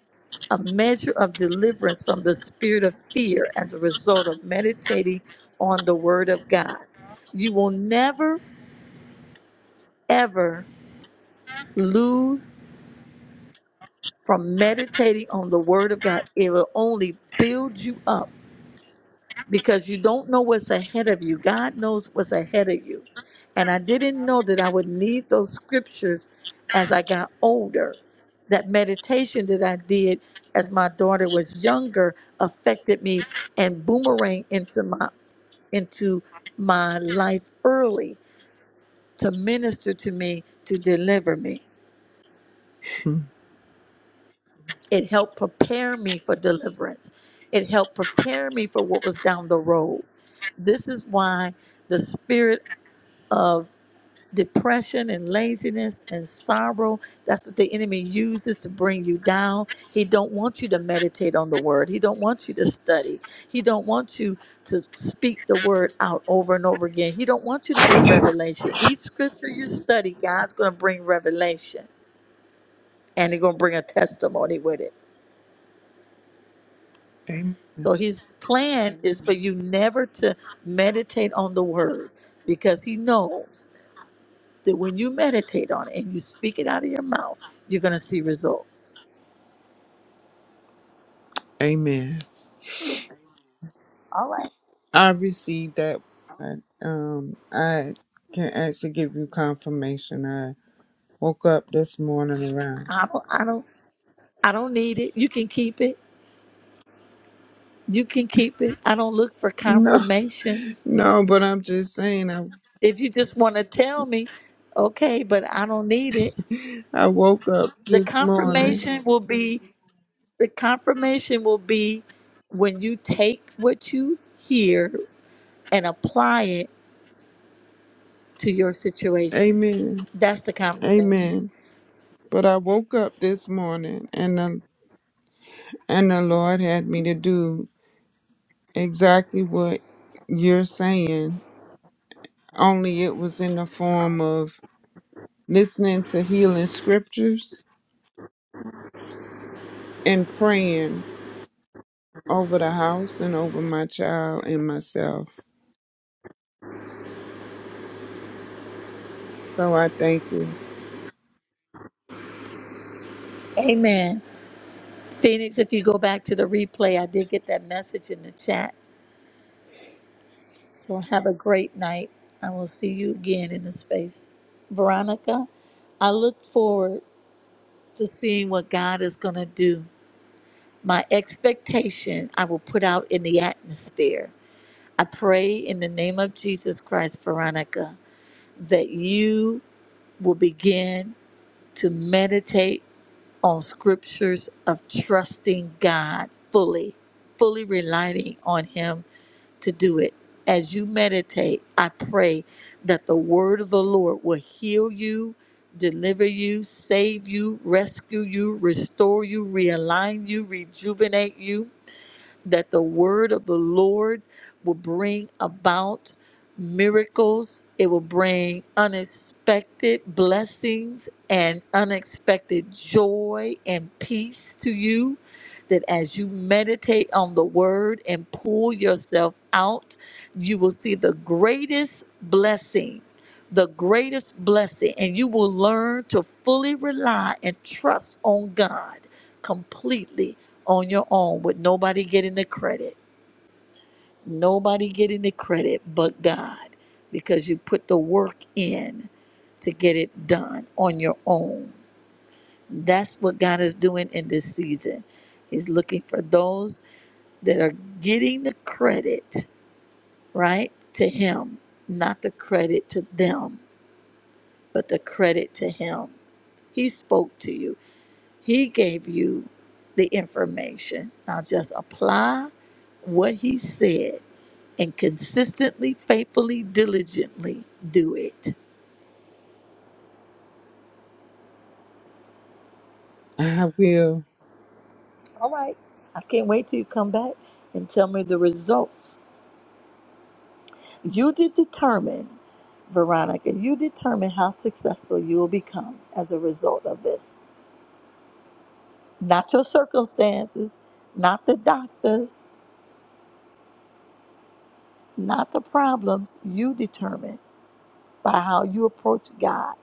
a measure of deliverance from the spirit of fear as a result of meditating on the word of God. You will never, ever lose from meditating on the word of God. It will only build you up because you don't know what's ahead of you. God knows what's ahead of you. And I didn't know that I would need those scriptures as I got older. That meditation that I did as my daughter was younger affected me and boomerang into my into my life early to minister to me to deliver me. *laughs* It helped prepare me for deliverance. It helped prepare me for what was down the road. This is why the spirit of depression and laziness and sorrow that's what the enemy uses to bring you down he don't want you to meditate on the word he don't want you to study he don't want you to speak the word out over and over again he don't want you to get revelation each scripture you study god's going to bring revelation and he's going to bring a testimony with it Amen. so his plan is for you never to meditate on the word because he knows that when you meditate on it and you speak it out of your mouth, you're going to see results. Amen. All right. I received that. one. Um, I can actually give you confirmation. I woke up this morning around. I don't, I don't, I don't need it. You can keep it. You can keep it. I don't look for *laughs* No, confirmations. no, but I'm just saying. I If you just want to tell me, okay, but I don't need it. I woke up The this morning. confirmation will be, the confirmation will be when you take what you hear and apply it to your situation. Amen. That's the Amen. confirmation. But I woke up this morning, and the and the Lord had me to do exactly what you're saying. Only it was in the form of listening to healing scriptures and praying over the house and over my child and myself. So I thank you. Amen. Phoenix, if you go back to the replay, I did get that message in the chat. So have a great night. I will see you again in the space. Veronica, I look forward to seeing what God is going to do. My expectation I will put out in the atmosphere. I pray in the name of Jesus Christ, Veronica, that you will begin to meditate on scriptures of trusting God fully, fully relying on Him to do it. As you meditate, I pray that the word of the Lord will heal you, deliver you, save you, rescue you, restore you, realign you, rejuvenate you that the word of the Lord will bring about miracles, it will bring unexpected blessings and unexpected joy and peace to you. That as you meditate on the word and pull yourself out, you will see the greatest blessing the greatest blessing, and you will learn to fully rely and trust on God completely on your own with nobody getting the credit. Nobody getting the credit but God because you put the work in to get it done on your own. That's what God is doing in this season. He's looking for those that are getting the credit, right, to Him, not the credit to them, but the credit to Him. He spoke to you. He gave you the information. Now just apply what he said and consistently, faithfully, diligently do it. *laughs* I will. All right. I can't wait till you come back and tell me the results. You did determine, Veronica, you determine how successful you will become as a result of this. Not your circumstances, not the doctors, not the problems. You determine by how you approach God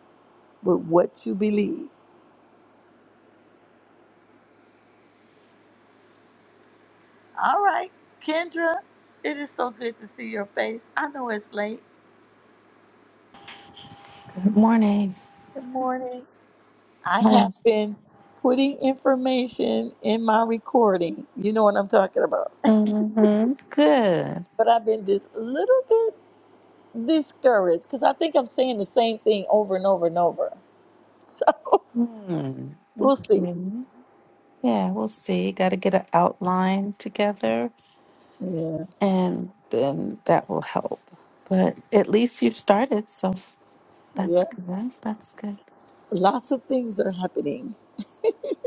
with what you believe. All right, Kendra, it is so good to see your face. I know it's late. Good morning. Good morning. I How have is been putting information in my recording. You know what I'm talking about. Mm-hmm. Good. But I've been just a little bit discouraged because I think I'm saying the same thing over and over and over. So Hmm. *laughs* we'll see. Okay. Yeah, we'll see. Got to get an outline together, Yeah, and then that will help. But at least you've started, so that's yeah. good. That's good. Lots of things are happening.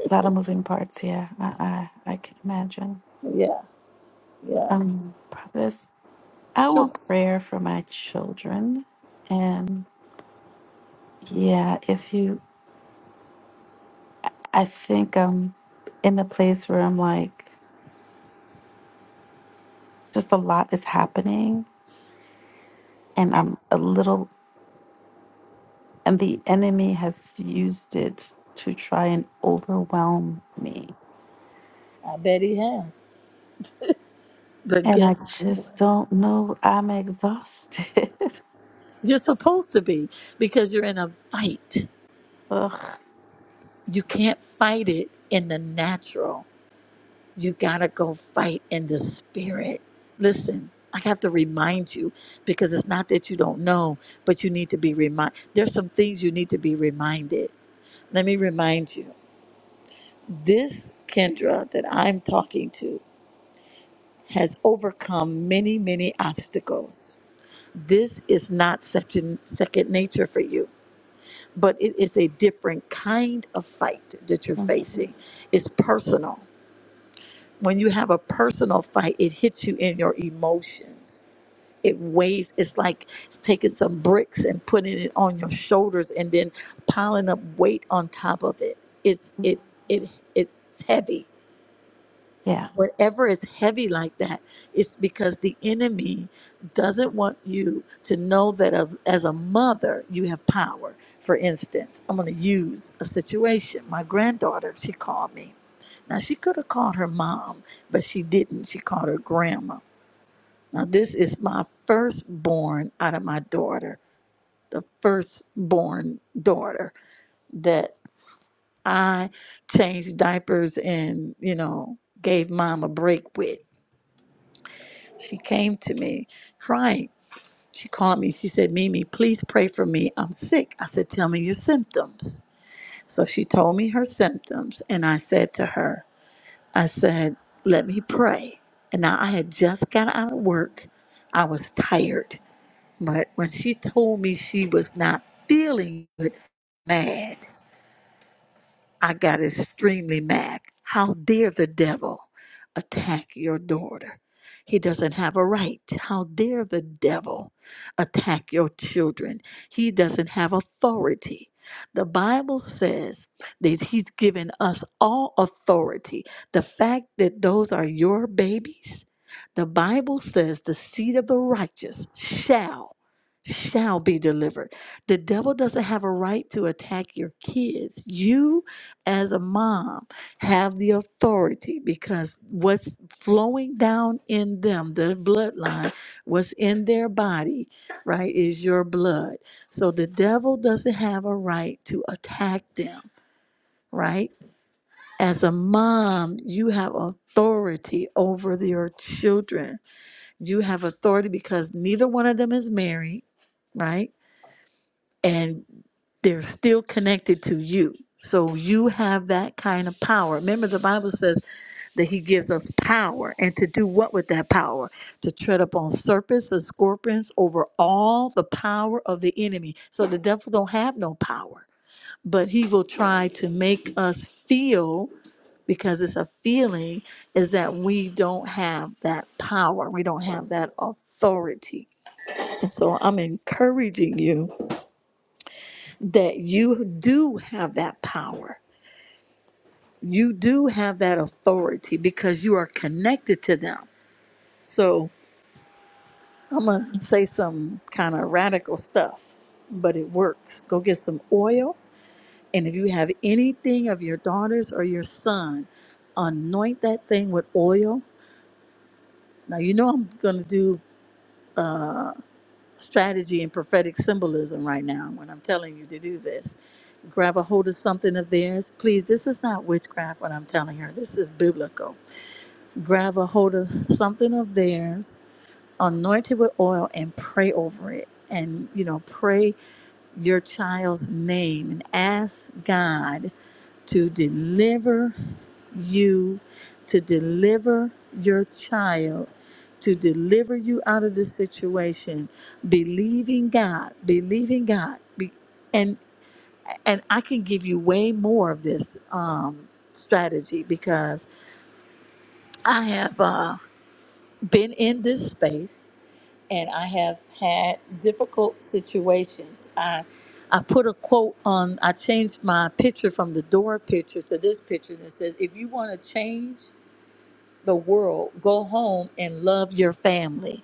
A lot of moving parts. Yeah, I I, I can imagine. Yeah, yeah. Um, this I Sure. want prayer for my children, and yeah, if you, I think I'm in the place where I'm like. just a lot is happening and i'm a little and the enemy has used it to try and overwhelm me I bet he has. But and i guess just what? don't know i'm exhausted *laughs* You're supposed to be because you're in a fight. Ugh. You can't fight it in the natural. You got to go fight in the spirit. Listen, I have to remind you because it's not that you don't know, but you need to be reminded. There's some things you need to be reminded. Let me remind you this Kendra that I'm talking to has overcome many, many obstacles. This is not second, second nature for you but it is a different kind of fight that you're Mm, facing. It's personal. When you have a personal fight, it hits you in your emotions. It weighs, it's like it's taking some bricks and putting it on your shoulders and then piling up weight on top of it. It's mm, it it it's heavy yeah whatever is heavy like that, it's because the enemy doesn't want you to know that as, as a mother, you have power. For instance, I'm going to use a situation. My granddaughter, she called me. Now, she could have called her mom, but she didn't. She called her grandma. Now, this is my firstborn out of my daughter, the firstborn daughter that I changed diapers and, you know, gave mom a break with. She came to me crying. She called me. She said, Mimi, please pray for me. I'm sick. I said, Tell me your symptoms. So she told me her symptoms. And I said to her, I said, Let me pray. And now I had just got out of work. I was tired. But when she told me she was not feeling good, mad. I got extremely mad. How dare the devil attack your daughter? He doesn't have a right. How dare the devil attack your children? He doesn't have authority. The Bible says that he's given us all authority. The fact that those are your babies, the Bible says the seed of the righteous shall shall be delivered. The devil doesn't have a right to attack your kids. You as a mom have the authority because what's flowing down in them the bloodline what's in their body right is your blood so the devil doesn't have a right to attack them right as a mom you have authority over your children you have authority because neither one of them is married right and they're still connected to you. So you have that kind of power. Remember, the Bible says that He gives us power, and to do what with that power? To tread upon serpents and scorpions over all the power of the enemy. So the devil don't have no power, but he will try to make us feel because it's a feeling is that we don't have that power, we don't have that authority. And so I'm encouraging you that you do have that power. You do have that authority because you are connected to them. So I'm going to say some kind of radical stuff, but it works. Go get some oil. And if you have anything of your daughters or your son, anoint that thing with oil. Now, you know I'm going to do. uh, strategy and prophetic symbolism right now when I'm telling you to do this. Grab a hold of something of theirs. Please, this is not witchcraft, what I'm telling her. This is biblical. Grab a hold of something of theirs anoint it with oil and pray over it and you know pray your child's name and ask god to deliver you to deliver your child to deliver you out of this situation believing god believing god Be- and and i can give you way more of this um strategy because i have uh been in this space and I have had difficult situations. I I put a quote on I changed my picture from the door picture to this picture that says if you want to change the world, go home and love your family.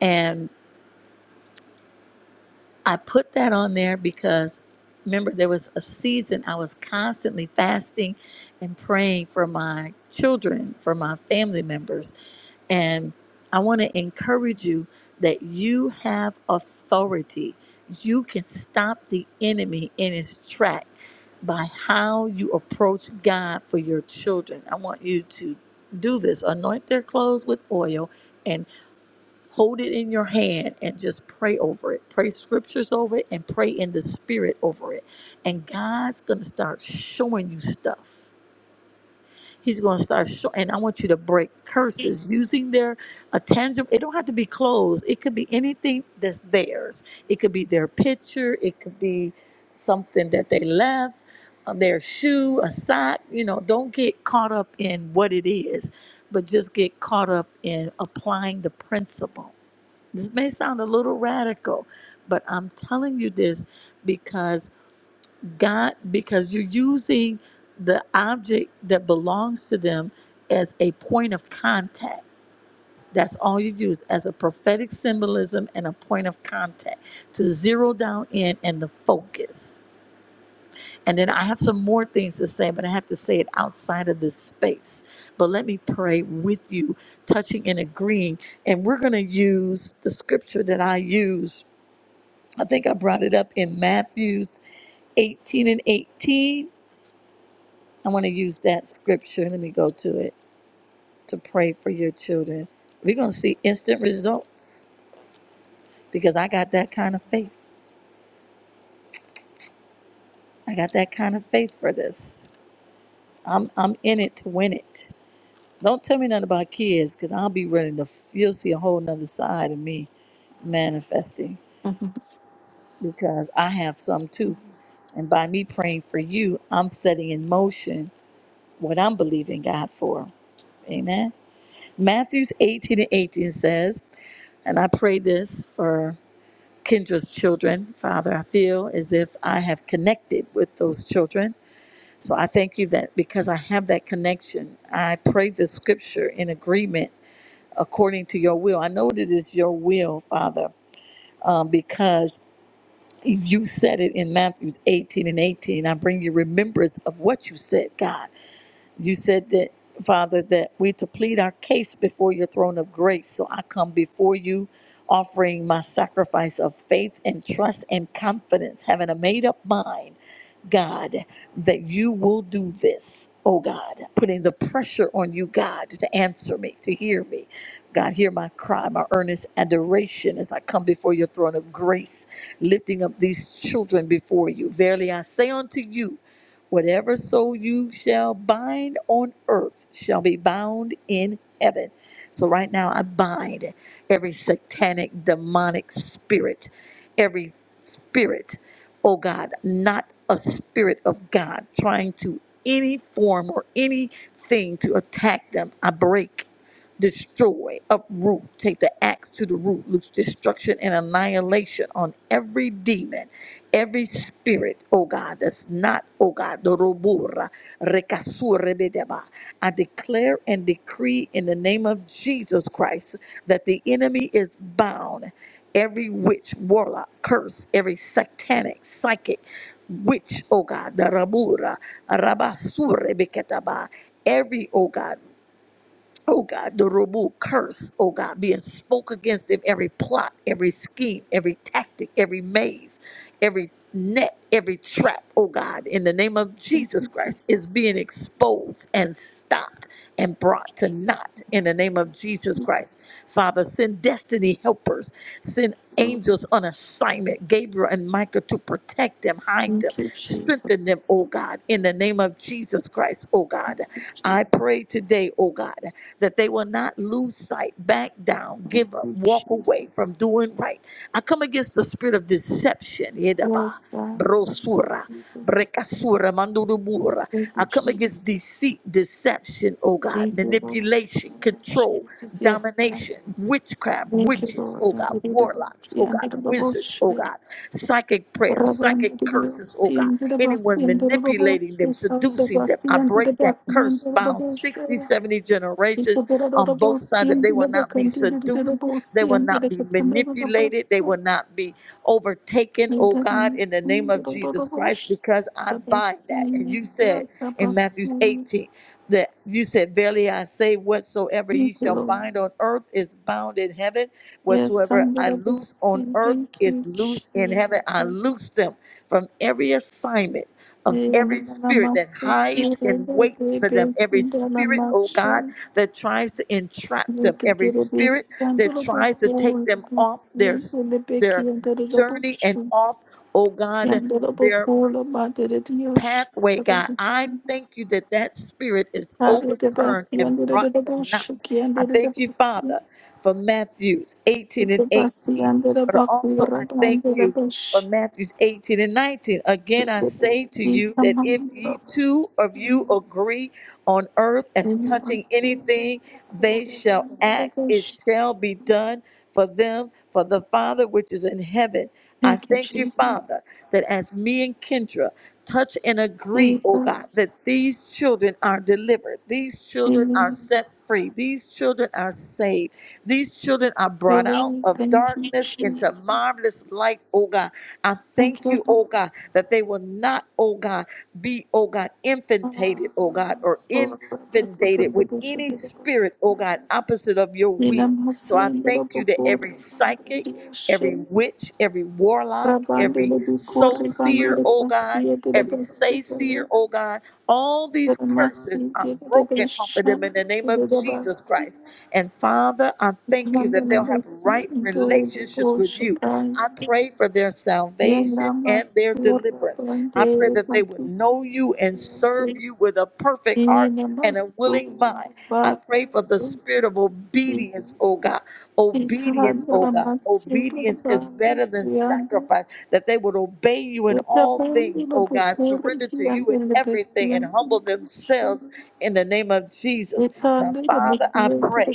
And I put that on there because remember there was a season I was constantly fasting and praying for my children, for my family members And I want to encourage you that you have authority. You can stop the enemy in his track by how you approach God for your children. I want you to do this anoint their clothes with oil and hold it in your hand and just pray over it. Pray scriptures over it and pray in the spirit over it. And God's going to start showing you stuff. He's going to start, show, and I want you to break curses using their a tangible. It don't have to be clothes. It could be anything that's theirs. It could be their picture. It could be something that they left, uh, their shoe, a sock. You know, don't get caught up in what it is, but just get caught up in applying the principle. This may sound a little radical, but I'm telling you this because God, because you're using the object that belongs to them as a point of contact. That's all you use as a prophetic symbolism and a point of contact to zero down in and the focus. And then I have some more things to say, but I have to say it outside of this space. But let me pray with you, touching and agreeing. And we're going to use the scripture that I use. I think I brought it up in Matthew's 18 and 18 I want to use that scripture. Let me go to it to pray for your children. We're going to see instant results because I got that kind of faith. I got that kind of faith for this. I'm I'm in it to win it. Don't tell me nothing about kids because I'll be willing to. You'll see a whole nother side of me manifesting Mhm. because I have some too. And by me praying for you, I'm setting in motion what I'm believing God for. Amen. Matthews 18 and 18 says, and I pray this for Kendra's children, Father. I feel as if I have connected with those children. So I thank you that because I have that connection, I pray the scripture in agreement according to your will. I know that it is your will, Father, um, because you said it in Matthew 18 and 18. I bring you remembrance of what you said, God. You said that, Father, that we to plead our case before your throne of grace. So I come before you offering my sacrifice of faith and trust and confidence, having a made up mind, God, that you will do this. Oh God, putting the pressure on you, God, to answer me, to hear me. God, hear my cry, my earnest adoration as I come before your throne of grace, lifting up these children before you. Verily I say unto you, Whatever so you shall bind on earth shall be bound in heaven. So right now I bind every satanic demonic spirit, every spirit, oh God, not a spirit of God trying to any form or anything to attack them. I break destroy, uproot, take the axe to the root, loose destruction and annihilation on every demon every spirit, oh God, that's not, oh God, the robura, rekasur, rebedeba. I declare and decree in the name of Jesus Christ that the enemy is bound. Every witch, warlock, curse, every satanic, psychic, witch, oh God, the rabura, rabasur, rebeketaba. Every, oh God, Oh God, the Rabu curse, oh God, being spoke against him, every plot, every scheme, every tactic, every maze. Every net, every trap, oh God, in the name of thank Jesus you Christ, is jesus being exposed and stopped and brought to naught in the name of Thank Jesus you, Christ. jesus Father, send destiny helpers, send Oh, angels on assignment, Gabriel and Michael, to protect them, hide them, thank you strengthen them, jesus oh God, in the name of Jesus Christ, oh God. Thank you, I pray jesus today, oh God, that they will not lose sight, back down, Thank give up, you, walk away from Jesus. doing right. I come against the spirit of deception. Yedaba, yes god brosura, jesus brekasura, mandurubura. thank I you come against jesus deceit, deception, oh God, Thank you, Lord. manipulation, Lord control, Jesus, yes, God. domination, witchcraft, Thank you, witches, Lord. oh And God, we did it, warlocks, see, oh and God, did it, Lord, wizards, oh see. God, psychic prayers, Rabban, psychic did you curses, oh see, God, and did it, Lord, anyone see, and did the Lord, manipulating them, see. God, did seducing it, them. see, I and did break the Lord, that see, and curse did it, bound Lord, see. 60, 70 If you generations did the on Lord, both see, sides that and they did will it, Lord, not be and did the seduced Lord, they see, will and did not it, be Lord, and did the Lord, manipulated. They see. will not be overtaken, And did oh it, God, Lord, in the see, name and did it, of Lord, Jesus Lord, Christ, see. because I Lord, bind that. And see, you said God, in Lord, Matthew see. 18 that you said, Verily I say, whatsoever ye Thank you, shall Lord. bind on earth is bound in heaven. Yes, Whatsoever I'm I gonna go loose on see. earth Thank is you, loose in heaven. I Jesus. loose them from every assignment of Thank every spirit that hides and waits for them, every spirit, oh God, that tries to entrap them, every spirit that tries to take them off their their journey and off, oh God, their pathway, God. I thank you that that spirit is overturned and brought to naught. I thank you, Father, for Matthews 18 and 18. But also, I thank you for Matthews 18 and 19. Again, I say to you that if ye two of you you. agree on earth as Thank touching anything they shall ask, it shall be done for them, for the Father which is in heaven. I you, thank you, Father, Jesus. that as me and Kendra Touch and agree, oh God, Jesus, that these children are delivered. These children are set Jesus. free. These children are saved. These children are brought out Really, of thank you, darkness into marvelous Jesus. light, oh God. I Thank thank you, you, oh God, that they will not, oh God, be, oh God, Lord. infantated, oh God, or Restore the breath of inundated the with bush of any the bus. spirit, oh God, opposite of your Nina will. So masi I ndelo thank you that every bokoro psychic, dioshe every witch, every warlock, rabande every le soul bikori bande seer, le oh God pasie de la every basu soothsayer, oh God. All these curses masi are de la broken off of besha them in the de name of Jesus Christ. And Father, I Yeah, thank you that they'll have right relationships with you. I pray for their salvation and their deliverance. I pray that they would know you and serve you with a perfect heart. And a willing mind. I pray for the spirit of obedience, oh God. Obedience, oh God. Obedience is better than sacrifice that they would obey you in all things, oh God, surrender to you in everything and humble themselves in the name of Jesus. Now, Father, I pray.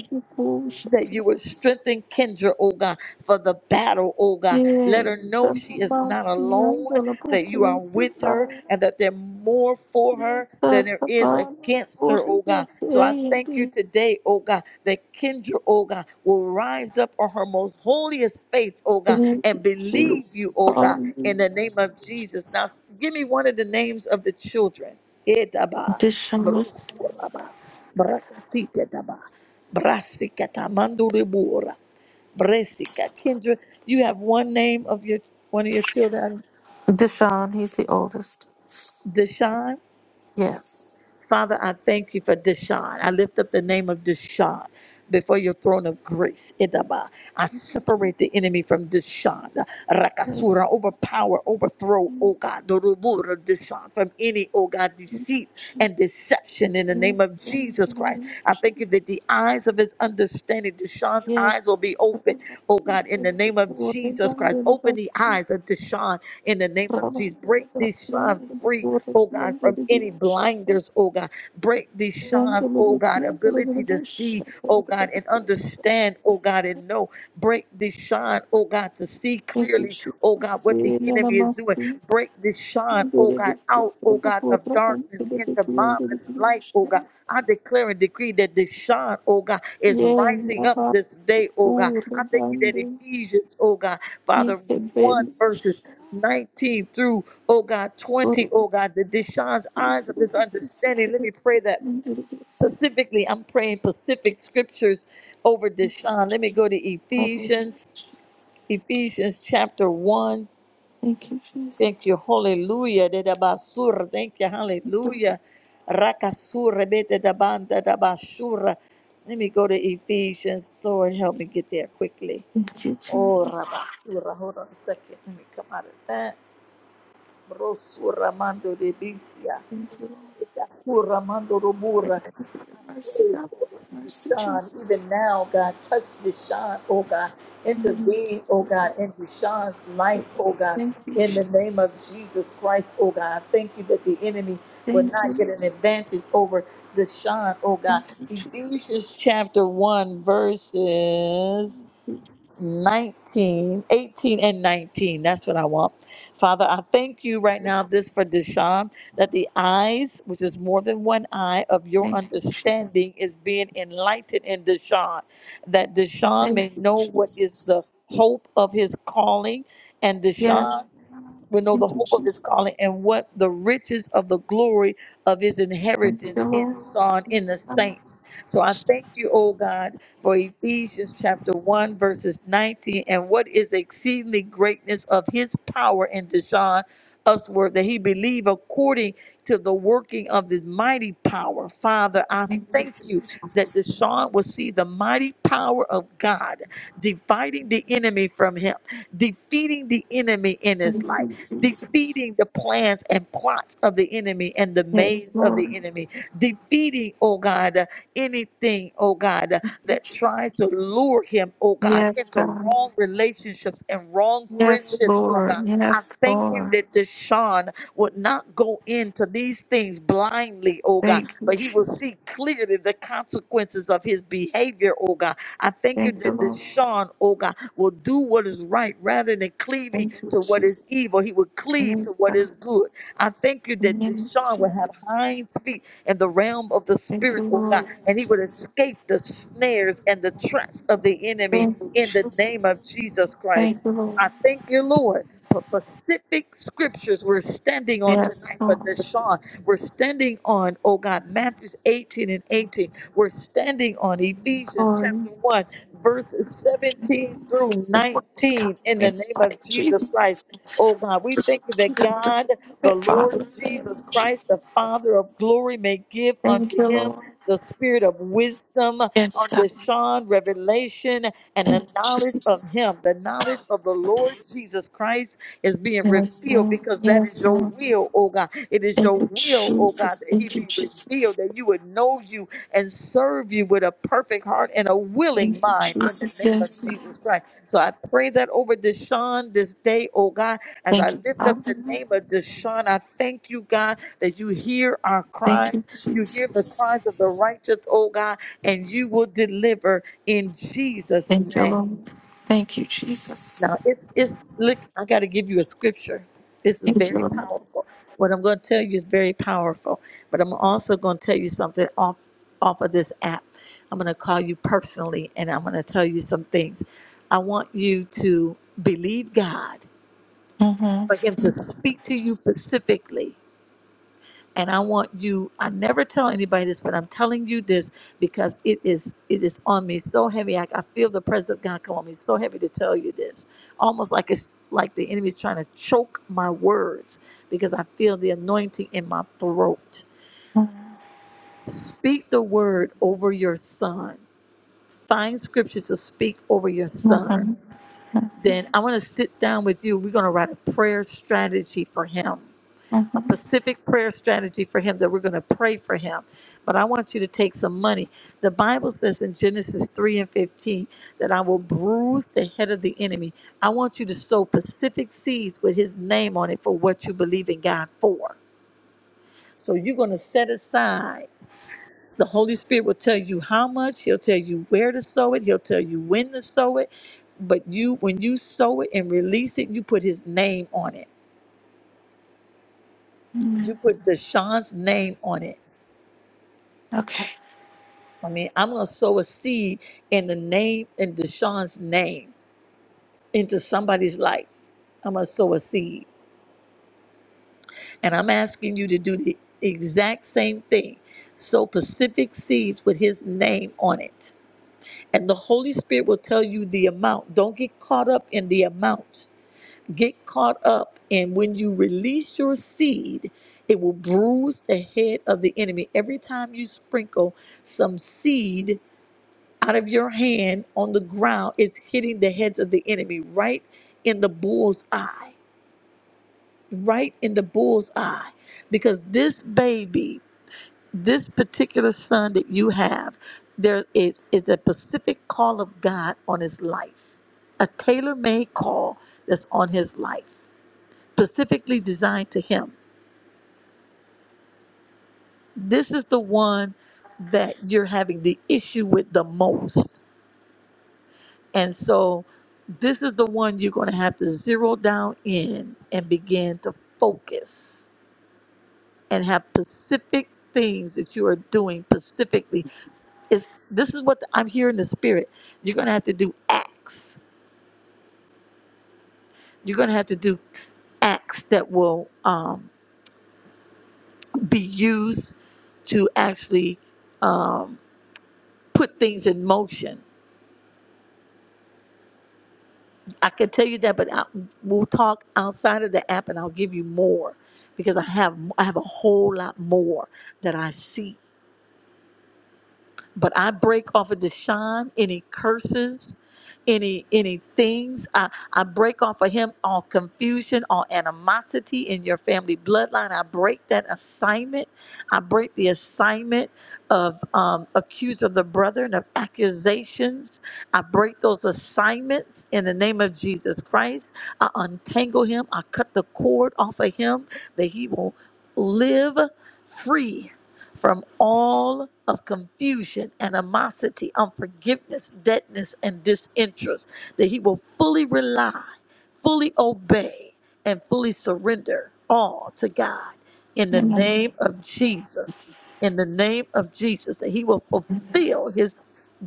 That you would strengthen Kendra, oh God, for the battle, oh God. Let her know she is not Tanamasi and alone, that you Alabaku are with her, Satire. and that there's more for her Deshaun. than there is against her, oh God. So I thank you today, oh God, that Kendra, oh God, will rise up on her most holiest faith, oh God, and believe you, oh God, in the name of Jesus. Now, give me one of the names of the children. Etaba, Brusuraba, Brakasitaba, Brasikata, Manduribura. Bressica, Kendra. You have one name of your one of your children, Deshaun, he's the oldest. Deshawn. Yes. Father, I thank you for Deshaun. I lift up the name of Deshaun before your throne of grace. Idaba. I Thank you, separate the Jesus. enemy from Deshaun. Thank Rakasura, you, overpower, overthrow, oh Jesus. God, the rumor of Deshaun from any, oh God, Thank you, deceit Jesus. and deception in the name Yes. of and Jesus in the Christ. I thank you that the eyes of his understanding, Deshaun's eyes will be open, oh God, in the name of Jesus Christ. Open the eyes of Deshaun in the name of Jesus. Break Deshaun free oh God, from any blinders, oh God. Break these Sean's, oh God, name ability of to see, oh God, and Jesus. understand, oh Yes. God, and know. Break this Sean, oh God, to see Thank you, clearly, Jesus. oh God, what the enemy is doing. Namasi. Break this Sean, oh God, out, oh God, of darkness into marvelous light, oh God. I declare and decree that this Sean, oh God, is Yeah, rising up Napa, this day, oh God. poor, I thank you that abandoned, Ephesians, oh God, hit Father a 1 bed, verses 19 through, oh God, or twenty, oh God, the Deshaun's eyes of his understanding. Let me pray that specifically. I'm praying Pacific scriptures over Thank you, Deshaun. Let me go to Father. Ephesians, Ephesians chapter 1. Thank you, Jesus. Thank you, hallelujah. De da basura. Thank you, hallelujah. Rakasura, bete da banda da basura. Let me go to Ephesians. Lord, help me get there quickly. Thank you, Oh, Jesus. rabasura. Hold on a second. Let me come out of that. Rosuramando de Bicia, Thank you, Lord. Suramando Thank Robura, you for your mercy, pray God. for Mercy, Deshaun, Jesus. even now, God, touch Deshaun, oh God, Amen. intervene, oh God, in Deshaun's life, oh God, Thank you, in the Jesus. name of Jesus Christ, oh God. I Thank you that the enemy will Thank you, not get an Lord. advantage over Deshaun, oh God. Thank you, Jesus. Ephesians chapter 1, verses 19, 18, and 19. That's what I want. Father, I thank you right now this for Deshaun, that the eyes, which is more than one eye of your Thank you, Jesus. understanding, is being enlightened in Deshaun, that Deshaun Thank may you, know what is the Jesus. hope of his calling, and Deshaun Yes. we know the Thank you, hope of his calling Jesus. and what the riches of the glory of his Thank you, inheritance in Lord. son in the Yes, Lord. saints. So I thank you, oh God, for Ephesians chapter 1, verses 19, and what is exceedingly greatness of his power in Deshaun usward that he believe according to the working of this mighty power. Father, I Thank you, thank you that Jesus. Deshaun will see the mighty power of God dividing the enemy from him, defeating the enemy in his Thank life you, Jesus. defeating the plans and plots of the enemy and the Yes, maze of the Lord. enemy, defeating, oh God, uh, anything, oh God, uh, Thank that you, tries to Jesus. lure him, oh God, Yes, into God. wrong relationships and wrong Yes, friendships, oh Lord. God. I Yes, thank you Lord. that Deshaun would not go into these things blindly, oh God, Thank you, but he will see Jesus. clearly the consequences of his behavior, oh God. I thank you Thank you, that Lord. Deshaun, oh God will do what is right rather than cleaving Thank you, to what is Jesus. evil. He will cleave Thank to what God. is good. I thank you In the that name of Deshaun will have Jesus. hind feet in the realm of the Thank you, spirit, oh God, Lord. and he would Jesus. escape the snares and the traps of the enemy Thank you, in the name of Jesus. Jesus Christ. Thank you, Lord. I thank you, Lord. For specific scriptures we're standing on Yes, tonight for Lord, Deshaun. We're standing on, oh God, Matthew 18 and 18. We're standing on Ephesians chapter glory. 1 verses 17 through The words come 19 to in me. the It's name of like, Jesus Christ. Jesus, Oh God, we just thank you you that got the God, the it, Lord Father, in the name Jesus of Christ, the Jesus. Father of glory, may give Thank unto you, him Lord. the spirit of wisdom, Yes, unto God. Sean revelation, and Thank the you, knowledge of Jesus. him. The knowledge of the Lord Jesus Christ is being Yes, revealed Lord. because that is Yes, your Lord. will, oh God. It is Thank your you, will, oh God, Jesus. that he Thank you, be revealed, Jesus. that you would know you and serve you with a perfect heart and a willing Thank you, mind in the Jesus. name of Yes, Lord. Jesus Christ. So I pray that over Deshaun this day, oh God, as I Thank you, lift up Father. the name of Deshaun, I thank you, God, that you hear our Thank you, cries. You hear the cries of the Jesus. righteous, oh God, and you will deliver in Jesus' Thank you, name. Lord. Thank you, Jesus. Now it's it's look, I gotta give you a scripture. This is Thank you, very Lord. powerful. What I'm gonna tell you is very powerful, but I'm also gonna tell you something off off of this app. I'm gonna call you personally and I'm gonna tell you some things. I want you to believe God Mm-hmm. for him to speak to you specifically and I want you I never tell anybody this but I'm telling you this because it is it is on me so heavy I, I feel the presence of God come on me so heavy to tell you this almost like it's like the enemy's trying to choke my words because I feel the anointing in my throat Mm-hmm. speak the word over your son find scriptures to speak over your son Mm-hmm. then I want to sit down with you we're going to write a prayer strategy for him a Mhm. specific prayer strategy for him that we're going to pray for him. But I want you to take some money. The Bible says in Genesis 3 and 15 that I will bruise the head of the enemy. I want you to sow Pacific seeds with his name on it for what you believe in God for. So you're going to set aside. The Holy Spirit will tell you how much, he'll tell you where to sow it, he'll tell you when to sow it. But you, when you sow it and release it, you put his name on it. You Amen. put Deshaun's name on it Okay. I mean, I'm gonna sow a seed in the name in Deshaun's name into somebody's life. I'm gonna sow a seed, and I'm asking you to do the exact same thing. Sow Pacific seeds with his name on it, and the Holy Spirit will tell you the amount. Don't get caught up in the amount. Get caught up in when you release your seed. It will bruise the head of the enemy every time you sprinkle some seed out of your hand on the ground is hitting the heads of the enemy right in the bull's eye, right in the bull's eye. Because this baby, this particular son that you have, there is, is a specific call of God on his life, a tailor made call that's on his life, specifically designed to him. This is the one that you're having the issue with the most And so this is the one you're going to have to zero down in and begin to focus and have specific things that you are doing specifically is this is what I'm hearing in the spirit. You're gonna have to do acts. You're gonna have to do acts that will um, be used to actually um, put things in motion I can tell you that, but I, we'll talk outside of the app, and I'll give you more because I have I have a whole lot more that I see but I break off of Deshaun any curses, any any things. I, I break off of him all confusion, all animosity in your family bloodline. I break that assignment. I break the assignment of um, accused of the brethren of accusations. I break those assignments in the name of Jesus Christ. I untangle him. I cut the cord off of him that he will live free from all of confusion, animosity, unforgiveness, deadness, and disinterest, that he will fully rely, fully obey, and fully surrender all to God in the Amen. name of Jesus. In the name of Jesus, that he will fulfill his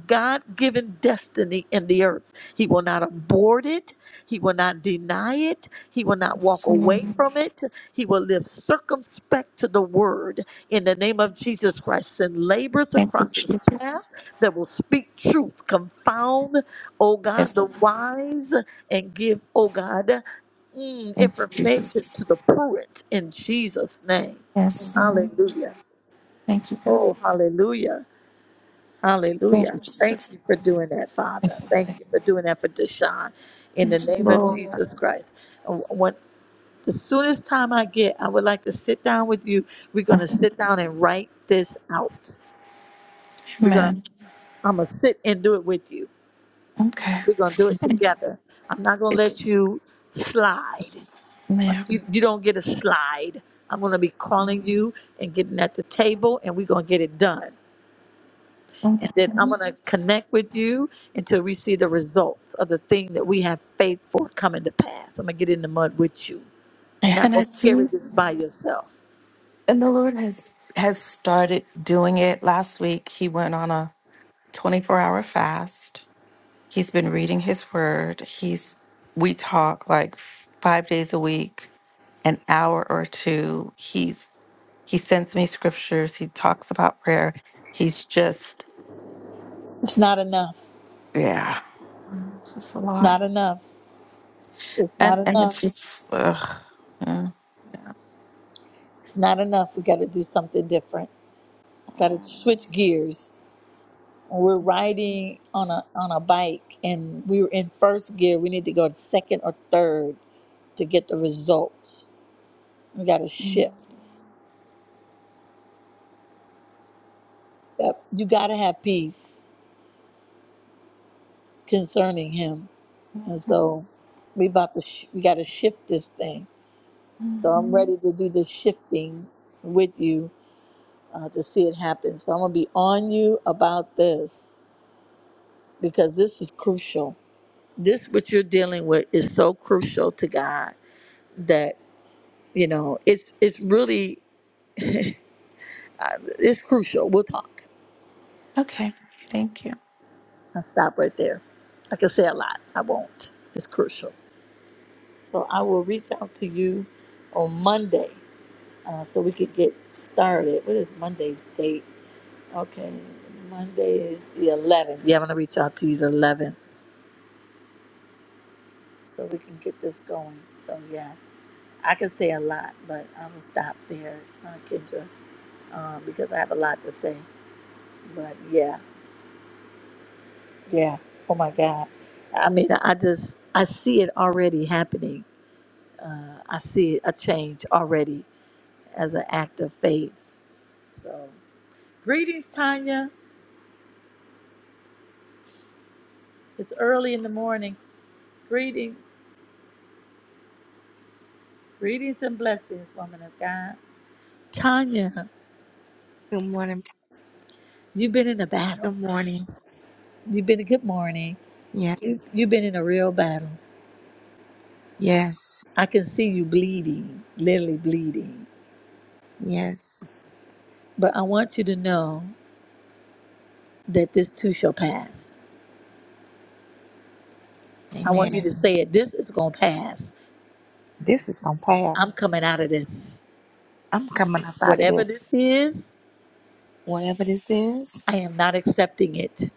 God given destiny in the earth. He will not abort it. He will not deny it. He will not Yes, walk away Lord. from it. He will live circumspect to the word in the name of Jesus Christ. Send laborers Thank you, across his path Jesus. that will speak truth, confound, oh God, Yes. the wise, and give, oh God, mm, Thank you, information Jesus. to the prudent in Jesus' name. Yes, Lord. Hallelujah. Thank you, God. Oh, hallelujah. Thank Hallelujah. you, Thank Jesus. you for doing that, Father. Thank you for doing that for Deshaun. In the Yes, name of Lord. Jesus Christ. Uh, When, the soonest time I get, I would like to sit down with you. We're going to sit down and write this out. We're gonna Amen. I'm gonna sit and do it with you. Okay. We're gonna do it together. I'm not gonna let It's you slide. Like there. you, you don't get a slide. I'm gonna be calling Mhm. you and getting at the table and we're gonna get it done. And then I'm gonna connect with you until we see the results of the thing that we have faith for coming to pass. I'm gonna get in the mud with you. You're not And I gonna carry see, this by yourself. and the Lord has has started doing it. Last week, He went on a 24 hour fast. He's been reading His Word. He's we talk like five days a week an hour or two. He's he sends me scriptures. He talks about prayer. He's just It's not enough. yeah, it's just a It's lot, not enough. It's not and and enough. it's just ugh. yeah. It's not enough. We gotta do something different. got to switch gears. We're riding on a on a bike, and we were in first gear. We need to go to second or third to get the results. We got to Mhm. shift. Yep, You got to have peace concerning Him, and so we about to sh- we got to shift this thing. So I'm Mhm. ready to do this shifting with you uh, to see it happen. So I'm gonna be on you about this because this is crucial. This what you're dealing with is so crucial to God that. You know, it's it's really uh, it's crucial. We'll talk. Okay, thank you. I'll stop right there. I can say a lot. I won't. It's crucial. So I will reach out to you on Monday uh, so we could get started. What is Monday's date? Okay, Monday is the 11th. Yeah, I'm gonna reach out to you the 11th so we can get this going. So yes, I can say a lot, but I will stop there, uh, Kendra, uh, because I have a lot to say. But yeah. Yeah. Oh my God. I mean, I just I see it already happening. Uh, I see a change already as an act of faith. So, greetings, Tanya. It's early in the morning. Greetings, greetings and blessings, woman of God. Tanya, Good morning. you've been in a battle. Good morning. You've been a good morning. Yeah. You, you've been in a real battle. Yes. I can see you bleeding, literally bleeding. Yes. But I want you to know that this too shall pass I want you to Amen. say it. This is going to pass. This is gonna I'm pass. coming out of this. I'm coming up out of Whatever this. this is, Whatever this is, I am not accepting it.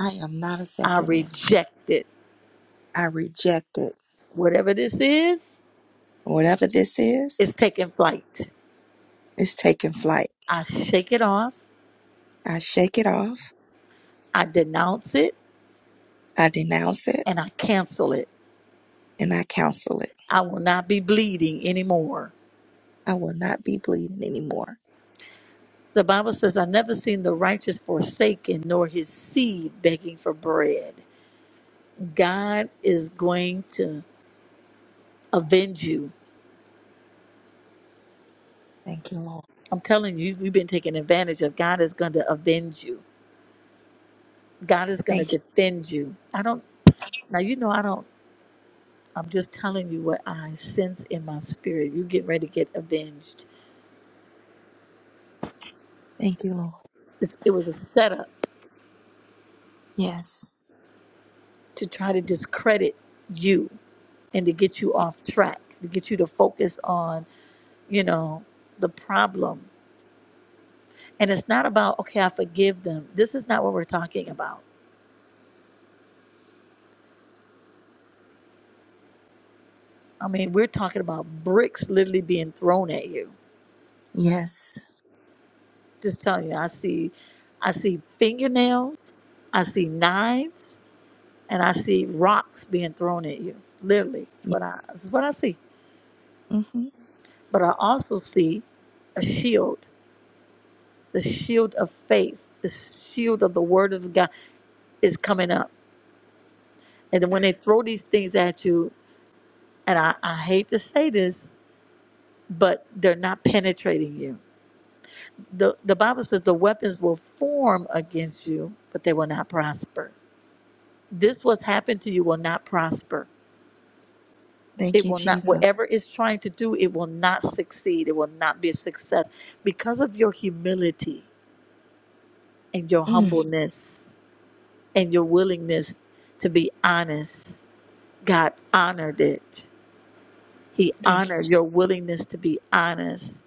I am not I accepting it. reject it. I reject it. Whatever this is, Whatever this is, it's taking flight. it's taking flight. I shake it off. I shake it off. I denounce it I denounce it and I cancel it. and I counsel it. I will not be bleeding anymore. I will not be bleeding anymore. The Bible says, I've never seen the righteous forsaken, nor his seed begging for bread. God is going to avenge you. Thank you, Lord. I'm telling you, you've been taken advantage of. God is going to avenge you. God is going to Thank you. defend you. I don't, now you know, I don't, I'm just telling you what I sense in my spirit. You get ready to get avenged. Thank you, Lord. It's, it was a setup Yes. to try to discredit you and to get you off track, to get you to focus on, you know, the problem. And it's not about, okay, I forgive them. This is not what we're talking about. I mean, we're talking about bricks literally being thrown at you Yes. Just telling you, I see, I see fingernails, I see knives, and I see rocks being thrown at you. Literally, that's Yeah, what I, that's what I see. Mm-hmm. But I also see a shield, the shield of faith, the shield of the Word of God is coming up. And then when they throw these things at you, and I, I hate to say this, but they're not penetrating you. The, the Bible says the weapons will form against you, but they will not prosper this what's happened to you will not prosper. Thank It you, will not, Jesus. whatever it's trying to do, it will not succeed. It will not be a success because of your humility and your Mm. humbleness and your willingness to be honest. God honored it. He Thank you. honored your willingness to be honest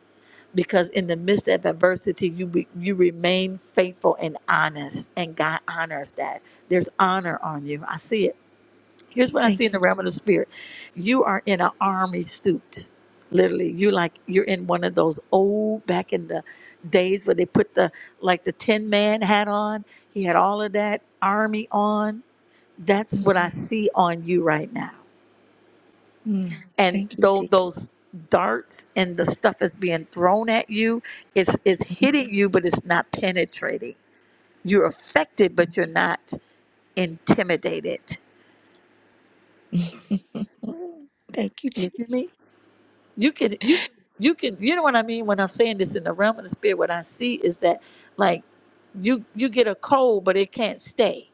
because in the midst of adversity, you be, you remain faithful and honest, and God honors that. There's honor on you. I see it. Here's what I see Thank in you. the realm of the spirit. You are in an army suit. Literally, you like you're in one of those old back in the days where they put the like the tin man hat on. He had all of that army on. That's what I see on you right now. Mm, And thank you, though Jesus. those darts and the stuff is being thrown at you, it's it's hitting you, but it's not penetrating. You're affected, but you're not intimidated. *laughs* thank you, Jesus. you could you you could you know what I mean when I'm saying this in the realm of the spirit. What I see is that like you you get a cold, but it can't stay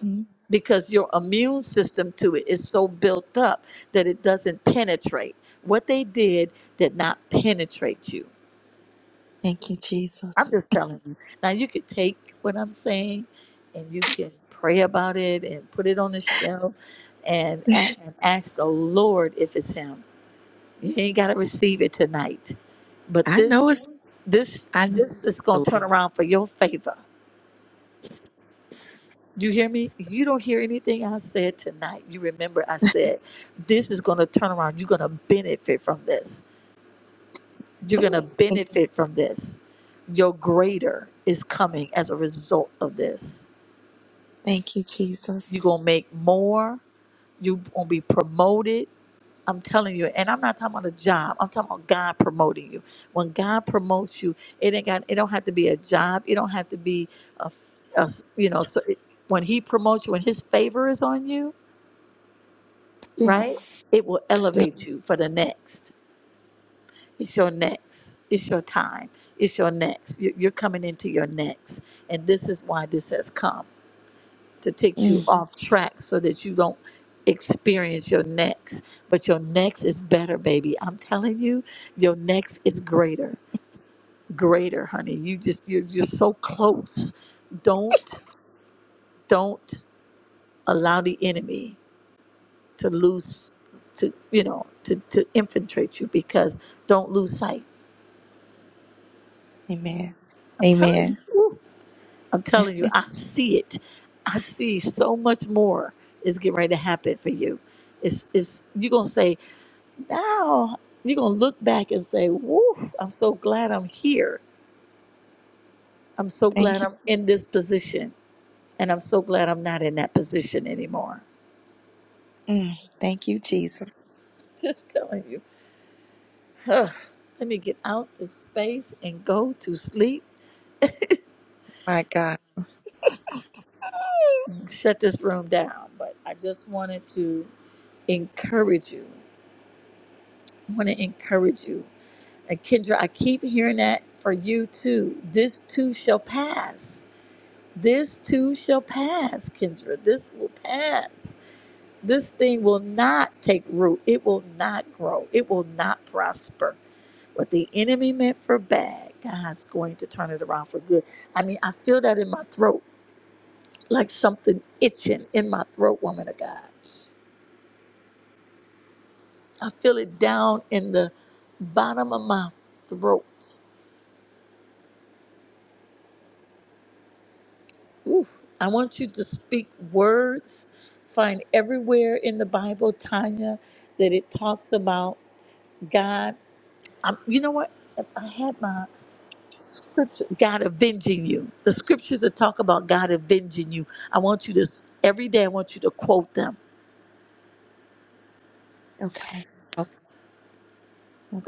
hmm because your immune system to it is so built up that it doesn't penetrate. What they did did not penetrate you. Thank you, I'm Jesus. just telling you. Now you could take what I'm saying, and you can pray about it and put it on the shelf, and, a- and ask the Lord if it's Him You ain't got to receive it tonight. But I this, know it's. this, I know this is the going to turn around for your favor. You hear me? You don't hear anything I said tonight. You remember I said, this is going to turn around. You're going to benefit from this. You're going Lord. to Thank, benefit from this. Your greater is coming as a result of this. thank you, You're Jesus. going to make more. You're going to be promoted I'm telling you, and I'm not talking about a job. I'm talking about God promoting you. When God promotes you, it ain't got. It don't have to be a job. It don't have to be a, a you know. So it, when He promotes you, when His favor is on you, right? Yes. It will Yeah. elevate you for the next. It's your next. It's your time. It's your next. You- You're coming into your next, and this is why this has come. to take you Mm, off track so that you don't experience your next. But your next is better, baby. I'm telling you, your next is greater. Greater, honey. You just you're you're so close. Don't don't allow the enemy to lose to you know to, to infiltrate you because don't lose sight. amen. I'm telling Amen. you. woo, I'm telling you, I see it. I see so much more is getting ready to happen for you. It's it's you're gonna say, Now you're going to look back and say, Woo, I'm so glad I'm here. I'm so glad Thank you. I'm in this position. And I'm so glad I'm not in that position anymore. Mm, thank you, Jesus. Just telling you. Ugh. Let me get out this space and go to sleep My God. and shut this room down. But I just wanted to encourage you. I want to encourage you. And Kendra, I keep hearing that for you too. This too shall pass. This too shall pass, Kendra. This will pass. this thing will not take root. It will not grow. It will not prosper. What the enemy meant for bad, God's going to turn it around for good. I mean, I feel that in my throat, like something itching in my throat, woman of God. I feel it down in the bottom of my throat. Oof. I want you to speak words. Find everywhere in the Bible, Tanya, that it talks about God. i you know what? If I had my scripture, God avenging you. The scriptures that talk about God avenging you. I want you to, every day, I want you to quote them. Okay.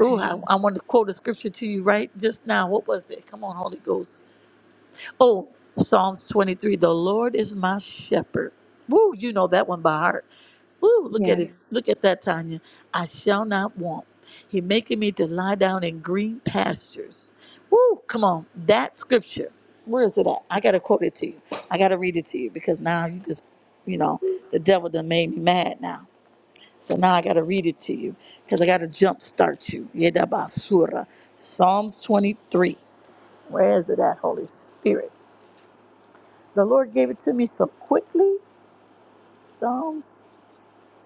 Oh, I, I want to quote a scripture to you right just now. What was it? Come on, Holy Ghost. Oh, Psalms 23 The Lord is my shepherd. Woo, you know that one by heart. Woo, look at Yes. it. Look at that, Tanya. I shall not want. He making me to lie down in green pastures. Woo, come on. That scripture. Where is it at? I gotta quote it to you. I gotta read it to you because now you just, you know, the devil done made me mad now. So now I gotta read it to you because I gotta jump start you. Yedabasura. Psalms 23. Where is it at, Holy Spirit? The Lord gave it to me so quickly. Psalms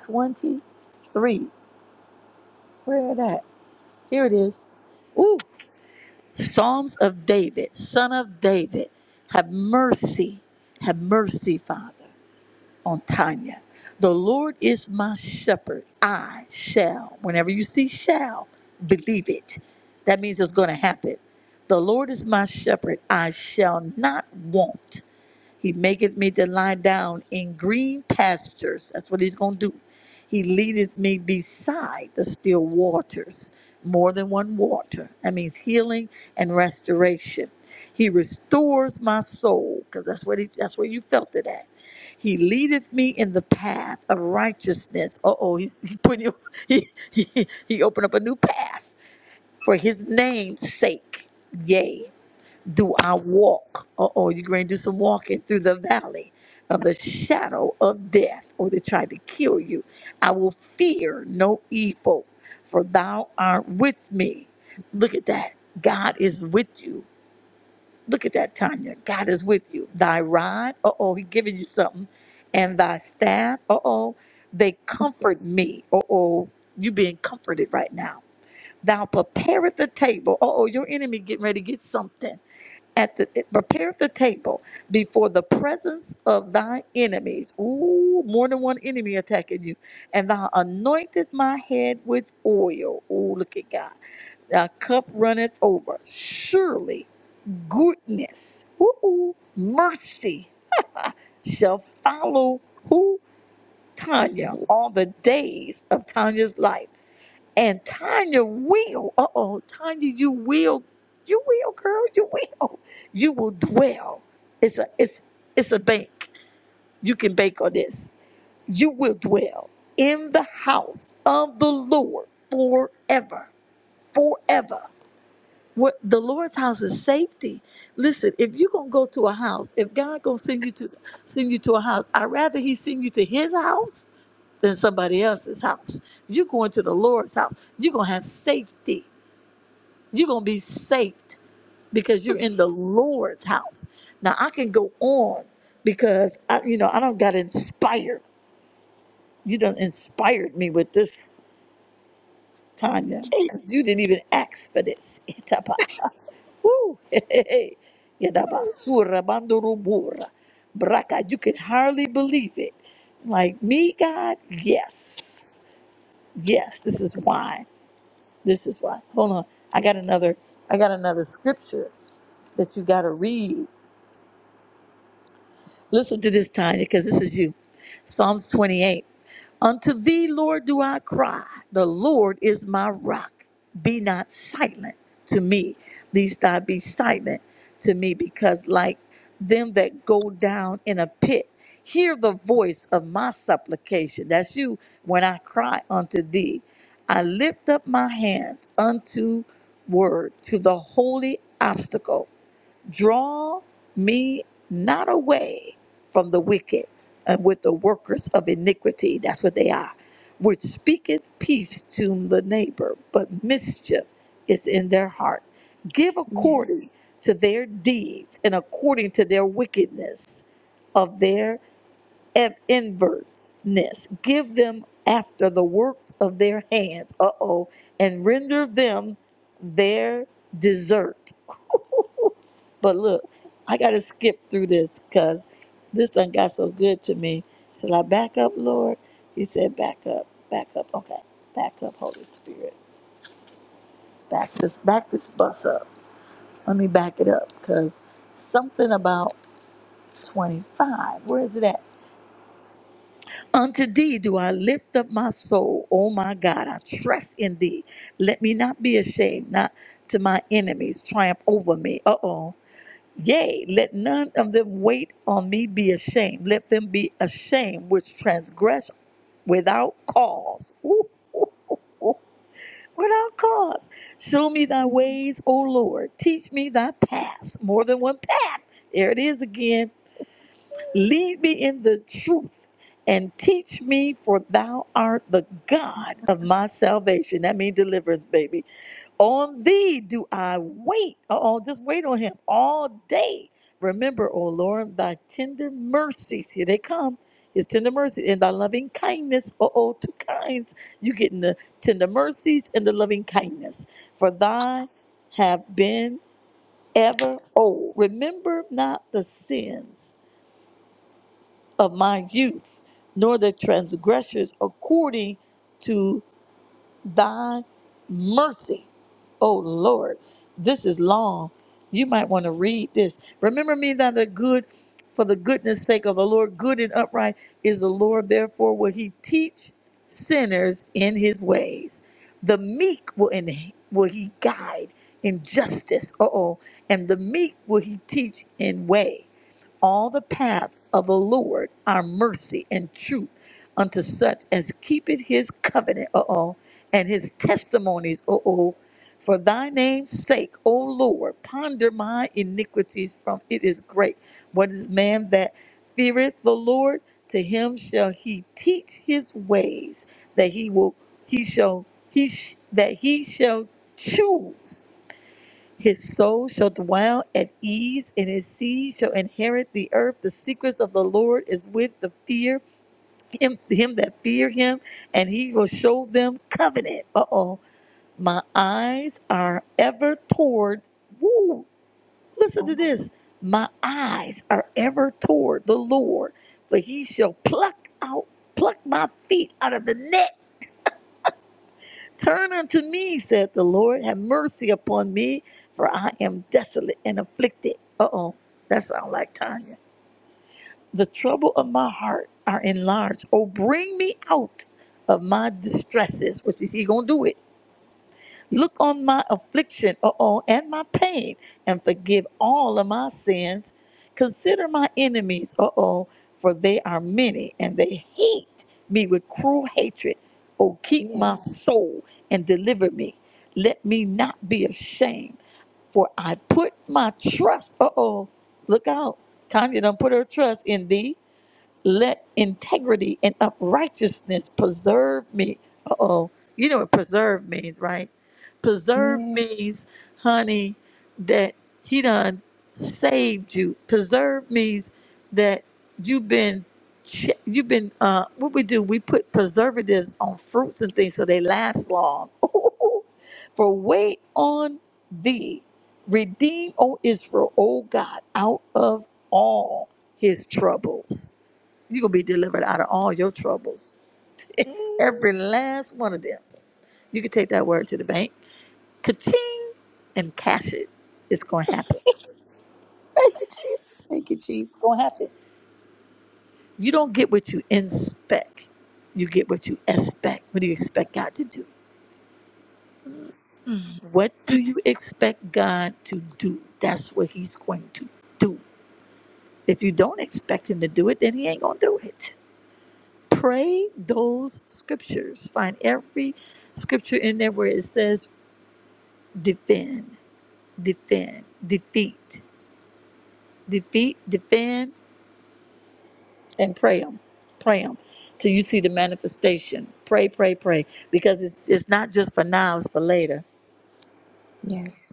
23. Where it at? Here it is. Ooh, Psalms of David, son of David, have mercy, have mercy, Father, on Tanya. The Lord is my shepherd. I shall, whenever you see shall, believe it. That means it's going to happen. The Lord is my shepherd. I shall not want. He maketh me to lie down in green pastures. That's what he's going to do. He leadeth me beside the still waters, more than one water. That means healing and restoration. He restores my soul, because that's what he, that's where you felt it at. He leadeth me in the path of righteousness. Uh oh, he's he putting you, *laughs* he, he, he opened up a new path for his name's sake. Yay do I walk? Uh oh, you're going to do some walking through the valley of the shadow of death, or they try to kill you. I will fear no evil, for thou art with me. Look at that. God is with you. Look at that, Tanya. God is with you. Thy rod, uh oh, he's giving you something. And thy staff, uh oh, they comfort me. Uh oh, you being comforted right now. Thou prepareth the table. Uh oh, your enemy getting ready to get something at the prepare the table before the presence of thy enemies. Ooh, more than one enemy attacking you. And thou anointed my head with oil. Ooh, look at God. Thy cup runneth over. Surely goodness, ooh, ooh, mercy shall follow who Tanya all the days of Tanya's life and Tanya will, uh oh, Tanya, you will, you will, girl, you will, you will dwell. It's a, it's, it's a bank. You can bank on this. You will dwell in the house of the Lord forever, forever. What the Lord's house is safety. Listen, if you're gonna go to a house, if God gonna send you to send you to a house, I'd rather He send you to His house than somebody else's house. You're going to the Lord's house. You're gonna have safety you're going to be saved because you're in the Lord's house. Now, I can go on because, I, you know, I don't got inspired. You done inspired me with this, Tanya. 'cause You didn't even ask for this. *laughs* Itaba. Woo. *laughs* Yadaba. Surra bandurubura. Braka. You can hardly believe it. Like me, God? Yes. Yes. This is why. This is why. Hold on. I got another I got another scripture that you gotta read. Listen to this, Tanya, because this is you. Psalms 28. Unto thee, Lord, do I cry. The Lord is my rock. Be not silent to me, least I be silent to me, because like them that go down in a pit, hear the voice of my supplication. That's you when I cry unto thee. I lift up my hands unto word, to the holy obstacle draw me not away from the wicked and with the workers of iniquity that's what they are which speaketh peace to the neighbor but mischief is in their heart give Yes. according to their deeds and according to their wickedness of their ev- invertness give them after the works of their hands uh-oh and render them their desert but look, I got to skip through this because this done got so good to me. Shall I back up, Lord? He said, back up, back up. Okay, back up, Holy Spirit. Back this, back this bus up. Let me back it up because something about 25. Where is it at? Unto thee do I lift up my soul. O my God, I trust in thee. Let me not be ashamed, not to my enemies triumph over me. Uh oh. Yea, let none of them wait on me be ashamed. Let them be ashamed which transgress without cause. *laughs* Ooh, ooh, ooh, ooh. Without cause. Show me thy Mm. ways, O Lord. Teach me thy paths. More than one path. There it is again. Lead me in the truth and teach me, for thou art the God of my salvation. That means deliverance, baby. On thee do I wait. Oh, just wait on him all day. Remember, O Lord, thy tender mercies. Here they come. His tender mercies and thy loving kindness. Oh, oh, two kinds. You getting the tender mercies and the loving kindness. For thy have been ever old. Remember not the sins of my youth, nor the transgressors according to thy mercy. Oh Lord, this is long. You might want to read this. Remember me that the good, for the goodness sake of the Lord, good and upright is the Lord. Therefore, will he teach sinners in his ways? The meek will, in, will he guide in justice. Uh oh. And the meek will he teach in way all the path of the Lord are mercy and truth unto such as keepeth his covenant, uh-oh, and his testimonies, uh-oh. For thy name's sake, O Lord, ponder my iniquities from it is great. What is man that feareth the Lord? To him shall he teach his ways, that he will he shall he sh- that he shall choose his soul shall dwell at ease, and his seed shall inherit the earth. The secrets of the Lord is with the fear him, him that fear him, and he will show them covenant. Uh oh, my eyes are ever toward. Woo! Listen to Oh, this. My eyes are ever toward the Lord, for he shall pluck out, pluck my feet out of the net. Turn unto me, said the Lord. Have mercy upon me, for I am desolate and afflicted. Uh oh, that sounds like Tanya. The trouble of my heart are enlarged. Oh, bring me out of my distresses, which is he gonna do it Look on my affliction, uh-oh, and my pain, and forgive all of my sins. Consider my enemies, uh-oh, for they are many, and they hate me with cruel hatred. Oh, keep yes. my soul and deliver me. Let me not be ashamed, for I put my trust, uh-oh, look out. Tanya done put her trust in thee. Let integrity and uprightness preserve me. Uh oh. You know what preserve means, right? Preserve Yeah. means, honey, that he done saved you. Preserve means that you've been ch- you've been uh what we do we put preservatives on fruits and things so they last long *laughs* for wait on thee redeem o israel o god out of all his troubles you're going to be delivered out of all your troubles, Thank every last one of them. You can take that word to the bank, ka-ching, and cash it. It's going to happen. you, Jesus. Thank you, Jesus. It's going to happen. You don't get what you inspect. You get what you expect. What do you expect God to do? Mm. What do you expect God to do? That's what he's going to do. If you don't expect him to do it, then he ain't going to do it. Pray those scriptures. Find every scripture in there where it says defend. defend, defeat, defeat, defend, and pray them, pray them, till you see the manifestation. Pray, pray, pray, because it's it's not just for now; it's for later. Yes.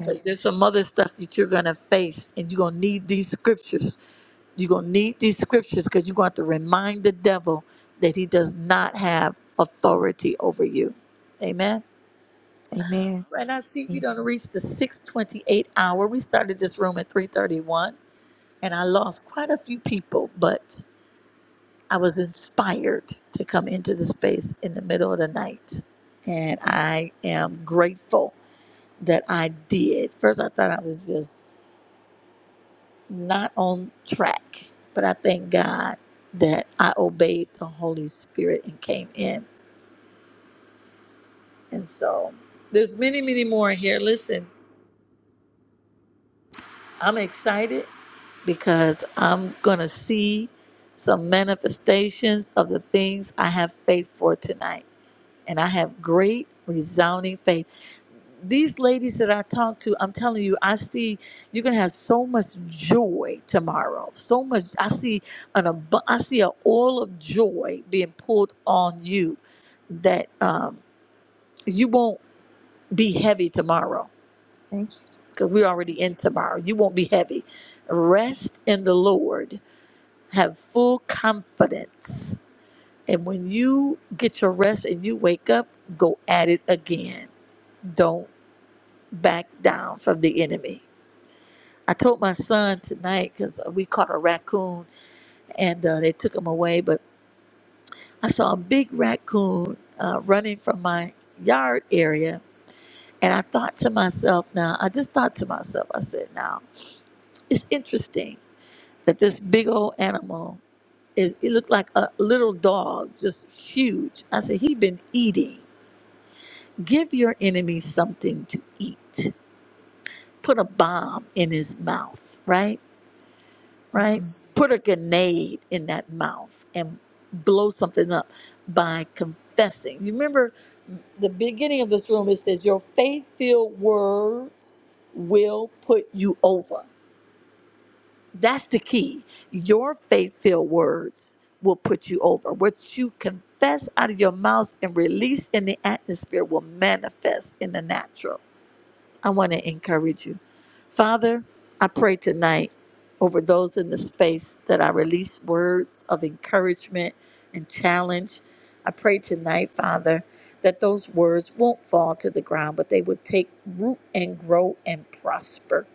Because there's some other stuff that you're gonna face, and you're gonna need these scriptures. You're gonna need these scriptures because you're gonna have to remind the devil that he does not have authority over you. Amen. Amen. Right now, see, we Amen. done reached the 628 hour. We started this room at 331. and I lost quite a few people, but I was inspired to come into the space in the middle of the night. And I am grateful that I did. First, I thought I was just not on track, but I thank God that I obeyed the Holy Spirit and came in. And so there's many, many more here. Listen, I'm excited because I'm going to see some manifestations of the things I have faith for tonight. and I have great resounding faith. These ladies that I talk to, I'm telling you, I see you're gonna have so much joy tomorrow. So much. I see an abu- I see an oil of joy being poured on you that um, you won't be heavy tomorrow Thank because we're already in tomorrow. You won't be heavy. Rest in the Lord. Have full confidence. And when you get your rest and you wake up, go at it again. Don't. back down from the enemy. I told my son tonight because we caught a raccoon and uh, they took him away, but I saw a big raccoon uh, running from my yard area. And I thought to myself, now, I just thought to myself, I said, now, it's interesting that this big old animal is, it looked like a little dog, just huge. I said, he been eating. Give your enemy something to eat, put a bomb in his mouth, right? you. Mm-hmm. right? Put a grenade in that mouth and blow something up by confessing. You remember the beginning of this room, it says, Your faith filled words will put you over. That's the key. Your faith filled words will put you over. What you confess out of your mouth and release in the atmosphere will manifest in the natural. I want to encourage you. Father, I pray tonight over those in the space that I release words of encouragement and challenge. I pray tonight, Father, that those words won't fall to the ground, but they would take root and grow and prosper.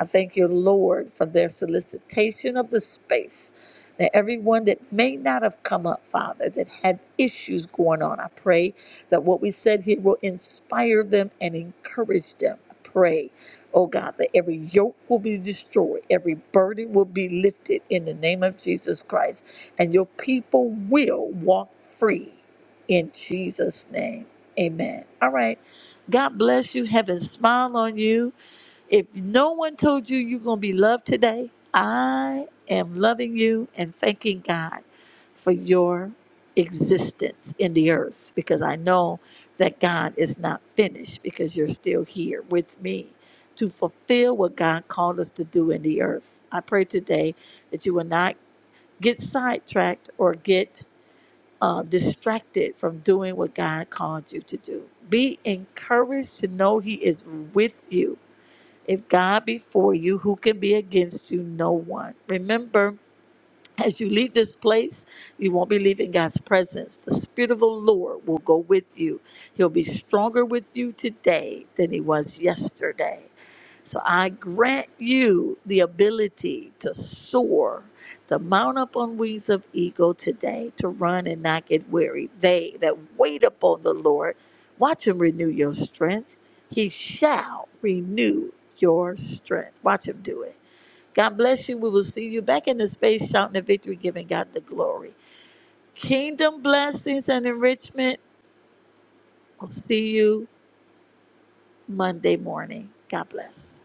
I thank you, Lord, for their solicitation of the space. That everyone that may not have come up, Father, that had issues going on, I pray that what we said here will inspire them and encourage them. Pray, oh God, that every yoke will be destroyed, every burden will be lifted in the name of Jesus Christ, and your people will walk free in Jesus' name. Amen. All right. God bless you. Heaven smile on you. If no one told you you're going to be loved today, I am loving you and thanking God for your existence in the earth because I know that God is not finished because you're still here with me to fulfill what God called us to do in the earth. I pray today that you will not get sidetracked or get uh, distracted from doing what God called you to do. Be encouraged to know He is with you if God be for you, who can be against you? No one. Remember, as you leave this place, you won't be leaving God's presence. The Spirit of the Lord will go with you. He'll be stronger with you today than he was yesterday. So I grant you the ability to soar, to mount up on wings of eagle today, to run and not get weary. They that wait upon the Lord, watch him renew your strength. He shall renew your strength. Watch him do it. God bless you. We will see you back in the space shouting the victory, giving God the glory. Kingdom blessings and enrichment. I'll see you Monday morning. God bless.